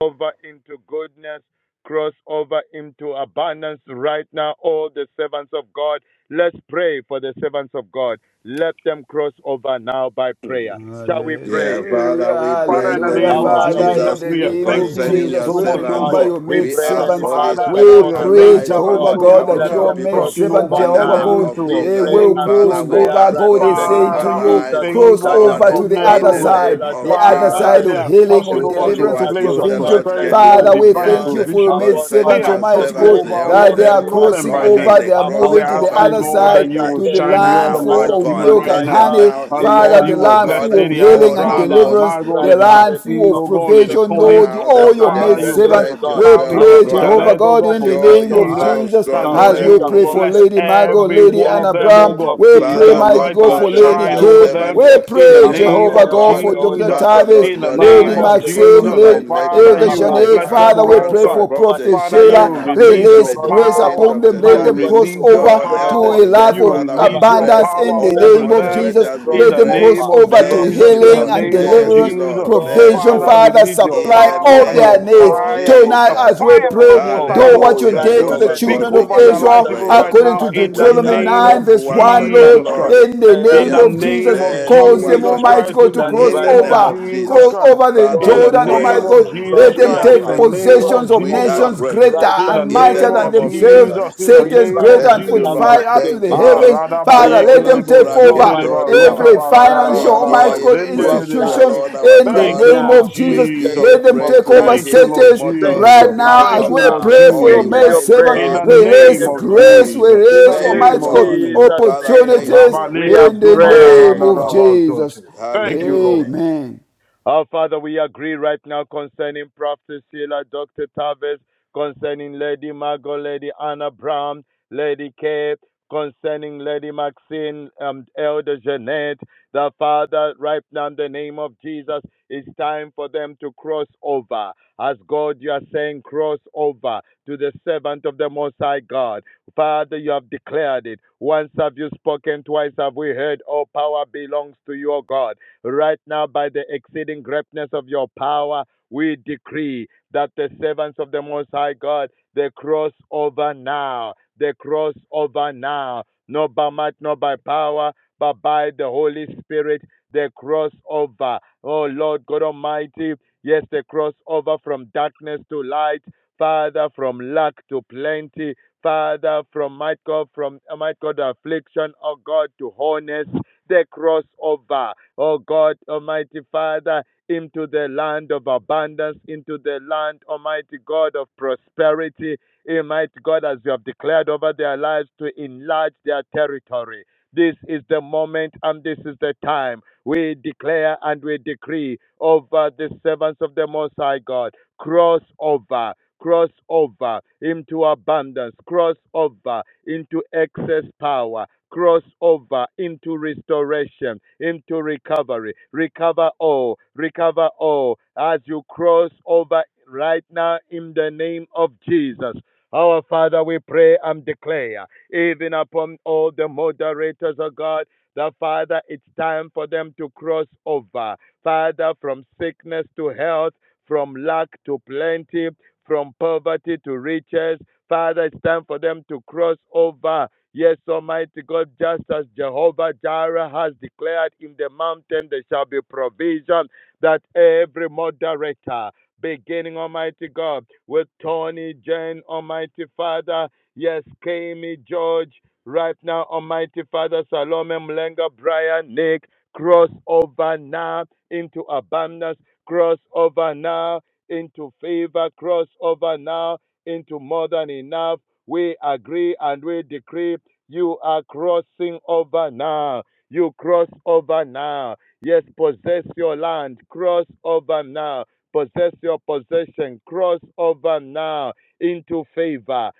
S5: over into goodness, cross over into abundance right now. All the servants of God, let's pray for the servants of God. Let them cross over now by prayer. Shall we
S4: Yeah,
S5: pray?
S3: Hallelujah,
S4: Father, we
S6: Father,
S4: pray
S6: in
S4: in
S6: the
S4: the
S3: hallelujah.
S6: name
S5: Our
S4: name
S6: of
S4: of
S5: Father, we
S3: Father, in
S6: Jesus,
S4: Jesus
S5: come
S3: the
S5: to
S6: we
S5: you
S6: are
S5: in
S3: name
S5: the name
S3: of
S6: thanking
S5: of
S4: concerning
S6: you
S4: your
S3: Jesus,
S6: so
S3: we
S5: Jesus, oh
S6: much, oh
S5: God.
S4: servants.
S3: remember
S6: God.
S3: your
S5: We
S3: maid
S4: We
S5: pray,
S6: Uh,
S4: ask,
S5: Heavenly
S3: servants.
S4: Holy
S5: Father,
S6: Father,
S5: that
S3: We
S6: oh,
S4: Spirit,
S5: all
S6: your
S5: the
S6: maid
S3: pray,
S5: servants
S4: arise
S5: of
S4: on
S6: servants,
S3: Jehovah
S4: the
S5: God,
S6: oh
S3: God,
S4: behalf
S6: God,
S3: that
S6: they
S4: of
S5: let
S4: your
S3: your
S6: are
S5: them
S3: maid
S5: cross
S4: people
S6: crossing
S3: servant,
S6: over,
S5: over
S4: in
S6: oh
S4: the
S3: Jehovah
S4: name
S5: now.
S6: God,
S3: God,
S6: into
S4: of
S5: We
S6: a
S3: they
S4: Jesus.
S5: pray
S3: will
S6: place,
S5: and
S6: oh
S4: Father,
S3: cross
S4: we
S6: God.
S5: declare
S3: over.
S4: ask,
S5: right
S3: God
S4: oh
S5: now in
S3: is
S5: the
S4: God,
S5: name
S3: saying
S5: of
S3: to
S6: Father of
S3: you,
S4: arise,
S5: Jesus
S4: oh
S3: cross
S6: favor,
S5: that
S4: God,
S6: of
S3: over to
S5: upon
S3: the
S6: goodness,
S4: in
S3: other
S6: oh
S4: the
S5: Prophet
S6: God.
S4: name
S5: Sheila,
S3: side,
S4: of
S3: the
S5: Dr.
S3: other
S6: Father,
S3: side
S4: Jesus.
S6: they
S5: Tavis,
S3: of
S6: are
S3: healing,
S6: crossing
S5: upon
S3: of
S4: Do
S6: over
S4: only
S5: Lady
S6: to
S3: deliverance,
S6: a
S3: of
S4: what
S5: Margot,
S6: place
S4: you,
S5: oh
S6: of
S4: the
S5: God,
S3: provision.
S4: Lord,
S5: Lady
S6: prosperity
S4: can
S6: and
S3: Father,
S4: do.
S5: Anna
S3: we
S6: divine
S3: thank
S4: Yes,
S5: Brown,
S3: you for your
S6: provision.
S3: maid
S5: upon
S6: They
S4: concerning
S3: servants,
S6: are
S4: your
S5: Almighty God,
S3: Almighty
S6: crossing
S3: God,
S4: servants,
S6: over,
S5: Lady
S6: oh
S4: help
S5: Kay,
S3: that
S6: Lord,
S3: they
S4: them,
S3: are
S6: you
S5: Lady
S6: know
S4: oh
S6: them
S3: crossing
S6: by
S4: God,
S5: Maxine,
S4: that
S3: over,
S6: name.
S4: they
S3: they are
S6: And
S4: cross
S3: moving
S6: we're
S5: upon
S3: to the
S4: over
S6: asking,
S3: other
S5: Almighty
S6: Lord, that
S4: tonight
S3: side
S6: you
S5: Father,
S6: will
S3: to the
S6: shine
S5: every
S3: land
S6: your
S4: now,
S5: servant
S4: oh
S6: light
S3: full
S5: of
S3: of
S4: God,
S6: even
S5: Most
S3: milk
S6: right
S3: and
S5: High
S4: let them
S6: now.
S5: God.
S3: honey.
S4: now
S6: And
S5: It's
S3: Father,
S6: Lord,
S4: effect,
S3: the
S6: you
S5: time
S4: oh
S6: will
S5: for
S3: land
S6: bless
S5: them
S4: God,
S3: full
S5: to
S3: of
S6: Lady
S5: cross
S6: Anna
S3: healing
S4: all
S3: and
S4: our
S6: Brown, Lady
S5: over
S4: boss
S3: deliverance,
S6: Margot,
S5: right
S3: the
S6: Lady
S5: now in
S3: land
S5: the name
S3: full
S6: Maxine,
S3: of
S5: of
S6: oh God, Lady
S5: Jesus
S3: provision.
S5: Christ,
S6: Connie.
S3: Lord, you
S4: now
S5: the
S4: that
S6: Now,
S3: all your
S5: Son of
S6: Father,
S3: maid
S5: the
S6: you bless
S3: servants,
S6: the
S5: living
S4: demonstrate
S5: God.
S3: we
S4: yourself
S6: Tavis,
S5: Our
S3: pray,
S6: Dr.
S5: Father,
S3: Jehovah
S4: strong,
S5: we
S6: Janet, oh
S3: God,
S6: God,
S3: in
S5: pray
S3: the
S6: Prophet
S5: that
S4: show
S3: name
S5: your
S3: of
S6: Sheila.
S5: hand
S4: yourself
S3: Jesus,
S6: That,
S5: shall
S6: Lord,
S3: as
S6: you
S5: rest
S3: we
S6: will
S3: pray
S5: upon
S4: strong.
S3: for
S6: bless
S5: them
S3: Lady Margot,
S5: from
S6: every
S3: Lady
S6: one
S5: today
S6: of
S3: Anna
S5: in the
S6: them, oh
S5: name
S3: Brown.
S6: God.
S5: of
S3: We
S6: That
S3: pray,
S4: Father,
S5: Jesus,
S6: your
S3: mighty
S6: light
S4: Lord
S3: God,
S6: will
S5: by
S3: for
S4: God,
S5: the
S4: let
S3: Lady
S6: shine
S5: blood
S4: your
S5: of
S6: over
S3: Kay.
S6: them
S4: servant
S3: We
S5: Jesus
S6: in the
S3: pray,
S5: and
S4: experience,
S5: by
S6: name
S5: the
S4: oh
S3: Jehovah
S6: of
S5: help
S3: God,
S5: of
S4: God,
S3: for
S5: the
S3: Dr.
S5: Holy
S6: Jesus.
S4: Father,
S5: Spirit.
S3: Tavis,
S4: Lord
S6: In the
S4: God, a
S3: Lady
S6: name
S5: Father,
S6: of
S4: mighty
S5: they
S3: Maxim,
S5: cross
S6: Jesus,
S4: crossover
S6: that
S4: in
S3: Lady.
S5: over
S4: Lady
S6: Father,
S5: into
S3: Elder
S6: you
S4: Margot,
S6: will
S4: Lady
S3: Janet,
S6: bless
S5: abundance,
S4: Anna
S6: them
S3: Father,
S6: on
S3: we
S5: they
S6: all
S4: Brown,
S3: pray
S5: cross
S3: for
S6: sides.
S5: over
S4: Prophet
S3: Prophet
S5: into
S6: Father, you
S4: Sheila in
S6: will
S3: Sheila.
S5: favor,
S6: release
S5: they
S4: absentia,
S3: Release
S6: your
S4: Lady
S5: cross
S3: grace
S4: Maxine,
S5: over,
S6: power.
S3: upon them.
S4: Dr.
S6: You
S3: Let
S5: Almighty
S6: will
S3: them
S5: God,
S4: Tavis,
S3: cross
S6: release
S5: into
S6: your
S4: oh,
S3: over to
S5: fruitfulness,
S4: Elder
S3: a
S6: power.
S5: they
S3: life
S4: Jeanette,
S6: You will
S5: cross
S3: of
S4: Father, we
S5: over
S6: release your
S4: pray,
S5: into
S3: abundance
S6: power
S3: in the
S4: all the
S6: over
S3: name
S5: prosperity
S3: of
S6: them
S3: Jesus.
S5: the
S4: moderators, we
S6: in
S7: Thank
S3: Let
S6: the
S3: them
S4: pray,
S3: cross
S6: name
S5: crossover.
S6: of
S3: over to
S5: From
S6: Jesus.
S4: mercy,
S6: In
S5: today,
S6: the
S3: healing
S4: Lord,
S3: and
S5: we
S6: name of
S4: mercy,
S3: deliverance,
S5: decree
S6: Jesus.
S4: Lord, mercy,
S3: provision,
S6: Father,
S4: Lord,
S5: crossover,
S3: Father,
S6: release your
S4: in
S3: supply
S4: the
S6: power
S3: all
S6: and
S5: crossover,
S3: their
S4: name
S6: your
S3: needs.
S4: of
S6: fire.
S3: Tonight,
S6: The
S5: crossover,
S3: as
S4: Jesus.
S3: we
S6: fire of the
S3: pray,
S6: Most High
S5: crossover.
S3: do what
S6: God
S3: you
S4: Hallelujah,
S5: Right
S3: did to
S5: now,
S6: will
S5: in
S3: the
S4: Jehovah
S5: the
S6: speak
S4: God,
S3: children
S5: name
S4: we
S5: of
S3: of
S6: over
S4: give
S6: their
S4: you
S6: lives
S3: Israel
S5: Jesus
S6: even
S4: praise.
S5: Christ,
S6: right
S5: the
S3: according
S6: now
S3: to
S5: Son of
S6: in the
S5: the
S4: We
S3: Deuteronomy
S4: are
S5: Living
S6: name
S5: God.
S3: 9,
S6: of
S4: grateful
S3: verse
S4: once
S5: Our
S3: 1,
S4: again,
S3: Lord,
S6: Jesus
S5: Father, we
S4: Lord.
S6: Christ.
S3: in the
S5: declare
S6: In
S4: We
S3: name
S6: the
S3: of
S5: in the
S6: name
S3: Jesus.
S6: of
S5: name
S4: appreciate
S5: of
S4: you
S3: Cause them,
S4: once
S6: Jesus
S5: Jesus
S4: again.
S3: Almighty
S6: Christ,
S3: God,
S6: in
S3: to
S6: the
S5: that
S4: In
S3: cross
S5: right
S4: the
S6: name of
S4: name
S5: now
S4: of
S3: over,
S6: Jesus
S3: cross
S4: Jesus.
S6: Christ,
S3: over the
S4: Father,
S6: in
S5: cross
S6: the
S4: we
S3: Jordan,
S5: over,
S3: Almighty
S6: name
S4: praise
S6: of
S3: God.
S4: you.
S5: cross
S3: Let
S6: Jesus
S4: We
S3: them
S4: are
S6: Christ, in
S5: over,
S3: take
S6: the
S4: thankful.
S6: name
S5: cross
S6: of
S3: possessions of
S4: We are
S5: over.
S6: Jesus,
S3: nations greater
S4: grateful.
S5: Right
S6: in
S5: now,
S6: the
S5: in
S3: and
S5: the
S4: In the
S3: mightier
S6: name
S5: name
S3: than
S6: of
S5: of
S4: name of
S3: themselves,
S5: Jesus,
S4: Jesus.
S6: Jesus, in the
S5: we
S3: cities
S6: name
S5: trust
S3: greater
S6: of
S5: you,
S3: and
S4: Thank
S5: the
S3: foot
S4: you,
S6: Jesus.
S3: fire
S4: Lord.
S5: covenant
S3: up to
S4: Thank
S3: the
S4: you,
S5: keeping
S6: Ah,
S4: Lord.
S5: God.
S3: heavens.
S6: radaba
S5: We
S3: Father,
S4: Oh,
S3: let
S5: believe
S3: them
S5: you,
S6: yekelebo
S3: take
S5: the
S4: Lambra
S3: over
S6: zundereba
S5: Almighty
S4: Ketori
S5: God,
S3: every
S4: Baba.
S5: that
S4: We
S5: our
S3: financial,
S5: God,
S6: rokabararararaba
S3: Almighty
S4: give
S3: God,
S5: you have
S4: praise to the
S6: zenderebo.
S5: done
S3: institutions
S5: it
S4: Lord our
S3: in the
S5: right
S6: Thank
S4: God.
S6: you,
S3: name
S6: Lord
S5: now
S3: of
S4: We
S3: Jesus.
S5: in the
S6: Jesus.
S3: Let
S4: give
S5: name
S3: them
S5: of
S4: praise
S3: take
S4: to the
S3: over
S5: Jesus.
S6: Thank you,
S4: King,
S6: Lord
S3: cities
S4: immortal,
S5: Thank
S3: right
S5: you,
S6: Jesus.
S3: now
S6: Thank
S3: as
S4: invisible,
S6: you,
S3: we
S6: Lord
S5: Father.
S4: the
S3: pray for
S5: We
S3: your
S4: only
S5: give
S6: Jesus.
S3: maid
S5: you
S4: wise
S3: servant.
S6: In
S5: praise.
S6: the
S4: God. We
S5: We
S4: give
S3: Release
S6: name
S5: give
S4: you
S5: you
S6: of
S3: grace,
S5: glory.
S4: praise.
S6: Jesus. In the
S3: release,
S4: Thank
S5: In
S4: you,
S6: name
S3: Almighty
S6: of
S3: God,
S4: Lord.
S6: Jesus.
S5: Jesus'
S4: Father,
S7: you.
S5: name,
S4: thank
S3: opportunities
S4: you.
S5: we
S6: Rabaleko
S5: are
S3: in the
S6: zumba la
S4: Thank
S3: name
S6: randa
S4: you,
S5: praying.
S3: of
S4: Lord.
S6: rabazote.
S3: Jesus.
S6: Thank you,
S4: Hallelujah,
S6: Lord.
S5: Amen.
S4: Lord.
S3: Amen.
S5: Our Father, we agree right now concerning Prophet Sheila, Dr. Tavis, concerning Lady Margot, Lady Anna Brown, Lady Kay, concerning Lady Maxine, um, Elder Jeanette. The Father, right now in the name of Jesus, it's time for them to cross over. As God, you are saying, cross over to the servant of the Most High God. Father, you have declared it. Once have you spoken, twice have we heard, all power belongs to your God. Right now, by the exceeding greatness of your power, we decree that the servants of the Most High God, they cross over now. They cross over now. Not by might, not by power, but by the Holy Spirit. They cross over. Oh Lord God Almighty, yes, they cross over from darkness to light. Father, from lack to plenty. Father, from might God, from uh, might God affliction, oh God, to wholeness. They cross over, oh God, Almighty Father, into the land of abundance, into the land, Almighty God, of prosperity. Almighty God, as you have declared over their lives, to enlarge their territory. This is the moment and this is the time. We declare and we decree over the servants of the Most High God. Cross over. Cross over into abundance, cross over into excess power, cross over into restoration, into recovery. Recover all, recover all as you cross over right now in the name of Jesus. Our Father, we pray and declare, even upon all the moderators of God, that Father, it's time for them to cross over. Father, from sickness to health, from lack to plenty, from poverty to riches. Father, it's time for them to cross over. Yes, Almighty God, just as Jehovah Jireh has declared in the mountain, there shall be provision that every moderator beginning, Almighty God, with Tony, Jane, Almighty Father, yes, Kami, George, right now, Almighty Father, Salome, Mlenga, Brian, Nick, cross over now into abundance, cross over now into favor, cross over now into more than enough. We agree and we decree you are crossing over now. You cross over now. Yes, possess your land. Cross over now Possess your possession. Cross over now into favor,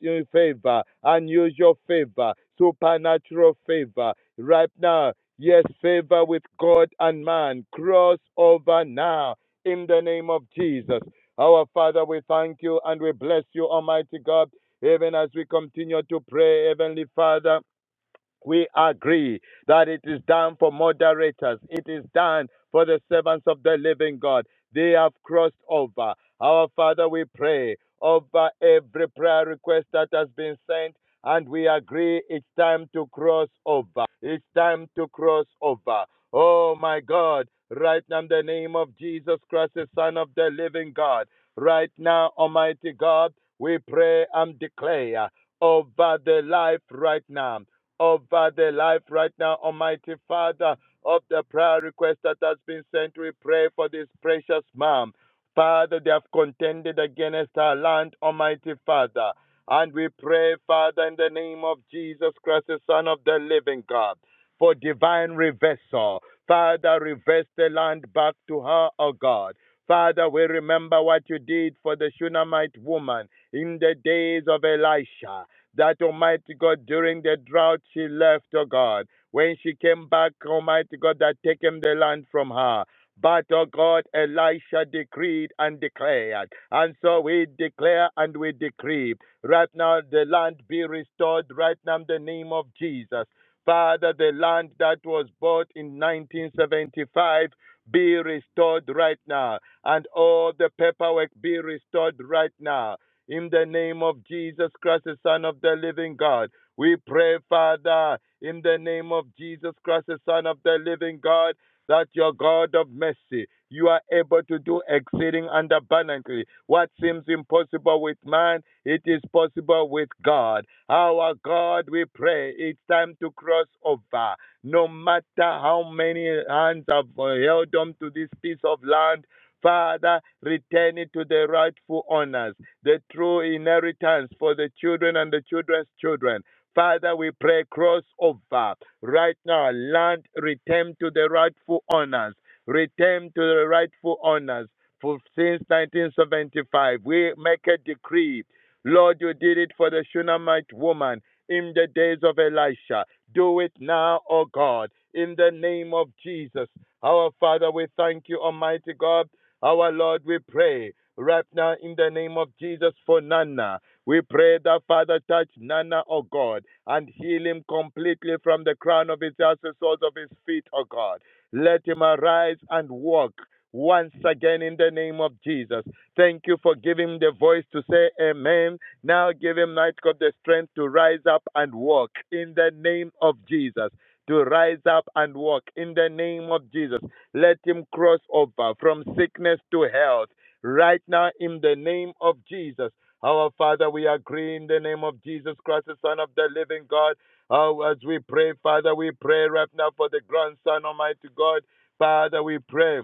S5: into favor, unusual favor, supernatural favor. Right now, yes, favor with God and man. Cross over now in the name of Jesus. Our Father, we thank you and we bless you, Almighty God, even as we continue to pray, Heavenly Father we agree that it is done for moderators. It is done for the servants of the living God. They have crossed over. Our Father, we pray over every prayer request that has been sent, and we agree it's time to cross over. It's time to cross over. Oh my God, right now in the name of Jesus Christ, the Son of the living God, right now, Almighty God, we pray and declare over the life right now over the life right now, Almighty Father, of the prayer request that has been sent. We pray for this precious mom. Father, they have contended against our land, Almighty Father. And we pray, Father, in the name of Jesus Christ, the Son of the living God, for divine reversal. Father, reverse the land back to her, O God. Father, we remember what you did for the Shunammite woman in the days of Elisha. That Almighty God, during the drought, she left, oh God. When she came back, Almighty God, that taken the land from her. But, oh God, Elisha decreed and declared. And so we declare and we decree. Right now, the land be restored. Right now, in the name of Jesus. Father, the land that was bought in 1975 be restored right now. And all the paperwork be restored right now in the name of Jesus Christ, the Son of the living God. We pray, Father, in the name of Jesus Christ, the Son of the living God, that your God of mercy, you are able to do exceeding and abundantly. What seems impossible with man, it is possible with God. Our God, we pray, it's time to cross over. No matter how many hands have uh, held on to this piece of land, Father, return it to the rightful owners, the true inheritance for the children and the children's children. Father, we pray crossover right now. Land return to the rightful owners. Return to the rightful owners. For since 1975, we make a decree. Lord, you did it for the Shunammite woman in the days of Elisha. Do it now, O God, in the name of Jesus. Our Father, we thank you, Almighty God. Our Lord, we pray right now in the name of Jesus for Nana. We pray that Father touch Nana, O God, and heal him completely from the crown of his head to the soles of his feet, O God. Let him arise and walk once again in the name of Jesus. Thank you for giving the voice to say amen. Now give him, Night God, the strength to rise up and walk in the name of Jesus. To rise up and walk in the name of Jesus. Let him cross over from sickness to health right now in the name of Jesus. Our Father, we agree in the name of Jesus Christ, the Son of the living God. Oh, as we pray, Father, we pray right now for the grandson, Almighty God. Father, we pray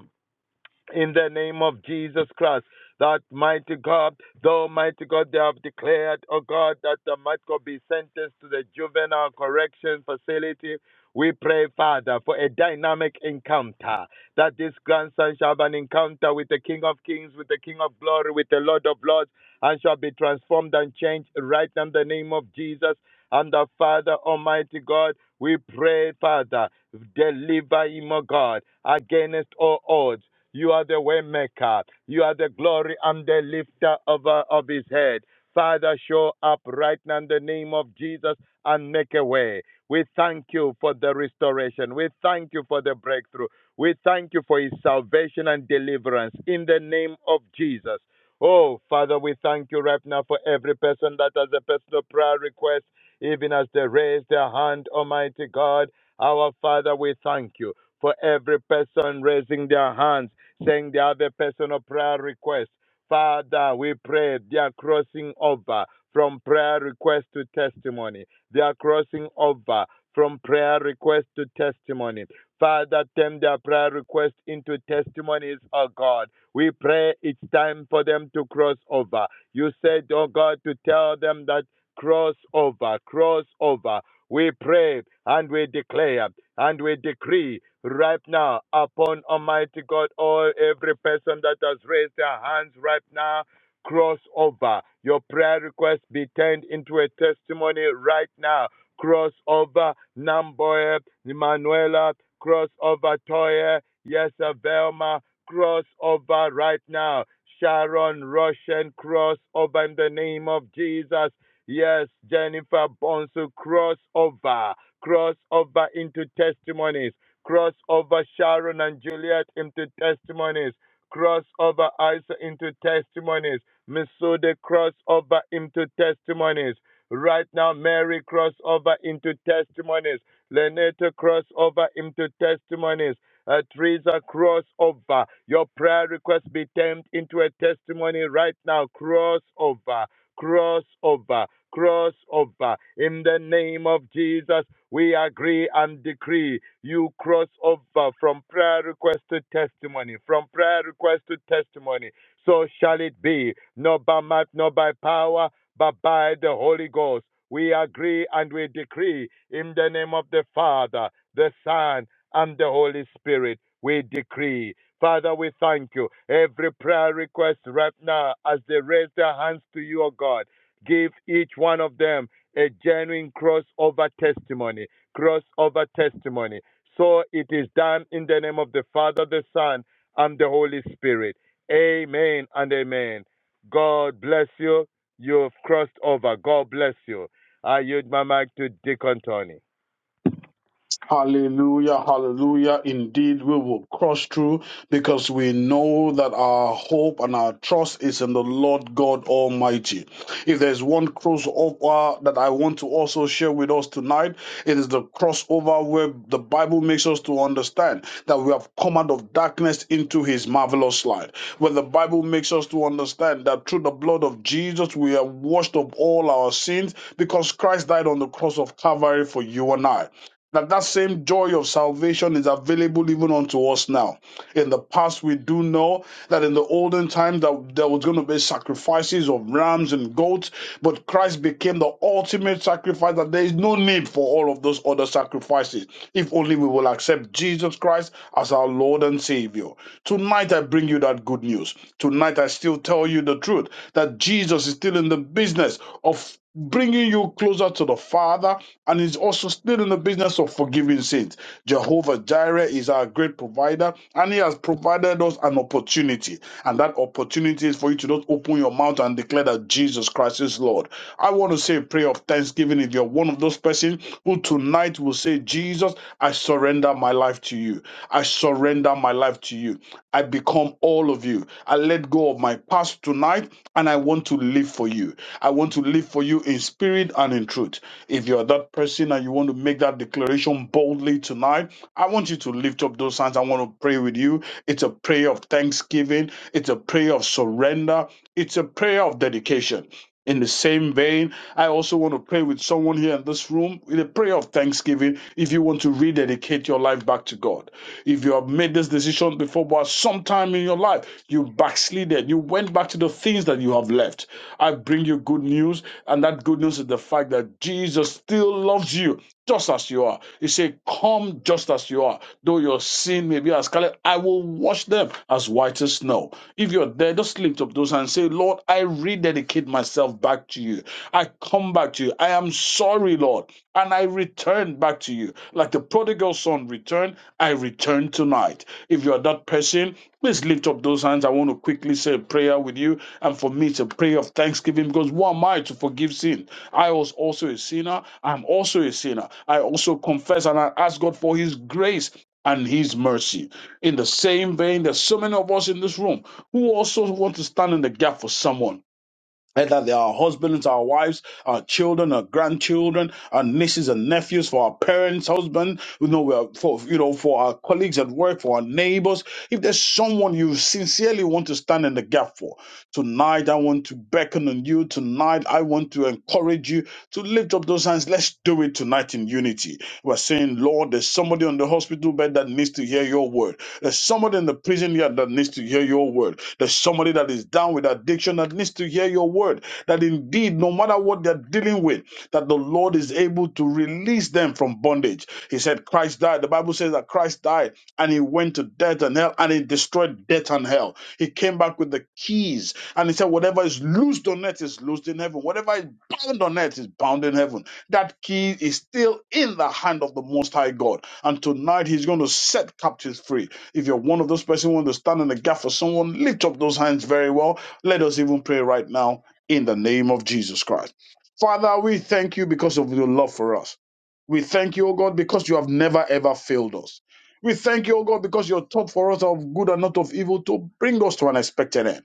S5: in the name of Jesus Christ. That mighty God, though mighty God, they have declared, oh God, that the might God be sentenced to the juvenile correction facility. We pray, Father, for a dynamic encounter, that this grandson shall have an encounter with the King of Kings, with the King of Glory, with the Lord of Lords, and shall be transformed and changed right in the name of Jesus. And the Father, Almighty God, we pray, Father, deliver him, O God, against all odds. You are the way maker. You are the glory and the lifter of, uh, of his head. Father, show up right now in the name of Jesus and make a way. We thank you for the restoration. We thank you for the breakthrough. We thank you for his salvation and deliverance in the name of Jesus. Oh, Father, we thank you right now for every person that has a personal prayer request, even as they raise their hand, Almighty God. Our Father, we thank you for every person raising their hands, saying they have a personal prayer request. Father, we pray they are crossing over from prayer request to testimony. They are crossing over from prayer request to testimony. Father, turn their prayer request into testimonies, oh God. We pray it's time for them to cross over. You said, oh God, to tell them that cross over, cross over. We pray and we declare and we decree right now upon Almighty God, all every person that has raised their hands right now, cross over. Your prayer request be turned into a testimony right now. Cross over Namboye, Manuela, cross over Toye, yes, uh, Velma, cross over right now. Sharon Russian, cross over in the name of Jesus. Yes, Jennifer Bonsu, cross over, cross over into testimonies, cross over Sharon and Juliet into testimonies, cross over Isa into testimonies, Misude cross over into testimonies. Right now, Mary cross over into testimonies, Leneta cross over into testimonies. Uh, Teresa, cross over. Your prayer request be turned into a testimony right now. Cross over. Cross over, cross over. In the name of Jesus, we agree and decree you cross over from prayer request to testimony, from prayer request to testimony. So shall it be, not by might, not by power, but by the Holy Ghost. We agree and we decree in the name of the Father, the Son, and the Holy Spirit. We decree. Father, we thank you. Every prayer request right now, as they raise their hands to you, O God, give each one of them a genuine crossover testimony. Crossover testimony. So it is done in the name of the Father, the Son, and the Holy Spirit. Amen and amen. God bless you. You've crossed over. God bless you. I yield my mic to Deacon Tony.
S6: Hallelujah, hallelujah. Indeed, we will cross through because we know that our hope and our trust is in the Lord God Almighty. If there's one crossover that I want to also share with us tonight, it is the crossover where the Bible makes us to understand that we have come out of darkness into his marvelous light. When the Bible makes us to understand that through the blood of Jesus, we are washed of all our sins because Christ died on the cross of Calvary for you and I that that same joy of salvation is available even unto us now. In the past, we do know that in the olden time that there was going to be sacrifices of rams and goats, but Christ became the ultimate sacrifice. That there is no need for all of those other sacrifices if only we will accept Jesus Christ as our Lord and Savior. Tonight, I bring you that good news. Tonight, I still tell you the truth that Jesus is still in the business of bringing you closer to the Father and is also still in the business of forgiving sins. Jehovah Jireh is our great provider, and He has provided us an opportunity. And that opportunity is for you to just open your mouth and declare that Jesus Christ is Lord. I want to say a prayer of thanksgiving if you're one of those persons who tonight will say, Jesus, I surrender my life to you. I surrender my life to you. I become all of you. I let go of my past tonight and I want to live for you. I want to live for you in spirit and in truth. If you're that person and you want to make that declaration boldly tonight, I want you to lift up those hands. I want to pray with you. It's a prayer of thanksgiving, it's a prayer of surrender, it's a prayer of dedication. In the same vein, I also want to pray with someone here in this room with a prayer of thanksgiving if you want to rededicate your life back to God. If you have made this decision before, but sometime in your life you backslided, you went back to the things that you have left. I bring you good news, and that good news is the fact that Jesus still loves you just as you are. He said, Come just as you are. Though your sin may be as scarlet, I will wash them as white as snow. If you're there, just lift up those and say, Lord, I rededicate myself back to you. I come back to you. I am sorry, Lord. And I return back to you. Like the prodigal son returned, I return tonight. If you're that person, Please lift up those hands. I want to quickly say a prayer with you. And for me, it's a prayer of thanksgiving because who am I to forgive sin? I was also a sinner. I'm also a sinner. I also confess and I ask God for His grace and His mercy. In the same vein, there's so many of us in this room who also want to stand in the gap for someone and that they are our husbands, our wives, our children, our grandchildren, our nieces and nephews, for our parents, husband, you know, we are for you know, for our colleagues at work, for our neighbors. If there's someone you sincerely want to stand in the gap for, Tonight, I want to beckon on you. Tonight, I want to encourage you to lift up those hands. Let's do it tonight in unity. We're saying, Lord, there's somebody on the hospital bed that needs to hear your word. There's somebody in the prison here that needs to hear your word. There's somebody that is down with addiction that needs to hear your word. That indeed, no matter what they're dealing with, that the Lord is able to release them from bondage. He said, Christ died. The Bible says that Christ died and he went to death and hell and he destroyed death and hell. He came back with the keys and he said, Whatever is loosed on earth is loosed in heaven. Whatever is bound on earth is bound in heaven. That key is still in the hand of the Most High God. And tonight he's going to set captives free. If you're one of those persons who want to stand in the gap for someone, lift up those hands very well. Let us even pray right now in the name of Jesus Christ. Father, we thank you because of your love for us. We thank you, O God, because you have never ever failed us. We thank you, O God, because your thought for us are of good and not of evil to bring us to an expected end.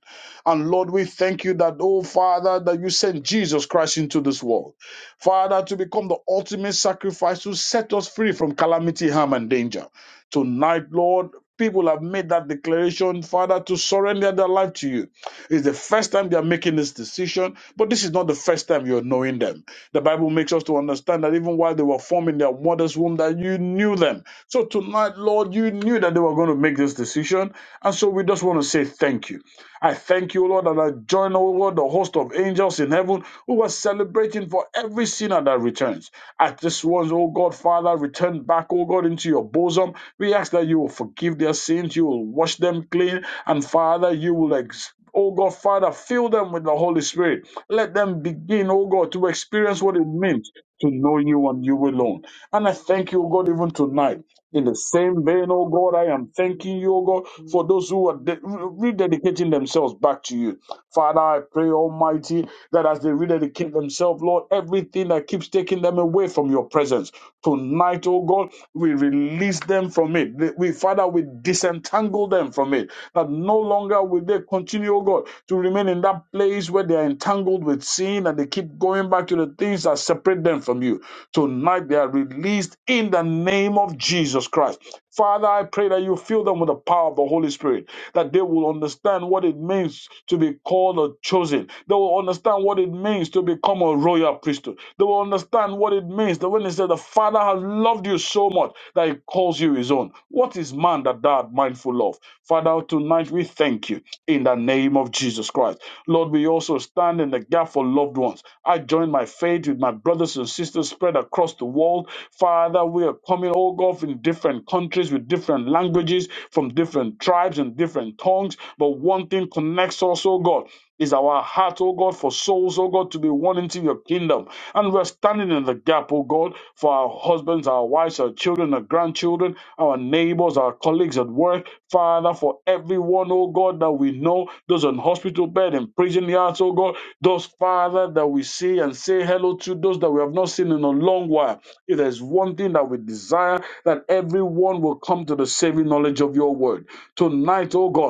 S6: And Lord, we thank you that, oh Father, that you sent Jesus Christ into this world. Father, to become the ultimate sacrifice to set us free from calamity, harm, and danger. Tonight, Lord, people have made that declaration, Father, to surrender their life to you. It's the first time they are making this decision, but this is not the first time you're knowing them. The Bible makes us to understand that even while they were forming their mother's womb, that you knew them. So tonight, Lord, you knew that they were going to make this decision. And so we just want to say thank you. I thank you, Lord, that I join, O Lord, the host of angels in heaven who are celebrating for every sinner that returns. At this once, O God, Father, return back, O God, into your bosom. We ask that you will forgive their sins, you will wash them clean, and Father, you will ex- Oh God, Father, fill them with the Holy Spirit. Let them begin, oh God, to experience what it means to know you and you alone. And I thank you, oh God, even tonight. In the same vein, oh God, I am thanking you, oh God, for those who are de- rededicating themselves back to you. Father, I pray, Almighty, that as they rededicate themselves, Lord, everything that keeps taking them away from your presence, tonight, oh God, we release them from it. We, Father, we disentangle them from it. That no longer will they continue, oh God, to remain in that place where they are entangled with sin and they keep going back to the things that separate them from you. Tonight they are released in the name of Jesus Christ. Father, I pray that you fill them with the power of the Holy Spirit, that they will understand what it means to be called or chosen. They will understand what it means to become a royal priesthood. They will understand what it means that when they say the Father has loved you so much that he calls you his own. What is man that thou art mindful of? Father, tonight we thank thank you in the name of Jesus Christ. Lord, we also stand in the gap for loved ones. I join my faith with my brothers and sisters spread across the world. Father, we are coming, oh God, from different countries with different languages, from different tribes and different tongues. But one thing connects us, oh God is our heart, oh God, for souls, oh God, to be won into your kingdom. And we're standing in the gap, oh God, for our husbands, our wives, our children, our grandchildren, our neighbors, our colleagues at work, Father, for everyone, oh God, that we know, those on hospital bed and prison yards, oh God, those, Father, that we see and say hello to, those that we have not seen in a long while. If there's one thing that we desire, that everyone will come to the saving knowledge of your word. Tonight, oh God,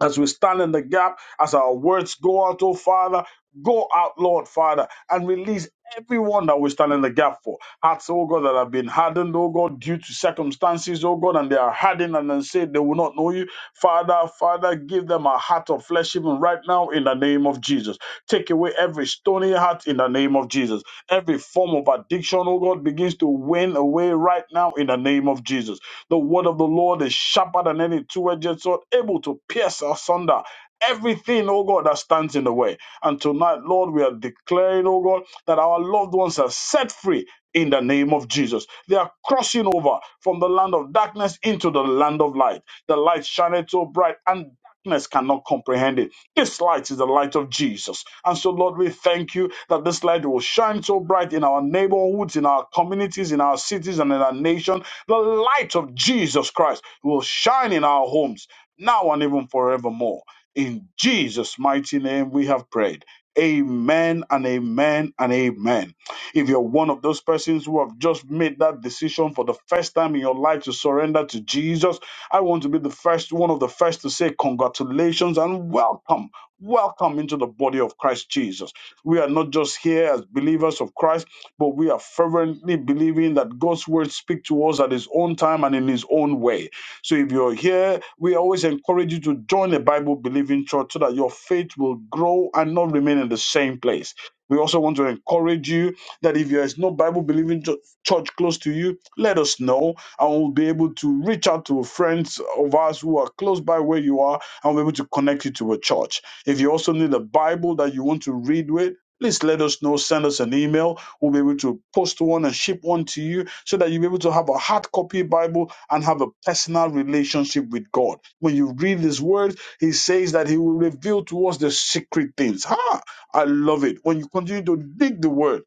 S6: as we stand in the gap, as our words go out, oh Father, go out, Lord Father, and release everyone that we stand in the gap for. Hearts, oh God, that have been hardened, oh God, due to circumstances, oh God, and they are hardened and then say they will not know you. Father, Father, give them them a heart of flesh even right now in the name of Jesus. Take away every stony heart in the name of Jesus. Every form of addiction, oh God, begins to wane away right now in the name of Jesus. The word of the Lord is sharper than any two-edged sword, able to pierce asunder. Everything, oh God, that stands in the way. And tonight, Lord, we are declaring, oh God, that our loved ones are set free in the name of Jesus. They are crossing over from the land of darkness into the land of light. The light shineth so bright, and darkness cannot comprehend it. This light is the light of Jesus. And so, Lord, we thank you that this light will shine so bright in our neighborhoods, in our communities, in our cities, and in our nation. The light of Jesus Christ will shine in our homes now and even forevermore. In Jesus' mighty name, we have prayed. Amen and amen and amen. If you're one of those persons who have just made that decision for the first time in your life to surrender to Jesus, I want to be the first, one of the first to say congratulations and welcome, welcome into the body of Christ Jesus. We are not just here as believers of Christ, but we are fervently believing that God's word speaks to us at His own time and in His own way. So if you're here, we always encourage you to join a Bible believing church so that your faith will grow and not remain in the same place. We also want to encourage you that if there is no Bible believing church close to you, let us know and we'll be able to reach out to friends of us who are close by where you are and we'll be able to connect you to a church. If you also need a Bible that you want to read with, please let us know. Send us an email. We'll be able to post one and ship one to you so that you'll be able to have a hard copy Bible and have a personal relationship with God. When you read His Word, He says that He will reveal to us the secret things. Ha! I love it. When you continue to dig the Word,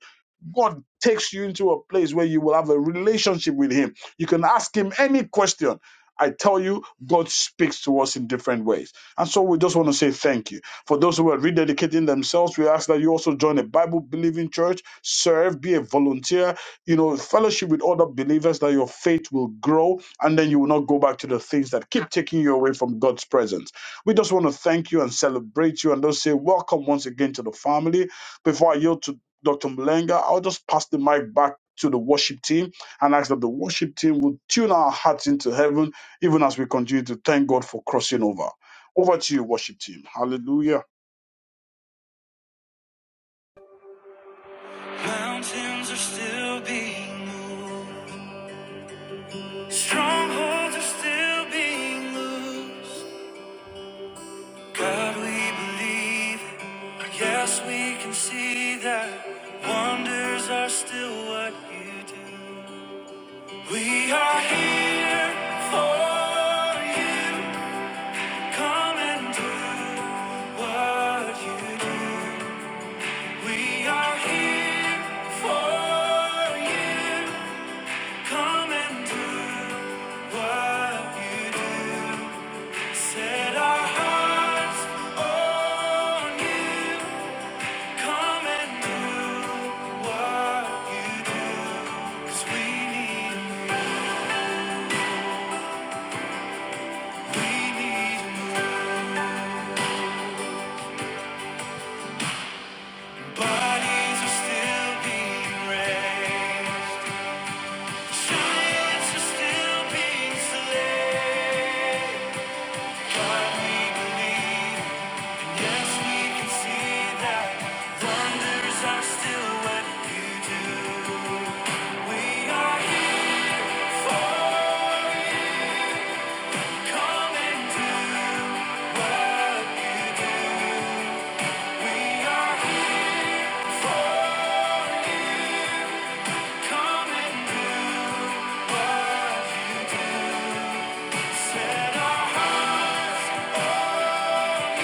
S6: God takes you into a place where you will have a relationship with Him you can ask him any question. I tell you, God speaks to us in different ways. And so we just want to say thank you. For those who are rededicating themselves, we ask that you also join a Bible believing church, serve, be a volunteer, you know, fellowship with other believers that your faith will grow and then you will not go back to the things that keep taking you away from God's presence. We just want to thank you and celebrate you and just say welcome once again to the family. Before I yield to Dr. Malenga, I'll just pass the mic back to the worship team and ask that the worship team will tune our hearts into heaven, even as we continue to thank God for crossing over. Over to you, worship team. Hallelujah.
S1: Mountains are still being moved. Strongholds are still being loosed. God, we believe, and yes, we can see that wonders are still what you do. We are here for you. Come and do what you do. We are here for you. Come and do what you do. Set our hearts on you. Come and do what you do. 'Cause we need, 'em, we need 'em. Bodies are still being raised. Giants are still being slain. But we believe, yes, we can see that wonders are still what you do. We are here for you. Come and do what you. Come set our hearts. Miracles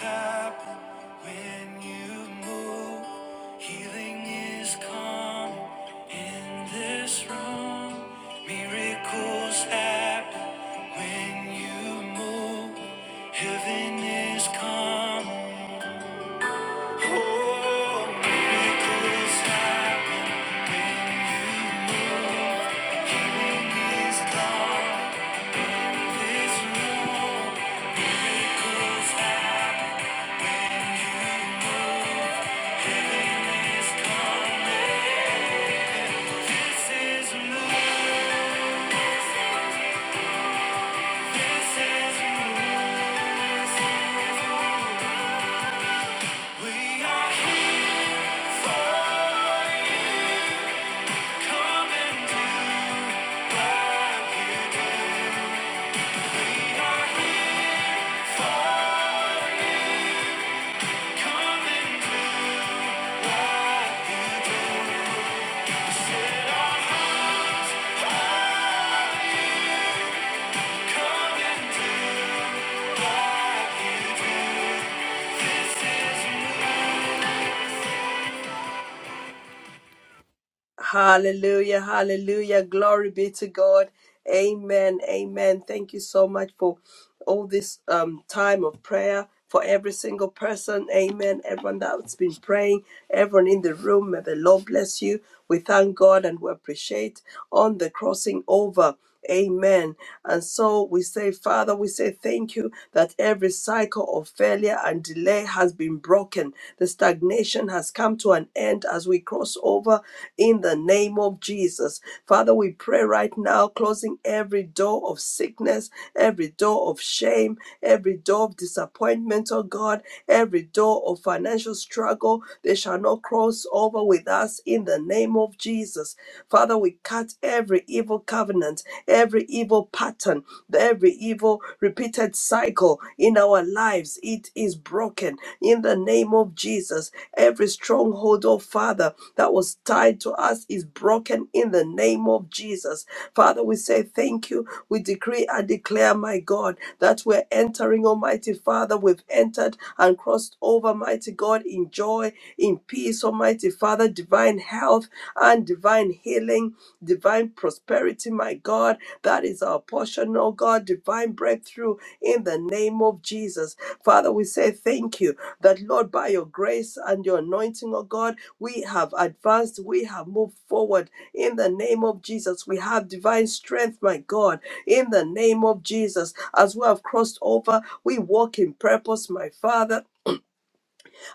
S1: happen when you move. Healing is come in this room. Miracles happen when you move. Heaven is come. Oh, miracles happen. Healing is come. This room. Miracles happen. This is new, this is new. We are here for you. Come and do we are here for you. Come and do set our hearts on Come and do
S2: Hallelujah, hallelujah. Glory be to God. Amen, amen. Thank you so much for all this um, time of prayer for every single person. Amen. Everyone that's been praying, everyone in the room, may the Lord bless you. We thank God and we appreciate on the crossing over. Amen. And so we say, Father, we say thank you that every cycle of failure and delay has been broken. The stagnation has come to an end as we cross over in the name of Jesus. Father, we pray right now, closing every door door of sickness, every door of shame, every door of disappointment, oh God, every door of financial struggle, they shall not cross over with us in the name of Jesus. Father, we cut every evil covenant, every evil pattern, every evil repeated cycle in our lives. It is broken in the name of Jesus. Every stronghold, oh Father, that was tied to us is broken in the name of Jesus. Father, we say thank you. We decree and declare, my God, that we're entering, Almighty Father. We've entered and crossed over, mighty God, in joy, in peace, Almighty Father, divine health and divine healing, divine prosperity, my God. That is our portion, oh God, divine breakthrough in the name of Jesus. Father, we say thank you that, Lord, by your grace and your anointing, oh God, we have advanced, we have moved forward in the name of Jesus, we have divine strength, my God. In the name of Jesus, as we have crossed over, we walk in purpose, my Father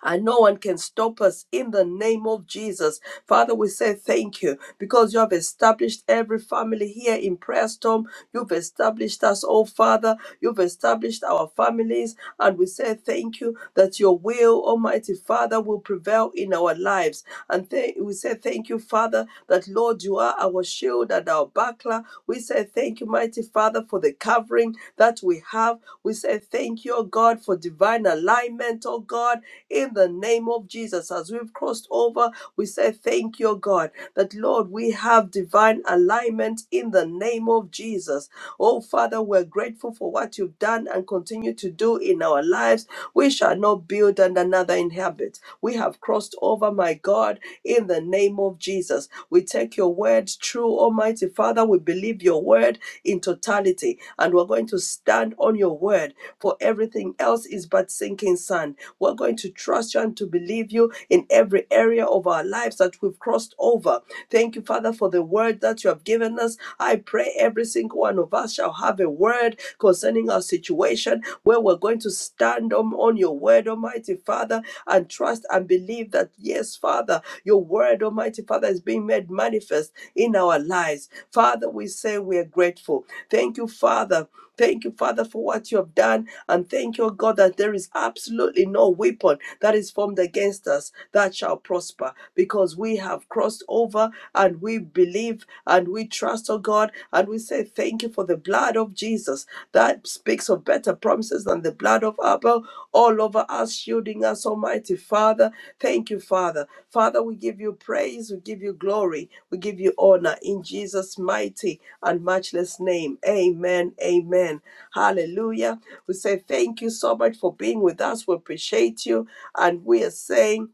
S2: and no one can stop us in the name of Jesus. Father, we say thank you because you have established every family here in Prayer Storm. You've established us, oh Father. You've established our families, and we say thank you that your will, Almighty Father, will prevail in our lives. And th- we say thank you, Father, that Lord, you are our shield and our buckler. We say thank you, mighty Father, for the covering that we have. We say thank you, oh God, for divine alignment, oh God in the name of Jesus. As we've crossed over, we say thank you, God, that Lord, we have divine alignment in the name of Jesus. Oh, Father, we're grateful for what you've done and continue to do in our lives. We shall not build and another inhabit. We have crossed over, my God, in the name of Jesus. We take your word true, Almighty Father. We believe your word in totality, and we're going to stand on your word for everything everything else is but sinking sand. We're going to trust you and to believe you in every area of our lives that we've crossed over. Thank you, Father, for the word that you have given us. I pray every single one of us shall have a word concerning our situation where we're going to stand on, on your word, Almighty Father, and trust and believe that, yes, Father, your word, Almighty Father, is being made manifest in our lives. Father, we say we are grateful. Thank you, Father. Thank you, Father, for what you have done. And thank you, O God, that there is absolutely no weapon that is formed against us that shall prosper because we have crossed over and we believe and we trust, O God. And we say thank you for the blood of Jesus that speaks of better promises than the blood of Abel all over us, shielding us, Almighty Father. Thank you, Father. Father, we give you praise, we give you glory, we give you honor in Jesus' mighty and matchless name. Amen. Amen. Hallelujah. We say thank you so much for being with us. We appreciate you. And we are saying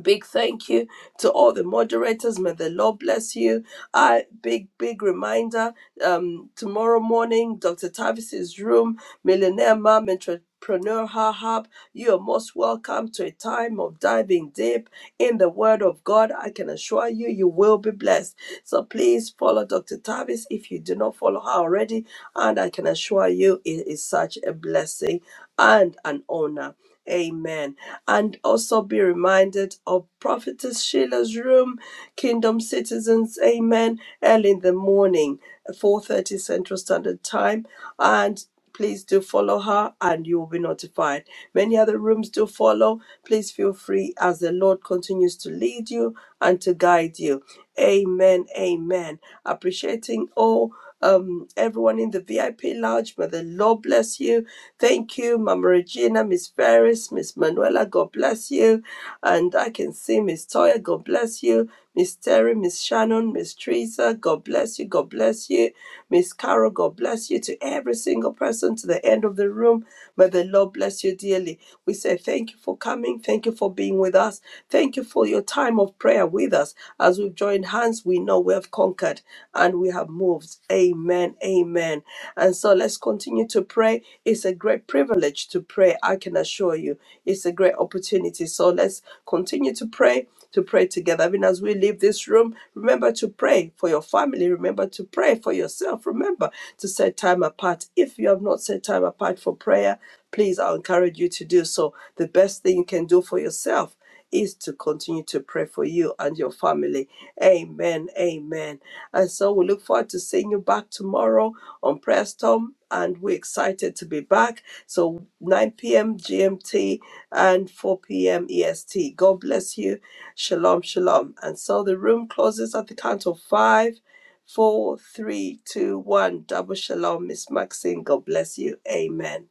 S2: big thank you to all the moderators. May the Lord bless you. I big, big reminder. Um, tomorrow morning, Dr. Tavis's room, Millionaire Mom Entrepreneur Her Hub. You are most welcome to a time of diving deep in the Word of God. I can assure you, you will be blessed. So please follow Dr. Tavis if you do not follow her already. And I can assure you, it is such a blessing and an honor. Amen. And also be reminded of Prophetess Sheila's room, Kingdom Citizens, Amen, early in the morning, 4:30 Central Standard Time. And please do follow her and you will be notified. Many other rooms do follow. Please feel free as the Lord continues to lead you and to guide you. Amen. Amen. Appreciating all um everyone in the VIP lounge. May the Lord bless you. Thank you, Mama Regina, Miss Ferris, Miss Manuela. God bless you. And I can see Miss Toya. God bless you. Miss Terry, Miss Shannon, Miss Teresa. God bless you. God bless you. Miss Carol, God bless you. To every single person to the end of the room, may the Lord bless you dearly. We say thank you for coming. Thank you for being with us. Thank you for your time of prayer with us. As we've joined hands, we know we have conquered and we have moved. Amen. Amen. And so let's continue to pray. It's a great privilege to pray, I can assure you. It's a great opportunity. So let's continue to pray to pray together. Even as we leave this room, remember to pray for your family. Remember to pray for yourself. Remember to set time apart. If you have not set time apart for prayer, please, I'll encourage you to do so. The best thing you can do for yourself is to continue to pray for you and your family. Amen. Amen. And so we look forward to seeing you back tomorrow on Preston. And we're excited to be back. So 9 p.m. GMT and 4 p.m. EST. God bless you. Shalom, shalom. And so the room closes at the count of five, four, three, two, one. Double shalom. Miss Maxine, God bless you. Amen.